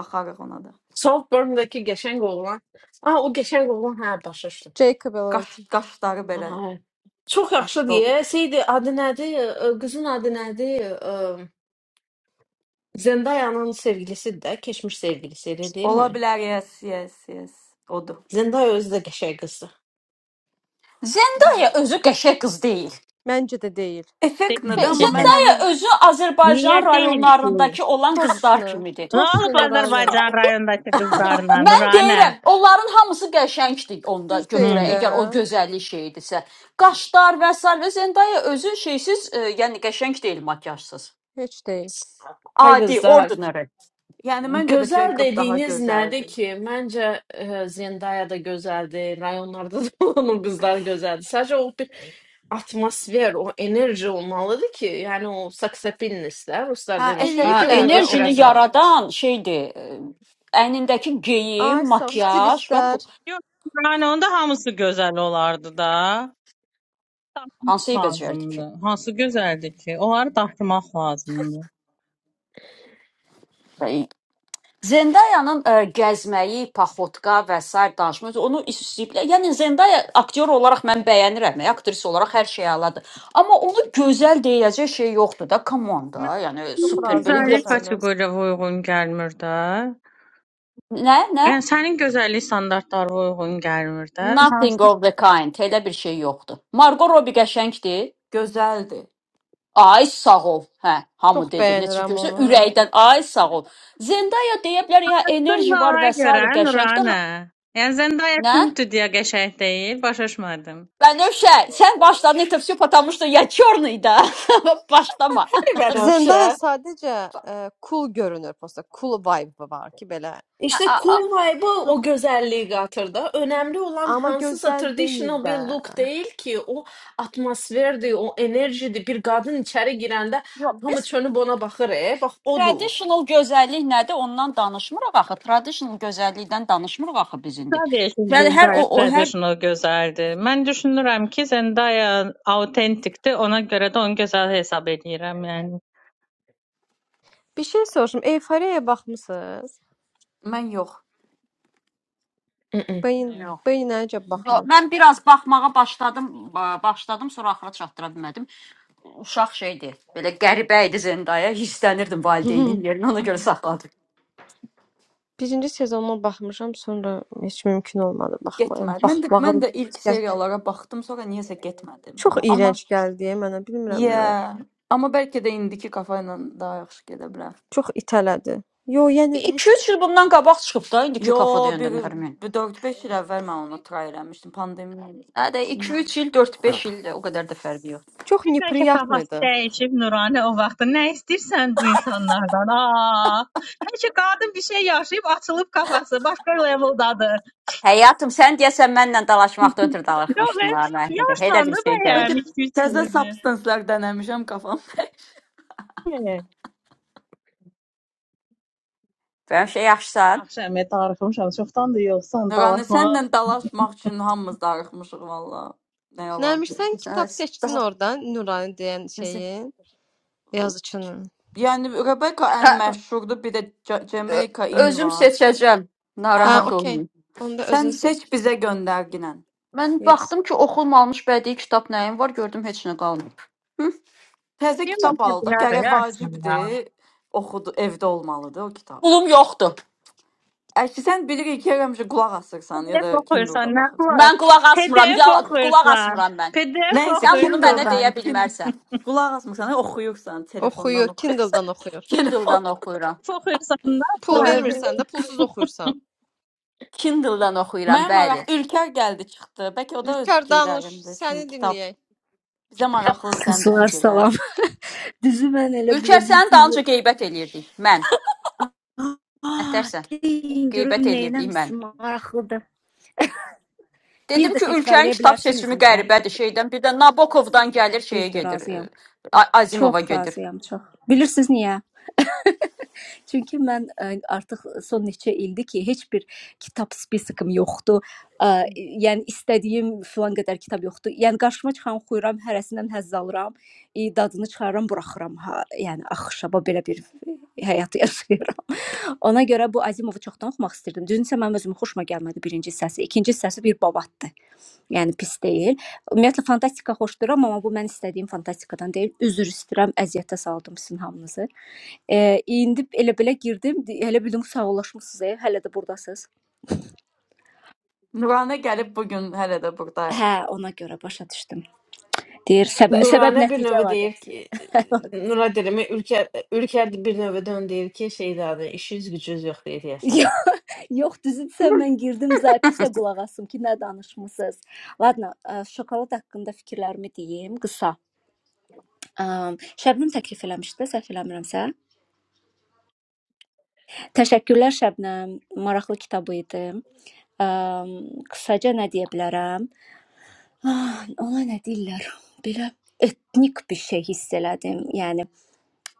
A: baxarıq ona da.
C: Saltburn-dakı qəşəng oğlan. Ah, o qəşəng oğlan, hə, başa düşdüm.
D: Jacob
A: Qaş
D: Elordi.
A: qaşları belə
C: Aha. Çox yaxşı
A: qaşlı oğlan.
C: deyir. Şeydi, adı nədir? Ə, Qızın adı nədir? Zendaya'nın sevgilisi de geçmiş sevgilisiyle değil
A: Ola
C: mi?
A: bilər, yes, yes, yes. Odur.
C: Zendaya özde şey kızı.
G: Zendaya özü qəşəng qız deyil.
D: Məncə də deyil.
A: Effekt
E: Deyil
A: nədir?
G: Xe-
E: ki.
A: Amma mən
G: Zendaya
A: onu,
G: özü
E: Niyə
G: Azərbaycan
E: deyil ki?
G: rayonlarındakı olan qızlar
D: Точно.
G: kimidir.
E: Nə
D: Точно
E: olub
D: Nurana.
E: Azərbaycan rayondakı qızlarla,
G: Mən
E: Nuranə?
G: deyirəm, onların hamısı qəşəngdir onda
D: Düz deyir
E: Hmm.
G: götürək,
D: də.
G: əgər o gözəllik şeyidirsə. Qaşlar və sair və Zendaya özü şeysiz, e, yəni qəşəng deyil makiyajsız.
D: Heç deyil.
C: Ay
G: Adi,
C: kızlar.
G: ordinary.
A: yəni məncə də
C: Güzel
A: Jacob daha
C: dediğiniz nerede
A: gözəldir.
C: ki? Bence e, Zendaya da güzeldi. Rayonlarda da (laughs) olan o kızlar güzeldi. Sadece o bir atmosfer, o enerji olmalıydı ki. Yani o saksepinlisler, Ruslar
A: Hə,
C: demişken
G: Ha,
C: ki
A: effektli
C: onu
D: Eləyiblər də
G: enerjini
D: onu da.
C: ötürəsən.
G: yaradan şeydir. e, Əynindəki geyim,
D: Ay sağ ol,
G: makiyaj və bu
D: stilistlər.
E: Yox, Nuranə, onda hamısı gözəl olardı da. Tapmaq
G: hansı bəcerdi
E: lazımdı. Hansı gözəldir ki? Onları tapmaq lazımdı.
G: ki? Zendayanın ə, gəzməyi, paxotka və sair danışması onu istəyiblər. Yəni Zendaya aktyor olaraq mən bəyənirəm, aktrisa olaraq hər şey əladır. Amma onu gözəl deyəcək şey yoxdur da, come on
E: Mən-
G: da. Yəni
D: Çox
G: super belə
D: razıyam
E: Gözəllik
G: yoxdur.
D: səndən.
E: kateqoriyaya uyğun gəlmir də.
G: Nə, nə?
E: Yəni sənin gözəllik standartlarına uyğun gəlmir də.
G: Nothing
E: Hansı
G: of the kind. Elə bir şey yoxdur. Margot Robbie qəşəngdir.
A: gözəldir.
G: Ay sağ ol. Hə, hamı
D: Çox
G: dedi. Necə
D: bəyənirəm
G: görsə
D: onu. Hə.
G: ürəkdən ay sağ ol. Zendaya deyə bilər ya enerji var
E: Sındağa
G: və
E: görə
G: sair qəşəngdir
E: Nuranə,
G: amma
E: yəni Zendaya
G: nə?
E: Tintüdya qəşəng deyil, başa düşmədim.
G: Benövşə, sən başladın etə все потому что я черный да. (laughs) Başlama.
C: Hani ben
D: Zendaya
C: Afşa?
D: sadəcə ə, cool görünür, prosta cool vibe var ki, belə.
G: Ha,
C: İşte
G: a, a.
C: cool vibe'ı
D: Çox
C: o güzelliği katırdı. Önemli olan
D: Amma
C: hansısa
D: gözəl deyil
C: traditional
D: də.
C: bir look değil ki. O atmosferdi, o enerjidi. Bir kadın içeri girəndə
G: Yox, biz
C: hamı çönüb ona baxır. E, bax odur.
G: traditional gözəllik nədir? Ondan danışmırıq axı. Traditional gözəllikdən danışmırıq axı biz indi.
E: Sən deyirsən
G: Yəni hər o,
E: Zendaya
G: o hər
E: traditional gözəldir. Mən düşünürəm ki, Zendaya autentikdir, ona görə də onu gözəl hesab edirəm, yəni.
D: Bir şey soruşum. Eyfariyaya baxmısınız?
A: Mən yox.
C: Mm-mm.
D: Beyin
G: Yox.
D: beyinə necə
G: Yox,
D: baxmır?
G: Mən biraz baxmağa başladım, ba- başladım, sonra axıra çatdıra bilmədim. Uşaq şeydi, belə qəribə idi Zendaya, hisslənirdim
D: (laughs)
G: valideynin yerinə, ona görə saxladım.
D: Birinci sezonuna baxmışam, sonra heç mümkün olmadı baxmaya.
A: Getmədi. Mən də mən
D: Baxmağım
A: də ilk
D: gəl-
A: seriyalara baxdım, sonra niyəsə getmədim,
D: çox
A: bilmirəm. Amma
D: iyrənc gəldi mənə, bilmirəm niyə.
A: yeah, amma bəlkə də indiki kafa ilə daha yaxşı gedə bilər.
D: Çox itələdi. Yo, yəni heç
G: 2-3 il bundan qabaq çıxıb da indiki kafada
A: Yo bir,
G: yəndən Hərmin.
A: bir 4-5 il əvvəl mən onu try eləmişdim. Pandemiya. idi.
G: Hə də
A: Hmm.
G: 2-3 il, 4-5 il o qədər də fərqi yoxdur.
D: çox
E: Bir bəlkə
D: неприятно
E: kafası
D: idi.
E: dəyişib Nuranə o vaxtda nə istəyirsən bu insanlardan? Aa! Bəlkə qadın bir şey yaşayıb açılıb kafası başqa leveldadır.
G: Həyatım, sən deyəsən mənlə dalaşmaqdan
E: (laughs)
G: ötürü
E: Yox, e,
G: dalaşmışdın da mən. Elə elə bir
E: yaşlandı
G: şey gəlib.
A: Bəlkə
E: bəyəm 2-3
A: təzə
E: ildir.
A: substancelər dənəmişəm qafam.
G: Həmişə yaxşısan.
E: Yaxşı, əmi tarixim çoxdandır yoxsan,
A: Yəni
E: dalaşmağa.
A: səndən dalaşmaq üçün hamımız darıxmışıq valla. Nə yalan.
D: Nəmiş sən kitab seçdin oradan, Nurani deyən şeyin,
A: deyim.
D: yazıçının.
A: Yəni Rebecca
G: Hə,
A: ən məşhurdur, bir də Ca-
G: ö-
A: Jamaica in
G: Özüm
A: var.
G: seçəcəm.
A: Hə.
D: Hə,
G: Narahat
D: okey.
G: olmayın.
D: Onda özün
A: Sən
D: seç.
A: seç bizə göndərginə.
G: Mən
D: Yes.
G: baxdım ki, oxunmamış bədii kitab nəyim var, gördüm heç nə qalmayıb. Hı?
A: Təzə
E: Deyirəm
A: kitab al da,
E: tədbirlər
A: gərək
E: yarısın ya.
A: vacibdir. Oxudu, evdə olmalıdır o kitab.
G: Pulum yoxdur.
A: Əgər sən bilirik ki, həmişə qulaq asırsan ya da
E: PDF
A: Kindle-da
E: oxuyursan, nə
A: baxırsan.
E: var?
G: Mən qulaq asmıram.
E: PDF
G: Ya qulaq
E: oxuyursan,
G: asmıram mən.
E: PDF
A: Nəysə
G: Sən bunu mənə
E: oxuyursan.
A: Kindle-dan,
G: deyə
A: Kindle
G: bilmərsən.
A: qulaq asmısan, oxuyursan, telefondan
D: Oxuyur,
A: oxuyursan.
D: Kindle-dan oxuyur.
A: (laughs) Telefon
G: Kindle-dan oxuyuram.
E: PDF oxuyursan, nə
D: Pul
A: whatever.
D: vermirsən də pulsuz
E: var?
D: oxuyursan.
G: Kindle-dan oxuyuram,
A: Mənə
G: bəli.
A: maraq Ülker gəldi çıxdı. Bəlkə o da öz
D: İlker danış,
A: fikirlərindəsin.
D: səni
A: Kitab
D: dinləyək.
A: bizə maraqlıdır sənin də
H: Sular salam.
A: fikirlərin.
H: (laughs) Düzü mən elə
G: Ülkər
H: bilirdim
G: sənin
H: sizi.
G: dalınca qeybət eləyirdik. Mən.
H: Ah,
G: Nətərsən?
H: deyin görüm
G: Qeybət eləyirdik mən.
H: neynəmsin maraqlıdır. Bir
G: Dedim
H: də
G: ki, ölkənin
H: təkrarlaya
G: kitab seçimi
H: bilərsinizmi sən?
G: qəribədir şeydən. Bir də Nabokovdan gəlir şeyə
H: Düzdür,
G: gedir.
H: razıyam.
G: e, A-
H: Çox
G: Azimova gedir.
H: razıyam, çox. Bilirsiniz niyə? Çünki mən ə, artıq son neçə ildir ki, heç bir kitab spesikim yoxdur. Ə, yəni istədiyim filan qədər kitab yoxdur. Yəni qarşıma çıxan oxuyuram, hərəsindən həzz alıram, i, dadını çıxarıram, buraxıram. Ha, yəni axşaba belə bir həyat yaşayıram. (laughs) Ona görə bu Azimovu çoxdan oxumaq istirdim. Düzünsə mənim özümə xoşuma gəlmədi birinci səsi. İkinci səsi bir babatdır. Yəni pis deyil. Ümumiyyətlə fantastika xoşduram, amma bu mən istədiyim fantastikadan deyil. Üzr istəyirəm, əziyyətə saldım sizin hamınızı. Eee, indi elə belə girdim, di- elə bildim ki, sağollaşmısınız, e, hələ də burdasınız.
A: Nuranə gəlib bu gün hələ də burdayıq.
H: Hə, ona görə başa düşdüm. Deyir, səbə səbəb
C: Nuranə bir
H: nəticə
C: növə deyir
H: əlaqəsi.
C: ki,
H: (laughs) əlaqəsi.
C: Nura deyirəm, Ülker, Ülker bir növədən deyir ki, şeydadır, işiniz gücünüz yox deyir deyəsən.
H: Yox, yox, düzü desəm mən girdim zapisə qulaq asım ki, nə danışmısınız. Ladna, ə, şokolad haqqında fikirlərimi deyim qısa. Ə, Şəbnəm təklif eləmişdi, də, səhv eləmirəmsə. Təşəkkürlər Şəbnəm, maraqlı kitabı idi. Ə, qısaca nə deyə bilərəm? Ah, ona nə deyirlər? Belə etnik bir şey hiss elədim. Yəni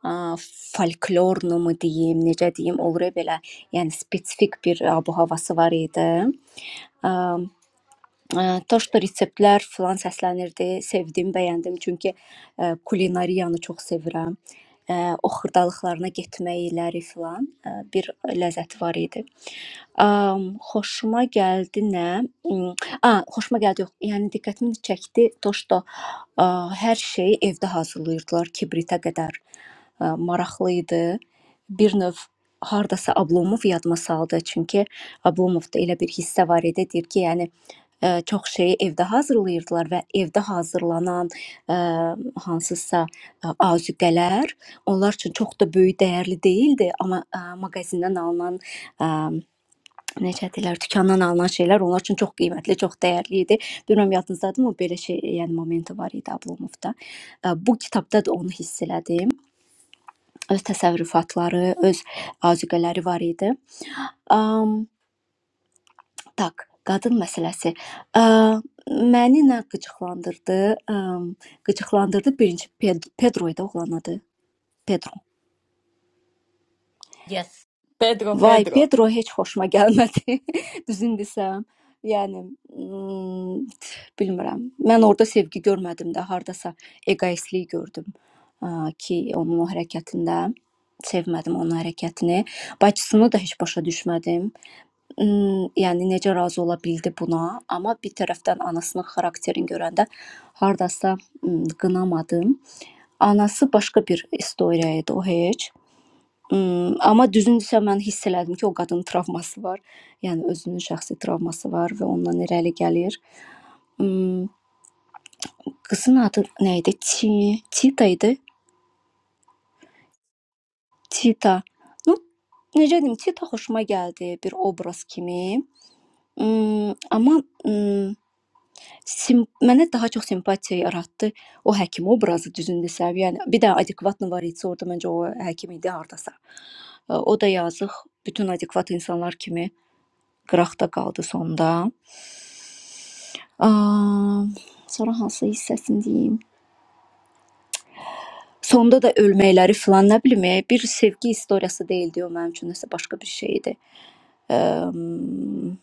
H: ah, folklornumu deyim, necə deyim, olur ya belə, yəni spesifik bir ah, bu havası var idi. Ah, ah, To, что reseptlər filan səslənirdi, sevdim, bəyəndim. Çünki eh, kulinariyanı çox sevirəm. Eh, O xırdalıqlarına getməkləri filan eh, bir ləzzəti var idi. Am, xoşuma gəldi nə? Mm, A, xoşuma gəldi yox. Yəni diqqətimi çəkdi to, что a, hər şeyi evdə hazırlayırdılar kibritə qədər. A, maraqlı idi. Bir növ hardasa Ablomov yadıma saldı. Çünki Ablomovda elə bir hissə var idi, deyir ki, yəni ə, çox şeyi evdə hazırlayırdılar və evdə hazırlanan ə, hansısa ə, azuqələr onlar üçün çox da böyük dəyərli deyildi, amma ə, mağazindən alınan e, necə deyirlər, dükandan alınan şeylər onlar üçün çox qiymətli, çox dəyərli idi. Bilmirəm yadınızdadır, o belə şey, yəni momenti var idi Ablomovda. Ə, Bu kitabda da onu hiss elədim. Öz təsərrüfatları, öz azuqələri var idi. Um, tak, qadın məsələsi. Ə, məni nə qıcıqlandırdı? Um, qıcıqlandırdı birinci Ped- Pedro idi oğlan adı. Pedro.
A: Yes. Pedro,
H: Vay,
A: Pedro.
H: Pedro heç xoşuma gəlmədi, (laughs) düzünü desəm. Yəni, mm, (laughs) bilmirəm. Mən orada sevgi görmədim də, hardasa eqoistlik gördüm ə, ki, onun o hərəkətində sevmədim onun hərəkətini. Bacısını da heç başa düşmədim. Mm, Yəni necə razı ola bildi buna? Amma bir tərəfdən anasının xarakterini görəndə hardasa mm, qınamadım. Anası başqa bir istoriya idi o heç. Hmm, amma düzünsə mən hiss elədim ki, o qadının travması var. Yəni özünün şəxsi travması var və ondan irəli gəlir. Hmm, qızın adı nə idi? Çi, Çita idi. Çita. Ну, necə deyim, Çita xoşuma gəldi bir obraz kimi. Hmm, amma hmm, sim mənə daha çox simpatiya yaratdı o həkim obrazı düzündə səv. Yəni bir də adekvatlı var idi orada məncə o həkim idi hardasa. O da yazıq bütün adekvat insanlar kimi qıraqda qaldı sonda. Am, sonra hansı hissəsini deyim? Sonda da ölməkləri filan nə bilim, e, bir sevgi istoriyası deyildi o mənim üçün, nəsə başqa bir şey idi. Am,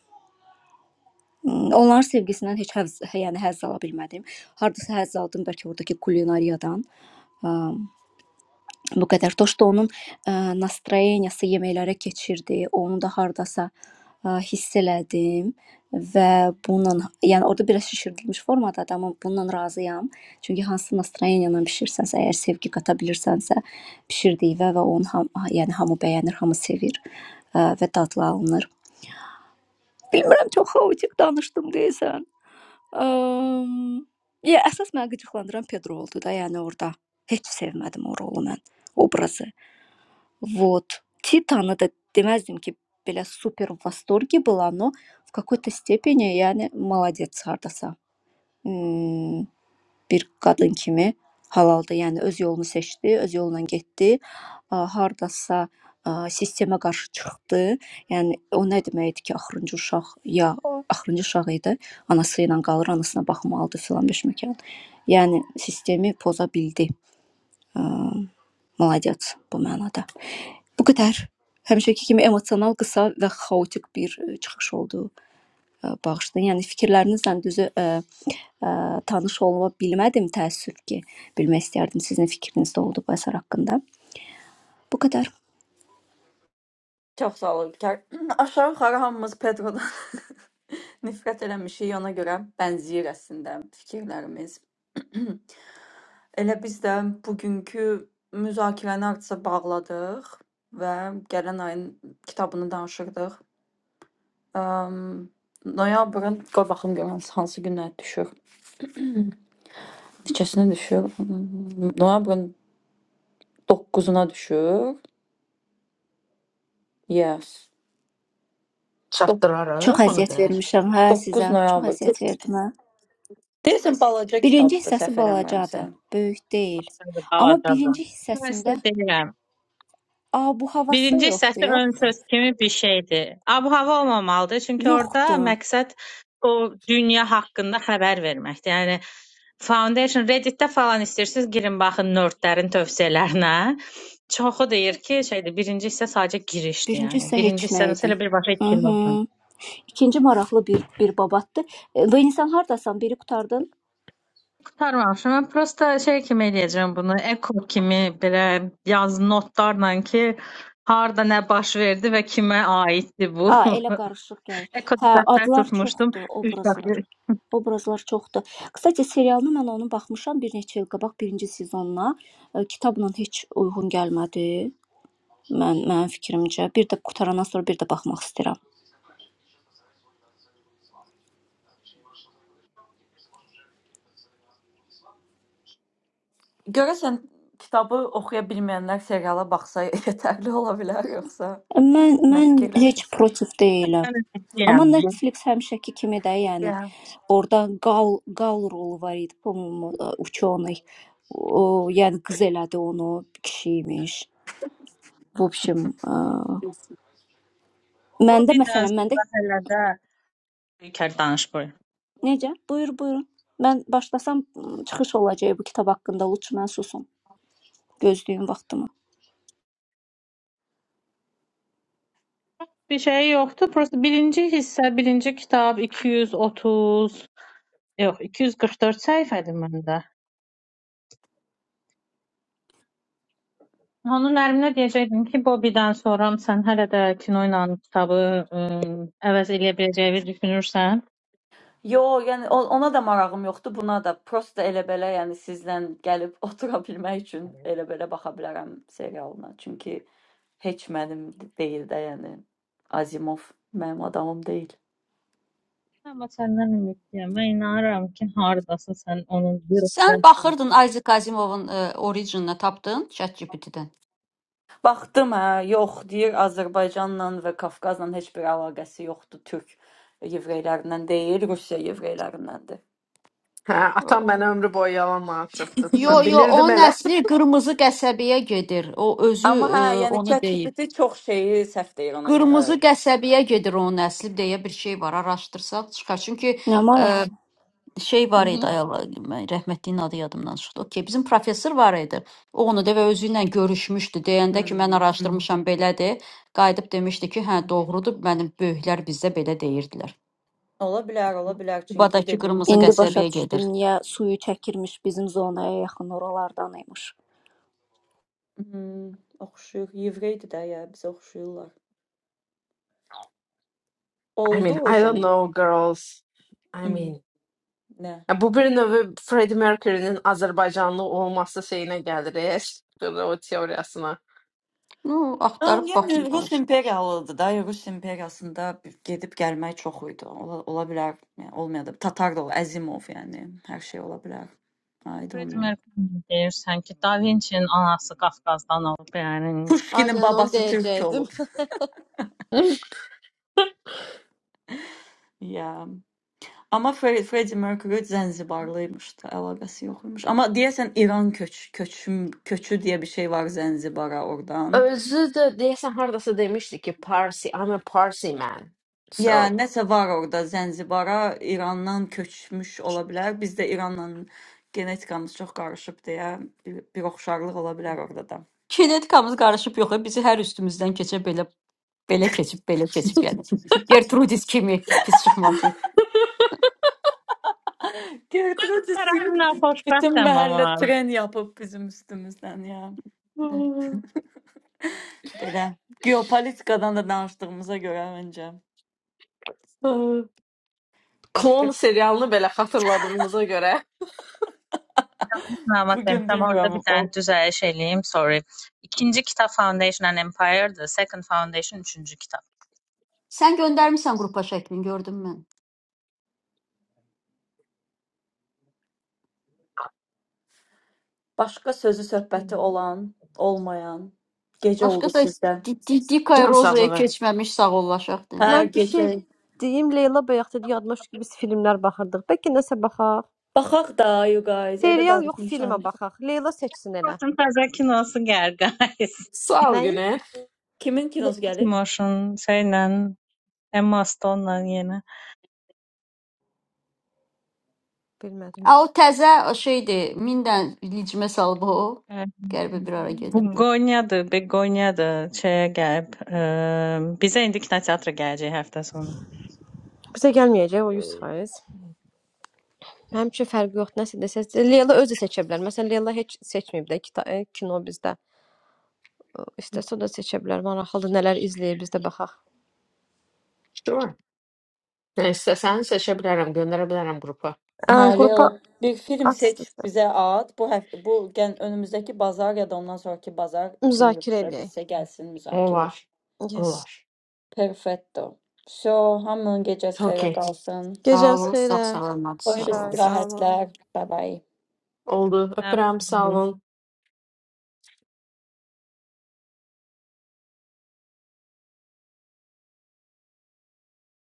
H: Onların sevgisindən heç həzz, yəni həzz ala bilmədim. Hardasa həzz aldım bəlkə ordakı kulinariyadan. bu qədər. Dosto onun ə, nastroyeniyası yeməklərə keçirdi. Onu da hardasa ə, hiss elədim və bununla, yəni orada biraz şişirdilmiş formadadır, amma bununla razıyam. Çünki hansı nastroyeniyanla bişirsənsə, əgər sevgi qata bilirsənsə, bişirdiyinə və onu ham, yəni hamı bəyənir, hamı sevir ə, və dadlı alınır. Bilmirəm çox xaotik danışdım deyəsən. Əm, Ya əsas məni qıcıqlandıran Pedro oldu da, yəni orada heç sevmədim o rolu mən, obrazı. Вот. Titan это deməzdim ki, belə super v восторге была, но в какой-то степени, yəni молодец hardasa. Hmm, bir qadın kimi halaldır. Yəni öz yolunu seçdi, öz yolla getdi. A, Hardasa a, sistemə qarşı çıxdı. Yəni o nə deməkdir ki, axırıncı uşaq ya axırıncı uşaq idi, anası ilə qalır, anasına baxmalıdır filan beşməkan. Yəni sistemi poza bildi. A, Молодец bu mənada. Bu qədər. Həmişəki kimi emosional, qısa və xaotik bir e, çıxış oldu. E, Bağışlayın. Yəni fikirlərinizlə düzü e, e, tanış olma bilmədim təəssüf ki. Bilmək istərdim sizin fikriniz də oldu bu əsər haqqında. Bu qədər.
A: Çox sağ ol Ülker. (clears throat) Aşağı yuxarı hamımız Pedrodan (laughs) nifrət eləmişik, ona görə bənzəyir əslində fikirlərimiz. (clears throat) Elə biz də bugünkü müzakirəni artısa bağladıq və gələn ayın kitabını danışırdıq. Əm, noyabrın, qoy baxım görüm hansı günə düşür. (clears throat) Neçəsinə düşür? Hmm, Noyabrın 9-una düşür. Yes.
H: Çox
C: Çatdırarıq ona
H: əziyyət
C: qədər.
H: vermişəm hə
A: 9
H: sizə. Çox
A: noyabr.
H: əziyyət verdim hə.
A: Deyəsən balaca
H: Birinci
A: kitabdır,
H: hissəsi
A: səhv eləmirəmsə.
H: balacadır, böyük deyil. Amma
E: Dalaşadan.
H: birinci
E: Mən
H: hissəsində
E: sizə deyirəm.
H: a bu havası
E: Birinci
H: yoxdur,
E: hissəsi
H: yox?
E: ön söz kimi bir şeydir. Ab-hava olmamalıdır, çünki orada
H: Yoxdur.
E: məqsəd o dünya haqqında xəbər verməkdir. Yəni Foundation Reddit-də falan istəyirsiniz, girin baxın nördlərin tövsiyələrinə. Çoxu deyir ki, şeydir, birinci hissə sadəcə girişdir,
H: Birinci
E: yəni.
H: hissə
E: Birinci
H: heç nə
E: hissə
H: idi.
E: nəsələ birbaşa ikinci
H: Mhm.
E: olsun.
H: İkinci maraqlı bir bir babatdır. E, Venisən hardasan? Biri qurtardın?
E: Qurtarmamışam. Mən prosta şey kimi eləyəcəm bunu, eko kimi belə yaz notlarla ki, harda nə baş verdi və kimə aiddir bu.
H: A, elə
E: (laughs)
H: qarışıq gəlir. Hə,
E: Ekoteklər
H: adlar
E: tutmuşdum
H: çoxdur,
E: 3
H: obrazlar.
E: dəfə.
H: Obrazlar çoxdur. Qısaca serialını mən onun baxmışam bir neçə il qabaq birinci sezonuna. E, Kitabla heç uyğun gəlmədi. Mən mənim fikrimcə bir də qutarandan sonra bir də baxmaq istəyirəm.
A: Görəsən kitabı oxuya bilməyənlər seriala baxsa (laughs) yetərli ola bilər yoxsa
H: E, Mən
A: nə
H: mən heç
A: fikirləşirsən?
H: protiv deyiləm.
E: Mən
H: Amma
E: əkliyəm.
H: Netflix həmişəki kimi də, yəni
A: Yeah.
H: orda Gal Gal rolu var idi, pomum uçonoy. O, yəni qız elədi onu, kişi imiş. Bu biçim. Məndə
E: Bobby
H: məsələn, məndə
E: danışdı hələ də İlker danış buyur.
H: necə? Buyur, buyurun. Mən başlasam m, çıxış olacaq bu kitab haqqında, lütf mən susum. Gözləyim vaxtımı.
E: Bir şey yoktu. Burası birinci hissə, birinci kitab 230, yox 244 səhifədir məndə. Onun ərinə deyəcəkdim ki, Bobby'dən sonra sən hələ də kino ilə kitabı ə, əvəz eləyə biləcəyini düşünürsən.
A: Yo, yəni o- ona da marağım yoxdur, buna da. Prosta elə-belə, yəni sizlə gəlib (laughs) otura bilmək üçün elə-belə baxa bilərəm serialına. Çünki heç mənim deyil də, yəni Azimov mənim adamım deyil.
E: Amma səndən ümidliyəm. Mən inanıram ki, hardasın sən onun bir
G: Sən
E: ötürə.
G: baxırdın Isaac Asimovun e, Origin-ını tapdın ChatGPT-dən.
A: Baxdım hə, yox, deyir Azərbaycanla və Qafqazla heç bir əlaqəsi yoxdur. Türk yevreylərindən deyil, Rusiya yevreylərindəndir.
C: Hə, atam mənə ömrü boyu yalan danışıbdı.
G: Yo,
C: Mən
G: yo,
C: bilirdim
G: onun
C: elə.
G: əsli qırmızı qəsəbəyə gedir. O özü
A: Amma
G: e,
A: hə, yəni
G: onu deyib.
A: ChatGPT çox şeyi səhv deyir ona görə.
G: Qırmızı qəsəbəyə gedir onun əsli deyə bir şey var. Araşdırsaq çıxar. Çünki
H: Nə
G: e,
H: maraq.
G: Hə. şey
H: Hı
G: var
H: -hı.
G: idi ayol rəhmətliyin adı yadımdan çıxdı. Okey, bizim professor var idi. O onu da və özü ilə görüşmüşdü. Deyəndə ki, mən
A: Hmm.
G: araşdırmışam belədir. Qayıdıb demişdi ki, hə doğrudur. Mənim böyüklər bizdə belə deyirdilər.
A: Ola bilər, ola bilər çünki
G: Qubadakı
A: dediyim
G: qırmızı
A: kimi
H: İndi başa
G: qəsəbəyə
H: düşdüm
G: gedir.
H: niyə suyu çəkirmiş bizim zonaya yaxın oralardan imiş.
A: Hmm, oxşuyur. Yevreydi də ya, bizə oxşuyurlar.
C: I
A: Oldu
C: mean,
A: o
C: I don't
A: zaman.
C: know girls. I
A: Hmm,
C: mean,
A: nə?
C: ya bu birinin ve Freddie Mercury'nin Azerbaycanlı olması şeyine geldi. Reis çıktı o teorisine.
G: Nu,
A: Ha,
G: axtarıb
A: Yəni
G: baxın
A: Rus
G: olsun.
A: imperiyalıdır da. Rus imperiyasında bir gedib gəlmək çox idi. Ola, ola bilər, yəni olmaya da. Tatar da ola, Əzimov yəni hər şey ola bilər. I don't
E: Freddie
A: know.
E: Mercury deyirsən ki, Da Vinci-nin anası Qafqazdan olub, yəni.
A: Pushkinin
D: Aynen onu
A: babası türk
D: deyəcəkdim.
A: olub.
C: (laughs)
A: Ya. Amma Fre Freddie Mercury Zənzibarlıymış da, əlaqəsi yox imiş. Amma deyəsən İran köç köçüm köçü deyə bir şey var Zənzibara oradan.
C: Özü de deyəsən hardasa demişdi ki, Parsi, I'm a Parsi man.
A: Ya
C: So,
A: nəsə var orada Zənzibara İrandan köçmüş ola bilər. Bizdə İranla genetikamız çox qarışıb deyə bir, bir oxşarlıq ola bilər orada da.
G: Genetikamız qarışıb yox, bizi hər üstümüzdən keçə belə belə keçib, belə keçib yəni. Gertrudis kimi pis çıxmasın.
A: (laughs) Gertrude Sim
E: Tərəfimdən
A: bütün
E: xoşbəxtəm
A: məhəllə
E: amma.
A: tren yapıb bizim üstümüzdən ya.
G: De.
C: (laughs)
A: Belə geopolitikadan da danışdığımıza görə öncə
C: klon
A: başqa
C: serialını belə xatırladığımıza görə
A: (laughs)
E: Məlumat
A: bu gün
E: demişəm, orada
A: bilmirəm
E: bir
A: o
E: dənə düzəliş eləyim, sorry. İkinci kitab Foundation and Empire'dır, Second Foundation üçüncü kitab.
G: Sən göndərmisən qrupa şəklini gördüm mən.
A: başqa sözü söhbəti olan, olmayan gecə
G: Başqa
A: oldu
G: da
A: sizdə.
G: Di- Di- Dikay
C: can
G: Rozaya
C: sağlığı.
G: keçməmiş sağ ollaşaq
D: (laughs)
G: dedim.
A: Hə,
D: Mən bir şey
A: gecə.
D: deyim, Leyla bayaq dedi yadıma düşdü ki, biz filmlər baxırdıq. Bəlkə nəsə baxaq.
A: Baxaq da you guys, elə
D: Serial yox, filmə
A: danışmışam.
D: baxaq. Leyla seçsin elə.
E: Protum təzə kinosu gəlir, guys.
C: Sağ ol
D: Nəyin?
C: günə.
A: Kimin
D: Le
A: kinosu gəlir?
E: Timoşun şeylə, Emma Stone'la yenə.
D: bilmədim.
G: A o təzə o şeydir. 1000 dən licmə salıb o. Qərbə bir ara
E: Bu
G: gedirdi.
E: Gonyadır, Begonyadır, şeyə gəlib. Ə, bizə indi kinoteatra gələcək həftə sonu.
D: Bizə gəlməyəcək o 100%. Mənim üçün fərqi yox, nəsə desəz. Leyla özü seçə bilər. Məsələn, Leyla heç seçməyib də kita e, kino bizdə. İstəsə o da seçə bilər. Maraqlıdır nələr izləyir, biz də baxaq.
C: Sure. Yani İstesen seçebilirim, gönderebilirim grupa.
D: Ə,
A: Hə, Leyla,
D: qrupa
A: bir film
D: at
A: seç,
D: istəsən.
A: bizə at. Bu həf bu gən önümüzdəki bazar ya da ondan sonraki bazar kim
D: Müzakirə
A: yığışa
D: edək.
A: bilsə gəlsin
C: O
A: müzakirə.
C: var. O
D: Yes.
C: var.
A: Perfetto. So, hamının gecəsi xeyrə
C: Okey.
A: qalsın.
G: Sağ
D: Gecəniz
G: olun, sağ
D: xeyrə.
G: salamat, sağ
A: Xoş
D: Bay bay.
G: olun.
B: Sağ olun.
A: istirahətlər. Bye bye.
C: Oldu. Öpürem. Sağ olun.